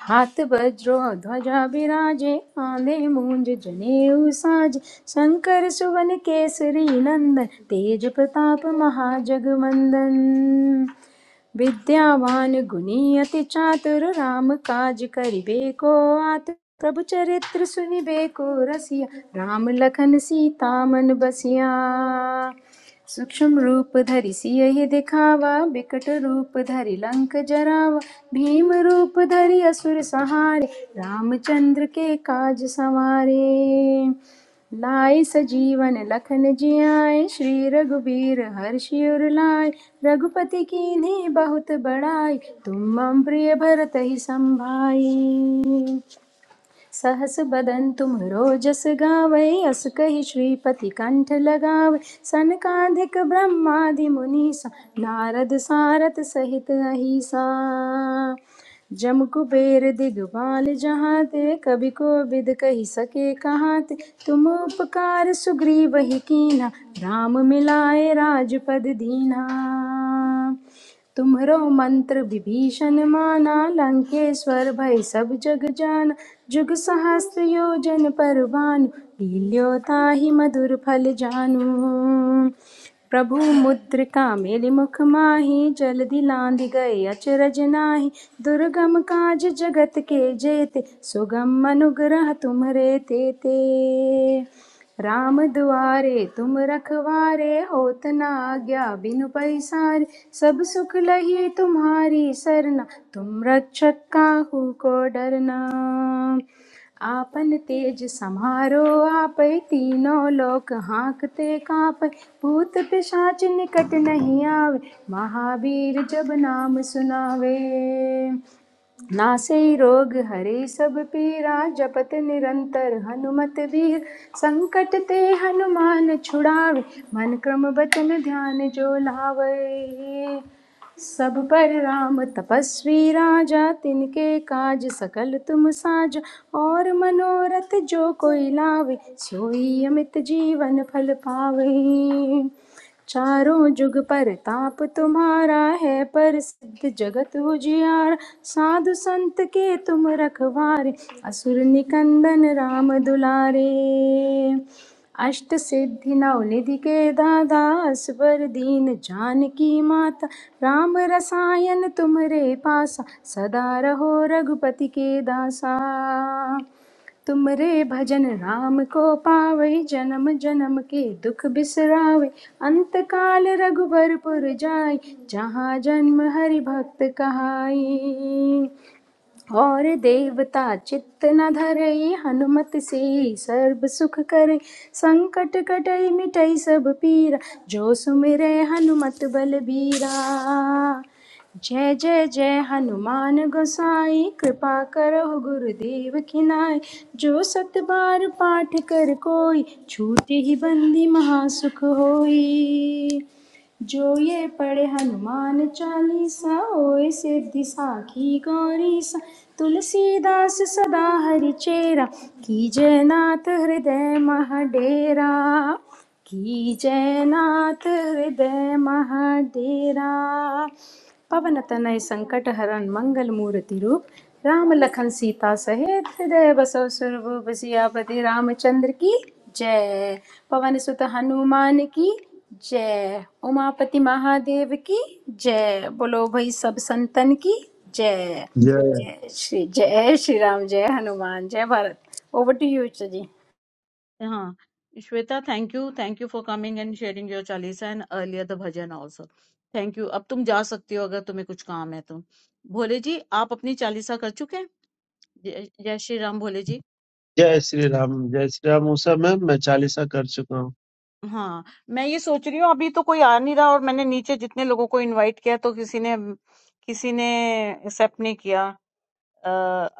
हाथ वज्रो ध्वजा विराजे आंधे मूंज जनेऊ साज शंकर सुवन केसरी नंदन तेज प्रताप महाजगवंदन विद्यावान गुणी अति चातुर राम काज करिबेको आतुर प्रभु चरित्र सुनिबेको रसिया राम लखन सीता मन बसिया सूक्ष्म रूप धरि सियहि दिखावा बिकट रूप धरि लंक जरावा भीम रूप धरि असुर सहारे रामचंद्र के काज सवारे लाए सजीवन लखन जियाए श्री रघुबीर हर्षि उर लाए रघुपति कीन्ही बहुत बड़ाई तुम मम प्रिय भरत ही संभाई सहस बदन तुम रोजस गावै अस कहि श्रीपति कंठ लगावै सनकाधिक ब्रह्मादि मुनीसा नारद सारथ सहित अहिसा जम कुबेर दिगपाल जहाँ ते कभी को विद कही सके कहाँ ते तुम उपकार सुग्रीव ही कीना राम मिलाए राजपद दीना तुम्हरो मंत्र विभीषण माना लंकेश्वर भय सब जग जान जुग सहस्त्र योजन पर भानु लील्यो ताहि मधुर फल जानू प्रभु मुद्रिका मेलि मुख माहि जलदि लांघि गए अचरज नाही दुर्गम काज जगत के जेते सुगम अनुग्रह तुम्हरे तेते राम दुआरे तुम रखवारे होत न आज्ञा बिनु पैसारे सब सुख लही तुम्हारी सरना तुम रक्षक काहू को डरना आपन तेज समारो आपै तीनों लोक हांकते कांपै भूत पिशाच निकट नहीं आवे महावीर जब नाम सुनावे नासै रोग हरे सब पीरा जपत निरंतर हनुमत वीर संकट ते हनुमान छुड़ावे मन क्रम बचन ध्यान जो लावे सब पर राम तपस्वी राजा तिनके काज सकल तुम साजा और मनोरथ जो कोई लावे सोई अमित जीवन फल पावे चारों जुग परताप तुम्हारा है प्रसिद्ध जगत उजियार साधु संत के तुम रखवारे असुर निकंदन राम दुलारे अष्ट सिद्धि नवनिधि के दादा अस्वर दीन जानकी माता राम रसायन तुम्हरे पासा सदा रहो रघुपति के दासा तुम रे भजन राम को पावै जन्म जन्म के दुख बिसरावै अंत काल रघुबर पुर जाई जहाँ जन्म हरि भक्त कहाई और देवता चित्त न धरई हनुमत से सर्व सुख करे संकट कटई मिटई सब पीरा जो सुमिरै हनुमत बलबीरा जय जय जय हनुमान गोसाई कृपा करो गुरुदेव खिनाय जो सत बार पाठ कर कोई छूटे ही बंदी महासुख होई जो ये पढ़े हनुमान चालीसा ओए सिद्धि साखी गौरीसा तुलसीदास सदा हरि चेरा कीजय नाथ हृदय महाडेरा कीजय नाथ हृदय महाडेरा पवन तनय संकट हरण मंगल मूर्ति रूप राम लखन सीता सहित हृदय बसव सुरभूप सियापति रामचंद्र की जय पवन सुत हनुमान की जय उमापति महादेव की जय बोलो भाई सब संतन की जय जय जय श्री जय श्री राम जय हनुमान जय भारत ओवर टू यू जी हाँ Shweta thank you thank you for coming and sharing your chalisa and earlier the bhajan also thank you अब तुम जा सकती हो अगर तुम्हें कुछ काम है तो भोले जी आप अपनी चालीसा कर चुके हैं जय जय श्री राम भोले जी जय श्री राम जय श्री राम उस समय मैं चालीसा कर चुका हाँ, मैं ये सोच रही हूँ अभी तो कोई आ नहीं रहा और मैंने नीचे जितने लोगों को इनवाइट किया तो किसी ने किसी ने एक्सेप्ट नहीं किया अ,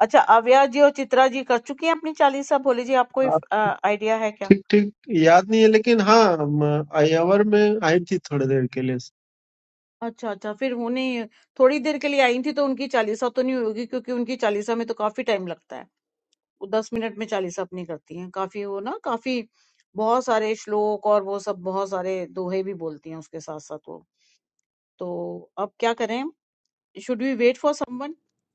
अच्छा अव्या जी और चित्रा जी कर चुकी हैं अपनी चालीसा भोले जी आपको हूँ आइडिया है क्या ठीक ठीक याद नहीं है लेकिन हाँ म- आयावर में आई थी थोड़ी देर के लिए अच्छा अच्छा फिर वो नहीं थोड़ी देर के लिए आई थी तो उनकी चालीसा तो नहीं होगी क्योंकि उनकी चालीसा में तो काफी टाइम लगता है वो दस मिनट में चालीसा अपनी करती हैं काफी वो ना काफी बहुत सारे श्लोक और वो सब बहुत सारे दोहे भी बोलती हैं उसके साथ साथ वो तो अब क्या करें should we wait for someone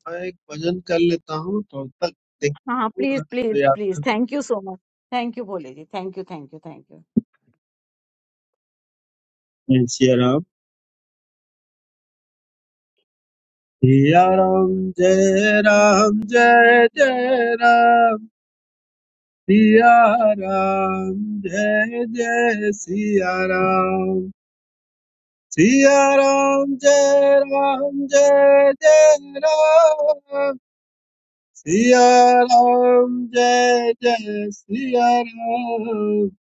मैं एक भजन कर लेता हूँ तो तब तक देखता हाँ हूँ प्लीज अगर प्लीज याद प्लीज है thank you so much thank you Bhole ji thank you thank you thank you जय सिया राम सिया राम जय राम जय जय राम सिया राम जय जय सिया राम सिया राम जय राम जय जय राम सिया राम जय जय सिया राम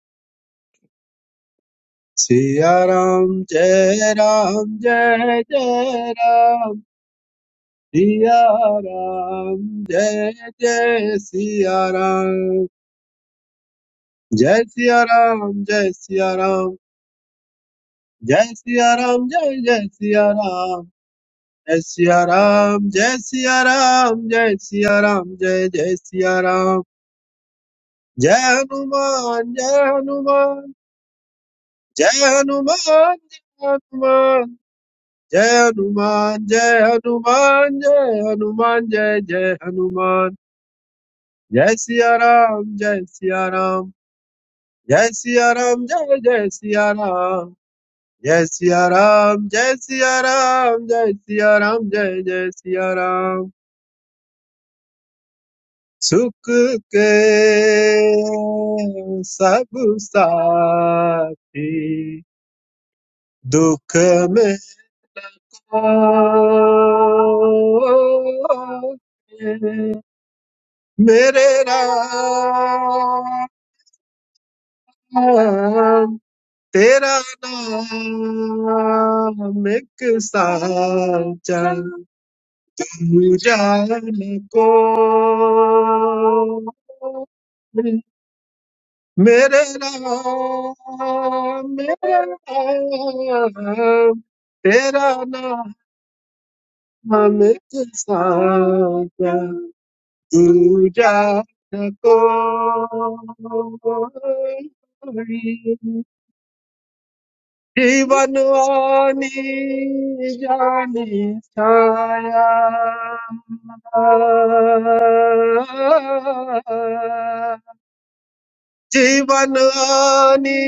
सिया राम जय राम जय जय राम सिया राम जय जय सिया राम जय सिया राम जय सिया राम जय सिया राम जय जय सिया राम जय सिया राम जय सिया राम जय सिया राम जय जय सिया राम जय हनुमान जय हनुमान जय हनुमान जय हनुमान जय हनुमान जय हनुमान जय हनुमान जय जय हनुमान जय सिया राम जय सिया राम जय सिया राम जय जय सिया राम जय सिया राम जय सिया राम जय सिया राम जय जय सिया राम सुख के सब साथी दुख में को मेरे राम तेरा नाम एक साचा जान को मेरे राम मेरे राम तेरा नाम एक साचा Tuja takoy, jivanoni jani saa, jivanoni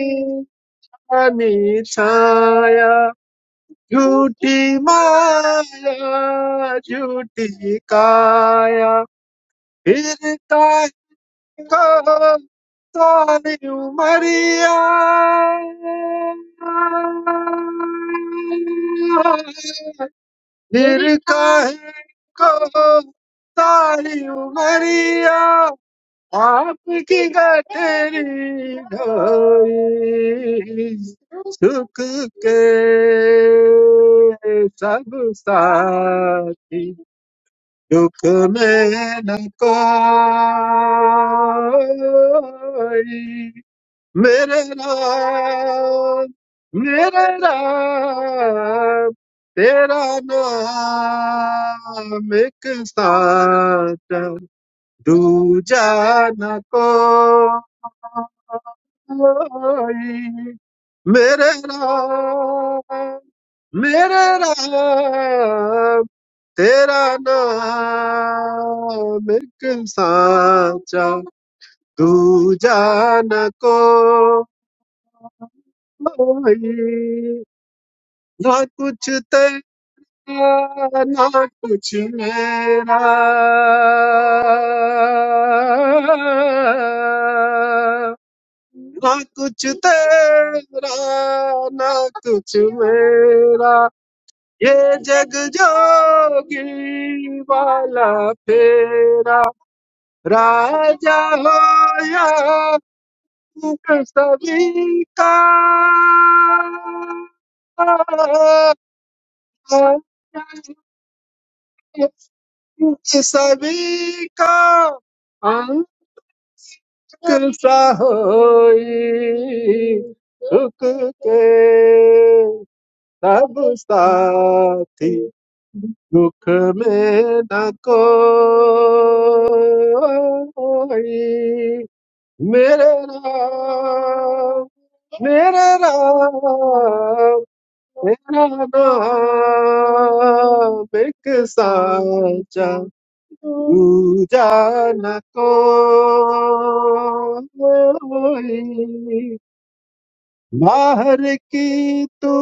jani saa, jooti maayaa, jooti kaaayaa, firkaa. Go, Sorry, Maria. निर्काहे को सारी उमरिया आपकी गठरी ढोई सुख के सब साथी दुख में न कोई मेरे राम मेरे राम तेरा नाम एक साथ दूजा न कोई मेरे राम मेरे राम तेरा नाम एक साचा दूजा न कोई ना कुछ तेरा ना कुछ मेरा ना कुछ तेरा ना कुछ मेरा ये जग जोगी वाला फेरा Raja hoya uk sabika, uk sabika, angkelsa hoy uk ke sabu stati uk menakoi. मेरे राम मेरे राम मेरा नाम एक साचा दूजा न कोई बाहर की तू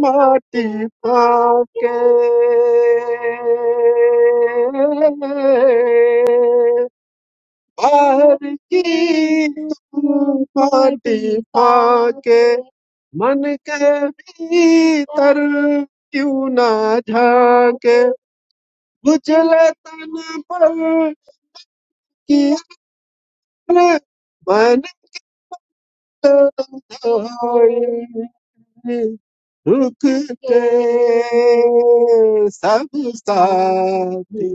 माटी पाके बाहर की माटी पाके मन के भीतर क्यों ना झाके उजले तन पर किया मन तो धोए रुक के सब साथी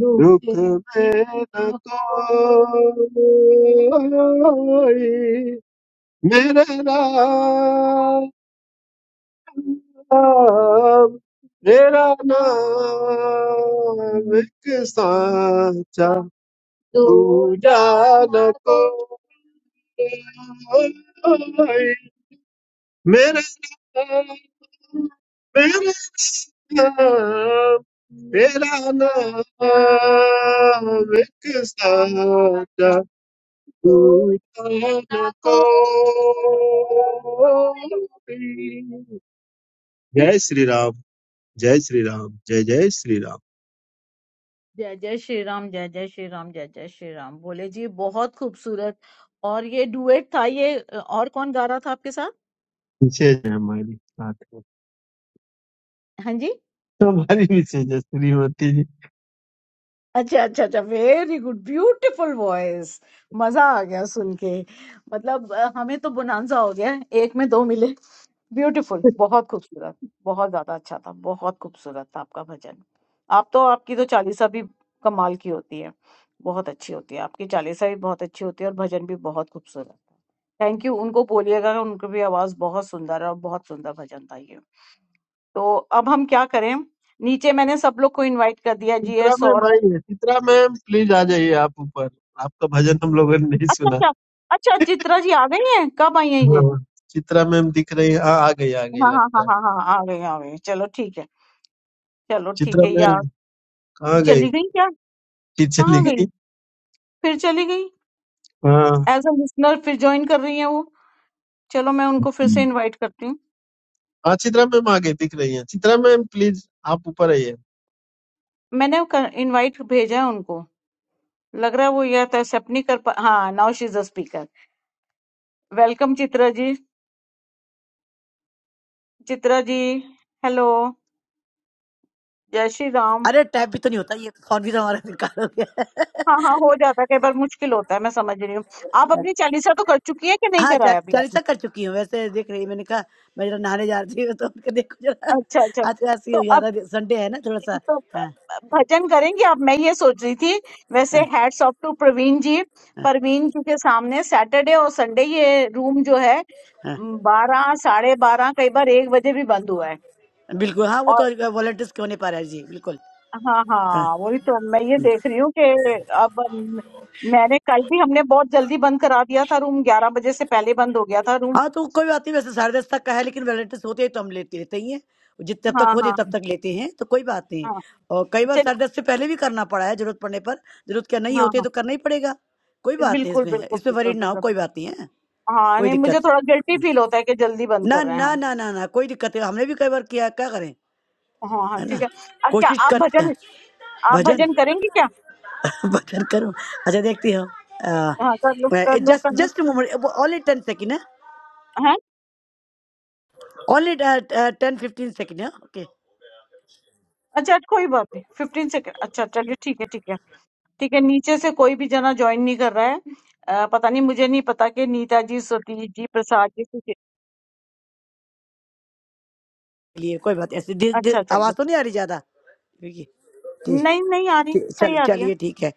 दुख में न कोई Mera naam, mera naam, mera naam, ek saath tu jaana koi. Mera naam, mera naam, mera naam, ek saath tu jaana koi. जय श्री राम जय श्री राम जय जय श्री राम जय जय श्री राम जय जय श्री राम जय जय श्री राम भोले जी बहुत खूबसूरत और ये डुएट था ये अ, और कौन गा रहा था आपके साथ विशेष है हमारी साथ में हाँ जी हमारी विशेष है श्रीमती जी अच्छा अच्छा अच्छा वेरी गुड ब्यूटीफुल वॉइस मजा आ गया सुन के मतलब अ, हमें तो बोनांजा हो गया एक में दो मिले ब्यूटीफुल बहुत खूबसूरत बहुत ज्यादा अच्छा था बहुत खूबसूरत था आपका भजन आप तो आपकी तो चालीसा भी कमाल की होती है बहुत अच्छी होती है आपकी चालीसा भी बहुत अच्छी होती है और भजन भी बहुत खूबसूरत थैंक यू उनको बोलिएगा उनकी भी आवाज बहुत सुंदर है और बहुत सुंदर भजन था ये तो अब हम क्या करें नीचे मैंने सब लोग को इनवाइट कर दिया जी है चित्रा मैम आई है चित्रा मैम प्लीज आ जाइए आप ऊपर आपका भजन हम लोगों ने नहीं अच्छा सुना अच्छा अच्छा चित्रा जी आ गई हैं कब आई हैं ये हाँ चित्रा मैम दिख रही है हाँ आ गई आ गई हाँ हाँ लगता हाँ है हाँ हाँ आ गई आ गई चलो ठीक है चलो ठीक चित्रा है यार मैम कहाँ गई चली गई क्या फिर चली कहाँ गई गई फिर चली गई हाँ एज अ लिसनर फिर ज्वाइन कर रही है वो चलो मैं उनको फिर से इनवाइट करती हूँ हाँ चित्रा मैम आ गई दिख रही है चित्रा मैम प्लीज आप ऊपर आइए मैंने इनवाइट भेजा है उनको लग रहा है वो या तो एक्सेप्ट नहीं कर पा हाँ now she is a speaker welcome Chitra ji Chitra ji hello जय श्री राम अरे टाइप भी तो नहीं होता ये फोन भी तो हमारा बेकार हो गया हाँ हाँ हो जाता है कई बार मुश्किल होता है मैं समझ रही हूँ आप अपनी चालीसा तो कर चुकी है कि *laughs* नहीं हाँ चा, कराया अभी चालीसा कर चुकी हूँ वैसे देख रही मैंने कहा मैं जरा नहाने जा रही हूँ तो उनका देखो जरा अच्छा अच्छा *laughs* आज ऐसी तो हो अब ज्यादा संडे है ना थोड़ा सा तो हाँ भजन करेंगे अब मैं ये सोच रही थी वैसे हाँ hats off to Praveen ji हाँ प्रवीण जी के सामने सैटरडे और संडे ये रूम जो है हाँ, बारह साढ़े बारह कई बार एक बजे भी बंद हुआ है बिल्कुल हाँ वो और तो वॉलंटियर्स क्यों नहीं पा रहा है जी बिल्कुल हाँ हाँ। हाँ वही तो मैं ये देख रही हूँ कि अब म- मैंने कल भी हमने बहुत जल्दी बंद करा दिया था रूम ग्यारह बजे से पहले बंद हो गया था रूम हाँ तो कोई बात नहीं वैसे साढ़े दस तक का है लेकिन वॉलंटियर्स होते हैं तो हम लेते लेते ही हैं जितने तब तक हाँ होते हैं, हाँ तब तक लेते हैं तो कोई बात नहीं हाँ और कई बार चलिए साढ़े दस से पहले भी करना पड़ा है जरूरत पड़ने पर जरूरत क्या नहीं हाँ होती है हाँ तो करना ही पड़ेगा कोई बात नहीं बिल्कुल इसमें बिल्कुल इसमें बिल्कुल वरीड ना हो बिल्कुल कोई बात नहीं है हाँ, कोई नहीं मुझे दिक्कत थोड़ा गिल्टी फील होता है कि जल्दी बंद ना कर रहे हैं ना हम। ना ना ना कोई दिक्कत है हमने भी कई बार किया है, क्या करें हाँ, हाँ, है ना ठीक है। अ, क्या कोशिश आप करते भजन हैं आप भजन भजन करेंगी क्या? *laughs* भजन करो अच्छा देखती हूँ हाँ, कर लो, कर लो, कर जस्ट लो। Just moment only ten second है हैं? ओनली टेन फिफ्टीन सेकेंड है ओके अच्छा अच्छा, कोई बात नहीं, 15 सेकंड अच्छा अच्छा, चलिए ठीक है, ठीक है। ठीक है, नीचे से कोई भी जना जॉइन नहीं कर रहा है। अ, पता नहीं मुझे नहीं पता कि नीता जी, सतीश जी, प्रसाद जी किसी चलिए कोई बात ऐसे दि, दि, अच्छा चलिए आवाज तो ठीक। नहीं आ रही ज्यादा ठीक है ठीक नहीं, नहीं आ रही, ठीक- सही चल आ रही है। चलिए ठीक है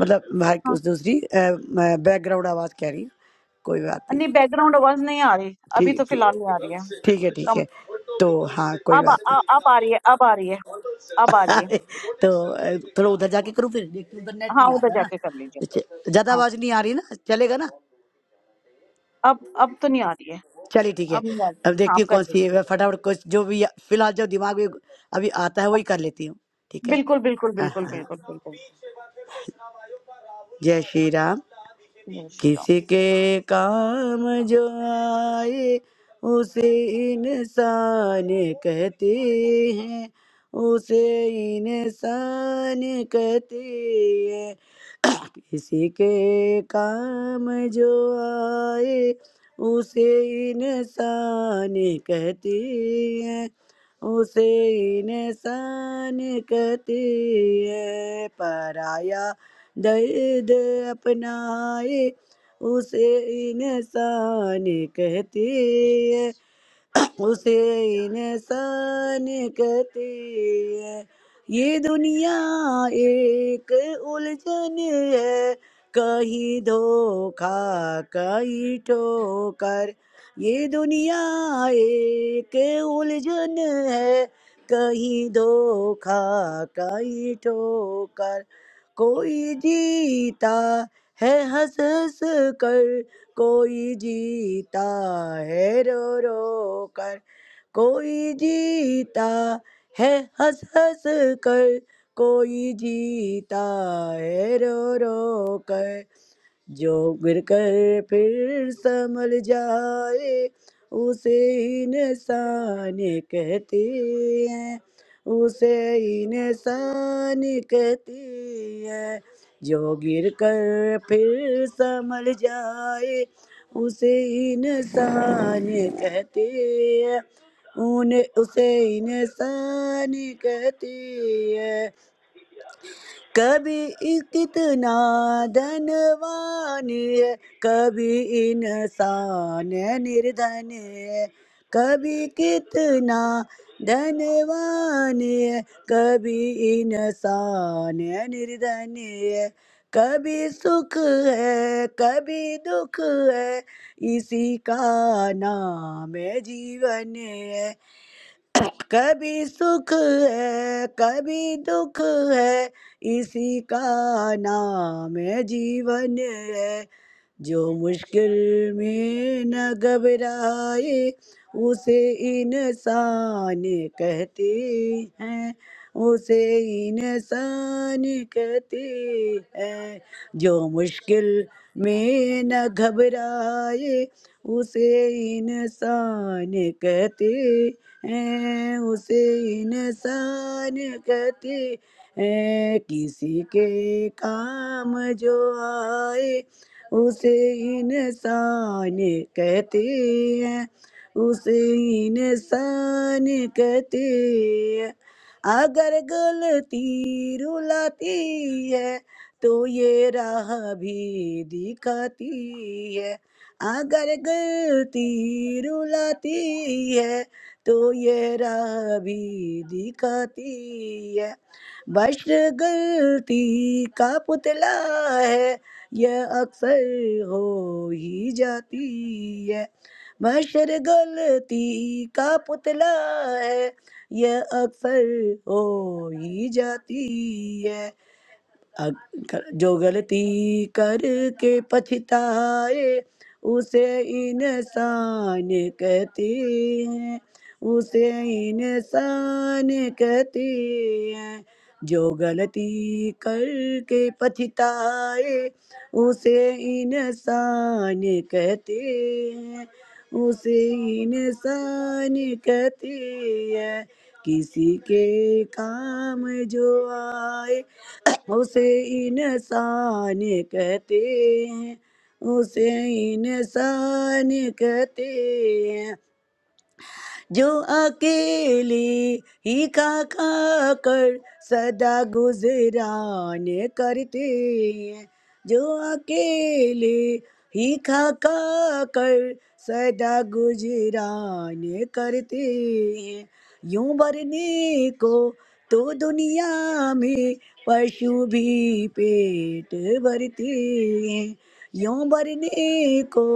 मतलब भाई की हाँ, उस दूसरी बैकग्राउंड आवाज कह रही हूँ। कोई बात नहीं नहीं बैकग्राउंड आवाज़ नहीं आ रही, अभी तो ठीक फिलहाल नहीं आ रही है। ठीक ठीक है ठीक कम है तो हाँ कोई अब बात अ, नहीं अब आ रही है अब आ रही है अब आ रही है। *laughs* तो अ, थोड़ा उधर जाके करूँ फिर देखते हैं, उधर नेट हाँ, नहीं उधर आता है ना जाके कर लीजिए। अच्छा, हाँ। ज्यादा आवाज नहीं आ रही ना चलेगा ना अब अब तो नहीं आ रही है चलिए ठीक है अब नहीं आ रही अब हाँ देखती आप हूँ कर कौन सी दीजिए है मैं फटाफट कुछ जो भी फिलहाल जो दिमाग में अभी आता है वही कर लेती हूँ ठीक है बिल्कुल बिल्कुल हाँ बिल्कुल हाँ हाँ। बिल्कुल बिल्कुल जय श्री राम जय श्री राम किसी के काम जो आए उसे इंसान कहते हैं उसे इंसान कहते हैं किसी के काम जो आए उसे इंसान कहते हैं उसे इंसान कहते हैं पराया दर्द अपनाए उसे इंसान कहते हैं उसे इंसान कहते हैं ये दुनिया एक उलझन है कहीं धोखा कहीं ठोकर ये दुनिया एक उलझन है कहीं धोखा कहीं ठोकर कोई जीता है हंस हंस कर कोई जीता है रो रो कर कोई जीता है हंस हंस कर कोई जीता है रो रो कर जो गिर कर फिर संभल जाए उसे इंसान कहते हैं उसे इंसान कहते हैं जो गिर कर फिर संभल जाए उसे इंसान कहते हैं उन्हें उसे इंसान कहते हैं कभी इ- कितना धनवान है कभी इंसान निर्धन है कभी कितना धनवान है कभी इंसान निर्धन है कभी सुख है कभी दुख है इसी का नाम है जीवन है कभी सुख है कभी दुख है इसी का नाम है जीवन है जो मुश्किल में न घबराए उसे इंसान कहते हैं उसे इंसान कहते हैं जो मुश्किल में न घबराए उसे इंसान कहते हैं उसे इंसान कहते हैं किसी के काम जो आए उसे इंसान कहते हैं उसे इंसान कहते हैं अगर गलती रुलाती है तो ये राह भी दिखाती है अगर गलती रुलाती है तो ये राह भी दिखाती है बस गलती का पुतला है ये अक्सर हो ही जाती है बशर गलती का पुतला है ये अक्सर हो ही जाती है अगर जो गलती करके पछताए उसे इंसान कहते हैं उसे इंसान कहते हैं जो गलती करके पछताए उसे इंसान कहते हैं उसे इंसान कहते हैं किसी के काम जो आए उसे इंसान कहते हैं उसे इंसान कहते हैं जो अकेले ही खा खा कर सदा गुजरान करते हैं जो अकेले ही खा खा कर सदा गुजरान करते हैं यूं भरने को तो दुनिया में पशु भी पेट भरते हैं यूं भरने को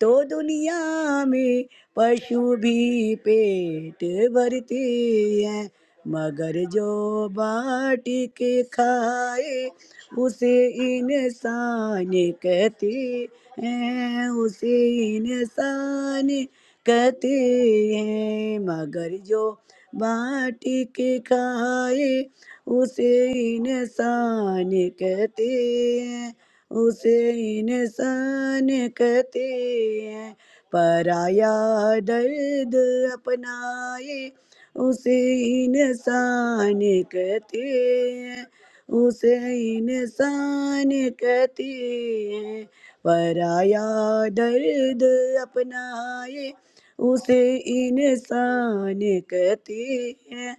तो दुनिया में पशु भी पेट भरती है मगर जो बाटी के खाए उसे इंसान कहते हैं उसे इंसान कहते हैं मगर जो बाटी के खाए उसे इंसान कहते हैं उसे इंसान कहते हैं पराया दर्द अपनाए उसे इंसान कहते हैं उसे इंसान कहते हैं पराया दर्द अपनाए उसे इंसान कहते हैं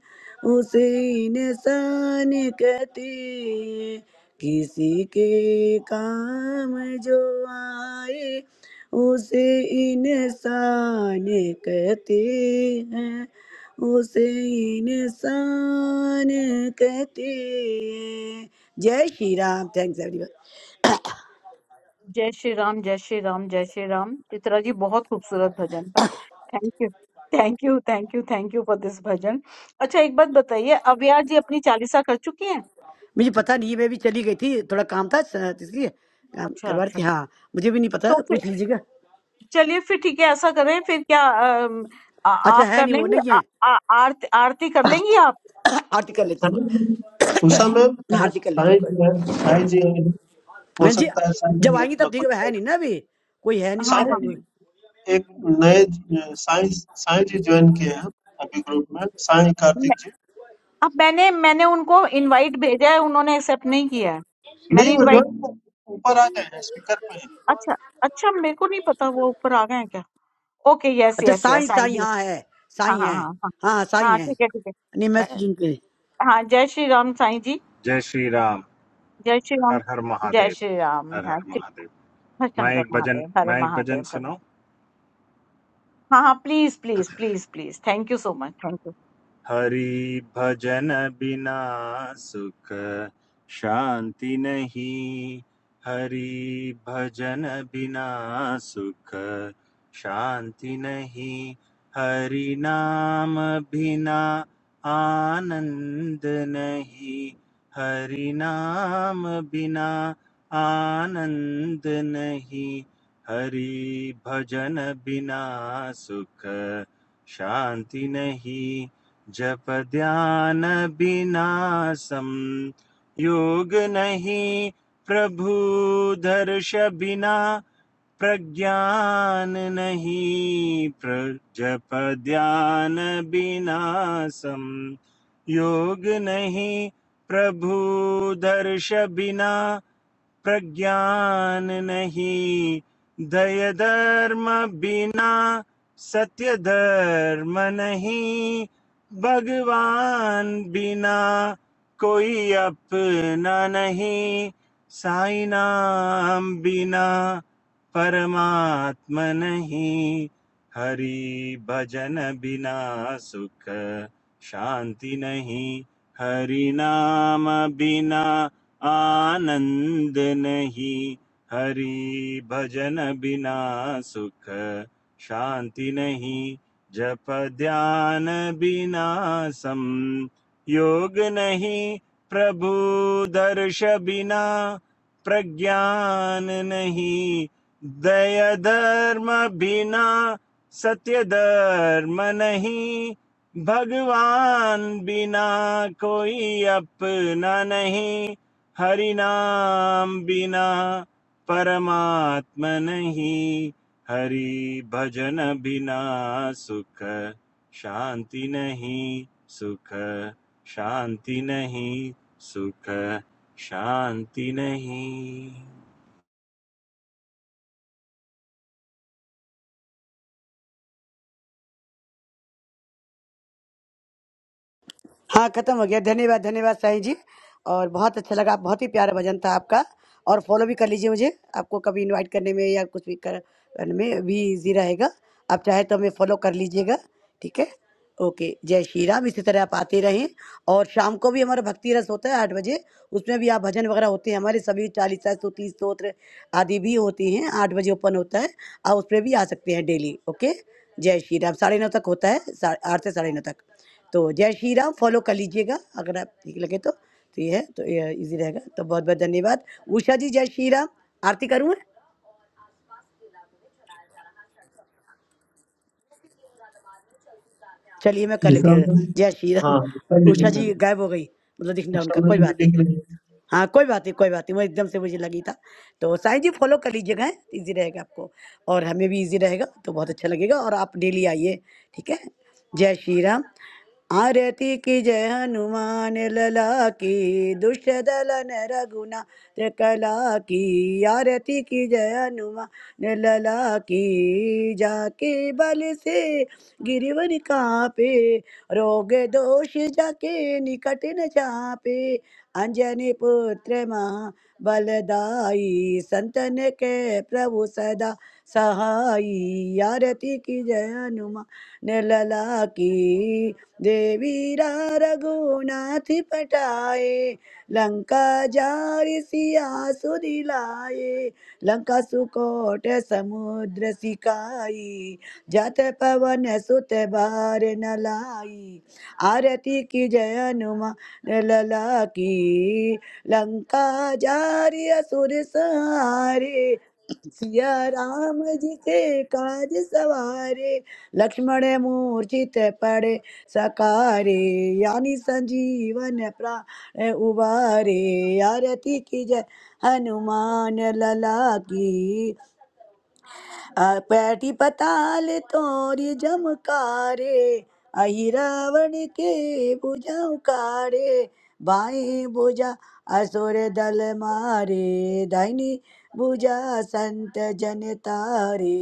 उसे इंसान कहते हैं किसी के काम जो आए उसे इंसान कहते हैं उसे इंसान कहते हैं जय श्री राम थैंक्स एवरीवन जय श्री राम जय श्री राम जय श्री राम चित्रा जी बहुत खूबसूरत भजन था thank you thank you thank you thank you for this bhajan अच्छा एक बात बताइए अव्या जी अपनी चालीसा कर चुकी हैं *coughs* मुझे पता नहीं मैं भी चली गई थी थोड़ा काम था स- इसलिए काम अच्छा करवा रही अच्छा थी हाँ मुझे भी नहीं पता तो फिर पूछ लीजिएगा चलिए फिर ठीक है ऐसा करें फिर क्या अम, आ, अच्छा आप है कर नहीं वो लेंगी नहीं आ, है आ, आरती आरती कर लेंगी आप *coughs* आरती कर लेती हूँ साईं- उषा है ना? मैम *coughs* साई आरती कर लेती साई हूँ कोई- जी हैं- साई जी आए हैं। हो हाँ जी सकता है साई जब जी आएंगी अपना तब ठीक है कुछ है नहीं ना अभी कोई है नहीं तो हाँ क्या साई हाँ जी करेंगे एक नए अ, साई साई जी ज्वाइन किए हैं अभी ग्रुप में साई कार्तिक जी अब मैंने मैंने उनको इनवाइट भेजा है उन्होंने एक्सेप्ट नहीं किया है नहीं मैंने वो इनवाइट ज्वाइन ऊपर आ गए हैं स्पीकर पे हैं अच्छा अच्छा मेरे को नहीं पता वो ऊपर आ गए हैं क्या ओके यस अच्छा यस यस साईं साईं साईं जी हाँ है हाँ साईं हाँ है हाँ हाँ हाँ हाँ साईं हाँ है ठीक है ठीक नहीं मैं है अ, सुन के हाँ जय श्री राम साईं जी जय श्री राम जय श्री राम हर हर जय महादेव श्री राम हर हर हाँ ठीक महादेव हर मैं शंकर एक भजन महादेव हर मैं एक भजन महादेव हर सुनो हाँ हाँ please please please please thank you so much thank you Hari भजन बिना सुख शांति नहीं हरि भजन बिना सुख शांति नहीं हरि नाम बिना आनंद नहीं हरि नाम बिना आनंद नहीं हरि भजन बिना सुख शांति नहीं जप ध्यान बिनासम योग नहीं प्रभु दर्श बिना प्रज्ञान नहीं प्र जप ध्यान बिनासम योग नहीं प्रभु दर्श बिना प्रज्ञान नहीं दय धर्म बिना सत्य धर्म नहीं भगवान बिना कोई अपना नहीं साई नाम बिना परमात्मा नहीं हरि भजन बिना सुख शांति नहीं हरि नाम बिना आनंद नहीं हरि भजन बिना सुख शांति नहीं जप ध्यान बिना सम योग नहीं प्रभु दर्श बिना प्रज्ञान नहीं दया धर्म बिना सत्य धर्म नहीं भगवान बिना कोई अपना नहीं हरि नाम बिना परमात्म नहीं हरि भजन बिना सुख शांति नहीं सुख शांति नहीं सुख शांति नहीं हाँ खत्म हो गया धन्यवाद धन्यवाद साईं जी और बहुत अच्छा लगा बहुत ही प्यारा भजन था आपका और फॉलो भी कर लीजिए मुझे आपको कभी इनवाइट करने में या कुछ भी कर- करने में भी इजी रहेगा आप चाहे तो हमें फॉलो कर लीजिएगा ठीक है ओके जय श्री राम इसी तरह आप आते रहें और शाम को भी हमारा भक्ति रस होता है आठ बजे उसमें भी आप भजन वगैरह होते हैं हमारे सभी चालीसा स्तुति स्तोत्र आदि भी होती हैं आठ बजे ओपन होता है आप उसमें भी आ सकते हैं डेली ओके जय श्री राम साढ़े नौ तक होता है सा- आठ से साढ़े नौ तक तो जय श्री राम फॉलो कर लीजिएगा अगर आप ठीक लगे तो तो ये है तो ये इजी रहेगा तो बहुत बहुत धन्यवाद उषा जी जय श्री राम आरती करूँ मैं चलिए मैं कर लेती उषा हूँ मैम जय श्री राम हाँ उषा जी उषा देख रहे जी हैं गायब हो गई मतलब दिखना उषा उनका कोई मैम जी बात नहीं देख रही हैं हाँ कोई बात नहीं कोई बात नहीं वो एकदम से मुझे लगी था तो साईं जी फॉलो कर लीजिएगा इजी रहेगा आपको और हमें भी इजी रहेगा तो बहुत अच्छा लगेगा और आप डेली आइए ठीक है जय श्री राम आरती की जय हनुमान लला की दुष्ट दलन रघुना त्रिकला की आरती की जय हनुमान लला की जाके बल से गिरवर कापे रोग दोष जाके निकट न चापे अंजनी पुत्र महा बलदाई संतन के प्रभु सदा सहाई आरती की जय हनुमान लला की देवीरा रघुनाथ पटाए लंका जारि सिया सुदिलाए लंका सुकोट समुद्र सिकाई जत पवन सुत बार न लाई आरती की जय हनुमान लला की लंका जारि असुर सहारे सिया राम जी के काज सवारे लक्ष्मण मूर्छित पड़े सकारे यानी संजीवन प्राण उबारे आरती की जय हनुमान लला की पैटी पताल तोरी जमकारे अहि रावण के बुझाउकारे बाई बुझा असुर दल मारे दाहिनी बुझा संत जन तारे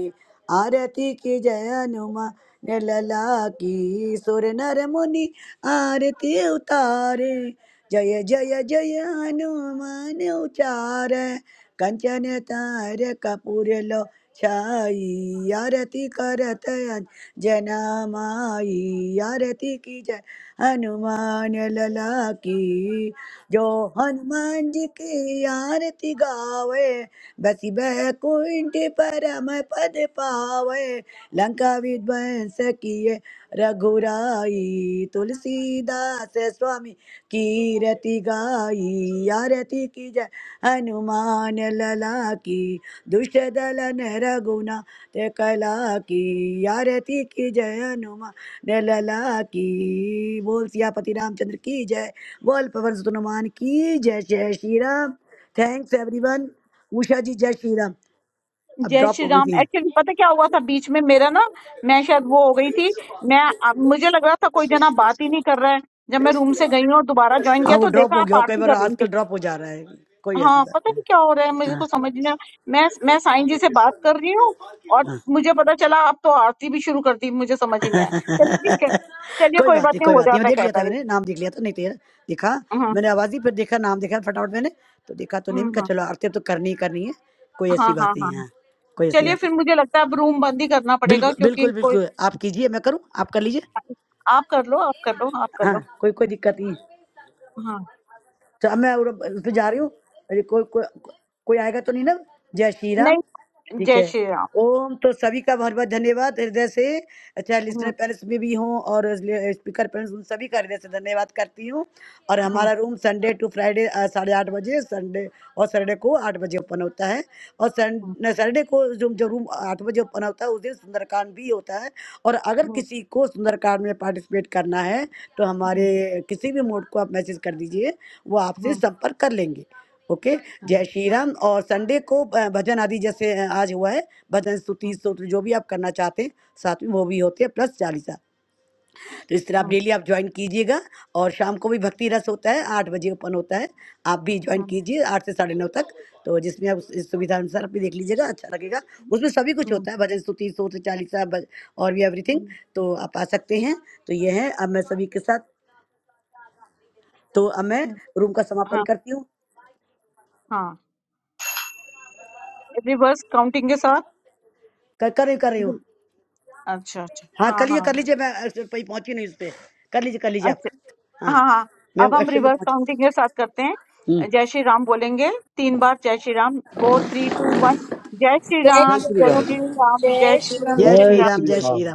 आरती की जय हनुमान ने लला की सुर नर मुनि आरती उतारे जय जय जय हनुमान उचार कंचन तार कपूर लो छाई आरती करत अन जना माई आरती की जय हनुमान लला की जो हनुमान जी की आरती गावे बसी बैकुंठ परम पद पावे लंका विध्वंस किए रघुराई तुलसीदास स्वामी की रति गाई आरती की जय हनुमान लला की दुष्ट दल नर गुना ते कला की यारती की जय हनुमा ने लला की बोल सियापति रामचंद्र की जय बोल पवन सुत हनुमान की जय जय श्री राम थैंक्स एवरीवन उषा जी जय श्री राम अब जय ड्रॉप श्री हो गई राम थी हाँ एक्चुअली पता क्या हुआ था बीच में मेरा ना मैं शायद वो हो गई थी मैं अब मुझे लग रहा था कोई जना बात ही नहीं कर रहा है जब मैं रूम से गई और दोबारा ज्वाइन किया हाँ, वो तो ड्रॉप देखा हो आप गया वो कई आरती बार कर रही थी आजकल ड्रॉप हो जा रहा है कोई ऐसी हाँ पता बात नहीं नहीं क्या हो रहा है मुझे हाँ को समझ नहीं आ- मैं मैं साईं जी से बात कर रही हूँ और हाँ मुझे पता चला आप तो आरती भी शुरू कर दी मुझे समझ ही नहीं आया चलिए ठीक है चलिए कोई कोई बात बात नहीं नहीं कोई हो बात नहीं मैं जाता है देख लिया कहता था है मैंने नाम देख लिया था नहीं तो ये देखा हाँ मैंने आवाज ही फिर देखा नाम देखा फटाफट मैंने तो देखा तो नहीं हाँ मैंने कहा चलो आरती अब तो करनी ही करनी है कोई हाँ ऐसी हाँ बात हाँ नहीं है हाँ। हाँ, कोई ऐसी चलिए बात फिर नहीं मुझे लगता है अब रूम बंद ही करना पड़ेगा बिल्कुल क्योंकि बिल्कुल कोई बिल्कुल आप कीजिए मैं करूँ आप कर लीजिए आप कर लो आप कर लो आप कर लो हाँ कोई कोई दिक्कत नहीं है। हाँ तो अब मैं उर- उस पे जा रही हूँ अरे कोई कोई कोई आएगा तो नहीं ना जय श्री नहीं राम ठीक जय है श्री राम ओम तो सभी का बहुत बहुत धन्यवाद हृदय से चाहे हम्म, लिसनर पैलेस में भी हों और स्पीकर पैलेस उन सभी का हृदय से धन्यवाद करती हूँ और हम्म, हमारा रूम संडे टू फ्राइडे अ, साढ़े आठ बजे संडे और सैटरडे को आठ बजे ओपन होता है हम्म, और सैटरडे को जो जो रूम आठ बजे ओपन होता है उस दिन सुंदरकांड भी होता है और अगर हम्म, किसी को सुंदरकांड में पार्टिसिपेट करना है तो हमारे हम्म, किसी भी मोड को आप मैसेज कर दीजिए वो आपसे हम्म, संपर्क कर लेंगे ओके हम्म, जय श्री राम और संडे को अ, भजन आदि जैसे अ, आज हुआ है भजन स्तुति हम्म, स्तोत्र जो भी आप करना चाहते हैं साथ में वो भी होते हैं प्लस चालीसा तो इस तरह आप हम्म, डेली आप ज्वाइन कीजिएगा और शाम को भी भक्ति रस होता है आठ बजे ओपन होता है आप भी ज्वाइन हम्म, कीजिए आठ से साढ़े नौ तक तो जिसमें आप इस सुविधा अनुसार आप भी देख लीजिएगा अच्छा लगेगा उसमें सभी कुछ हम्म, होता है भजन स्तुति सोच चालीसा भज- और भी एवरीथिंग हम्म, तो आप आ सकते हैं तो ये है अब मैं सभी के साथ तो अब मैं हम्म, रूम का समापन हाँ करती हूँ हाँ रिवर्स काउंटिंग के साथ कर कर रही हूँ कर रही हम्म, हूँ अच्छा अच्छा हाँ हाँ कर हाँ लीजिए कर हाँ। लीजिए मैं एक्शन पे पहुँची नहीं उस पर कर लीजिए कर लीजिए आप अच्छा हाँ हाँ हाँ हाँ। मैं अब हम एक्शन पे रिवर्स पहुँची काउंटिंग के साथ करते हम्म हैं जय श्री राम बोलेंगे तीन बार जय Shri Ram four three two one जय श्री जय राम श्री जय राम श्री राम जय जय श्री श्री जय राम जय श्री राम श्री जय राम श्री जय श्री राम राम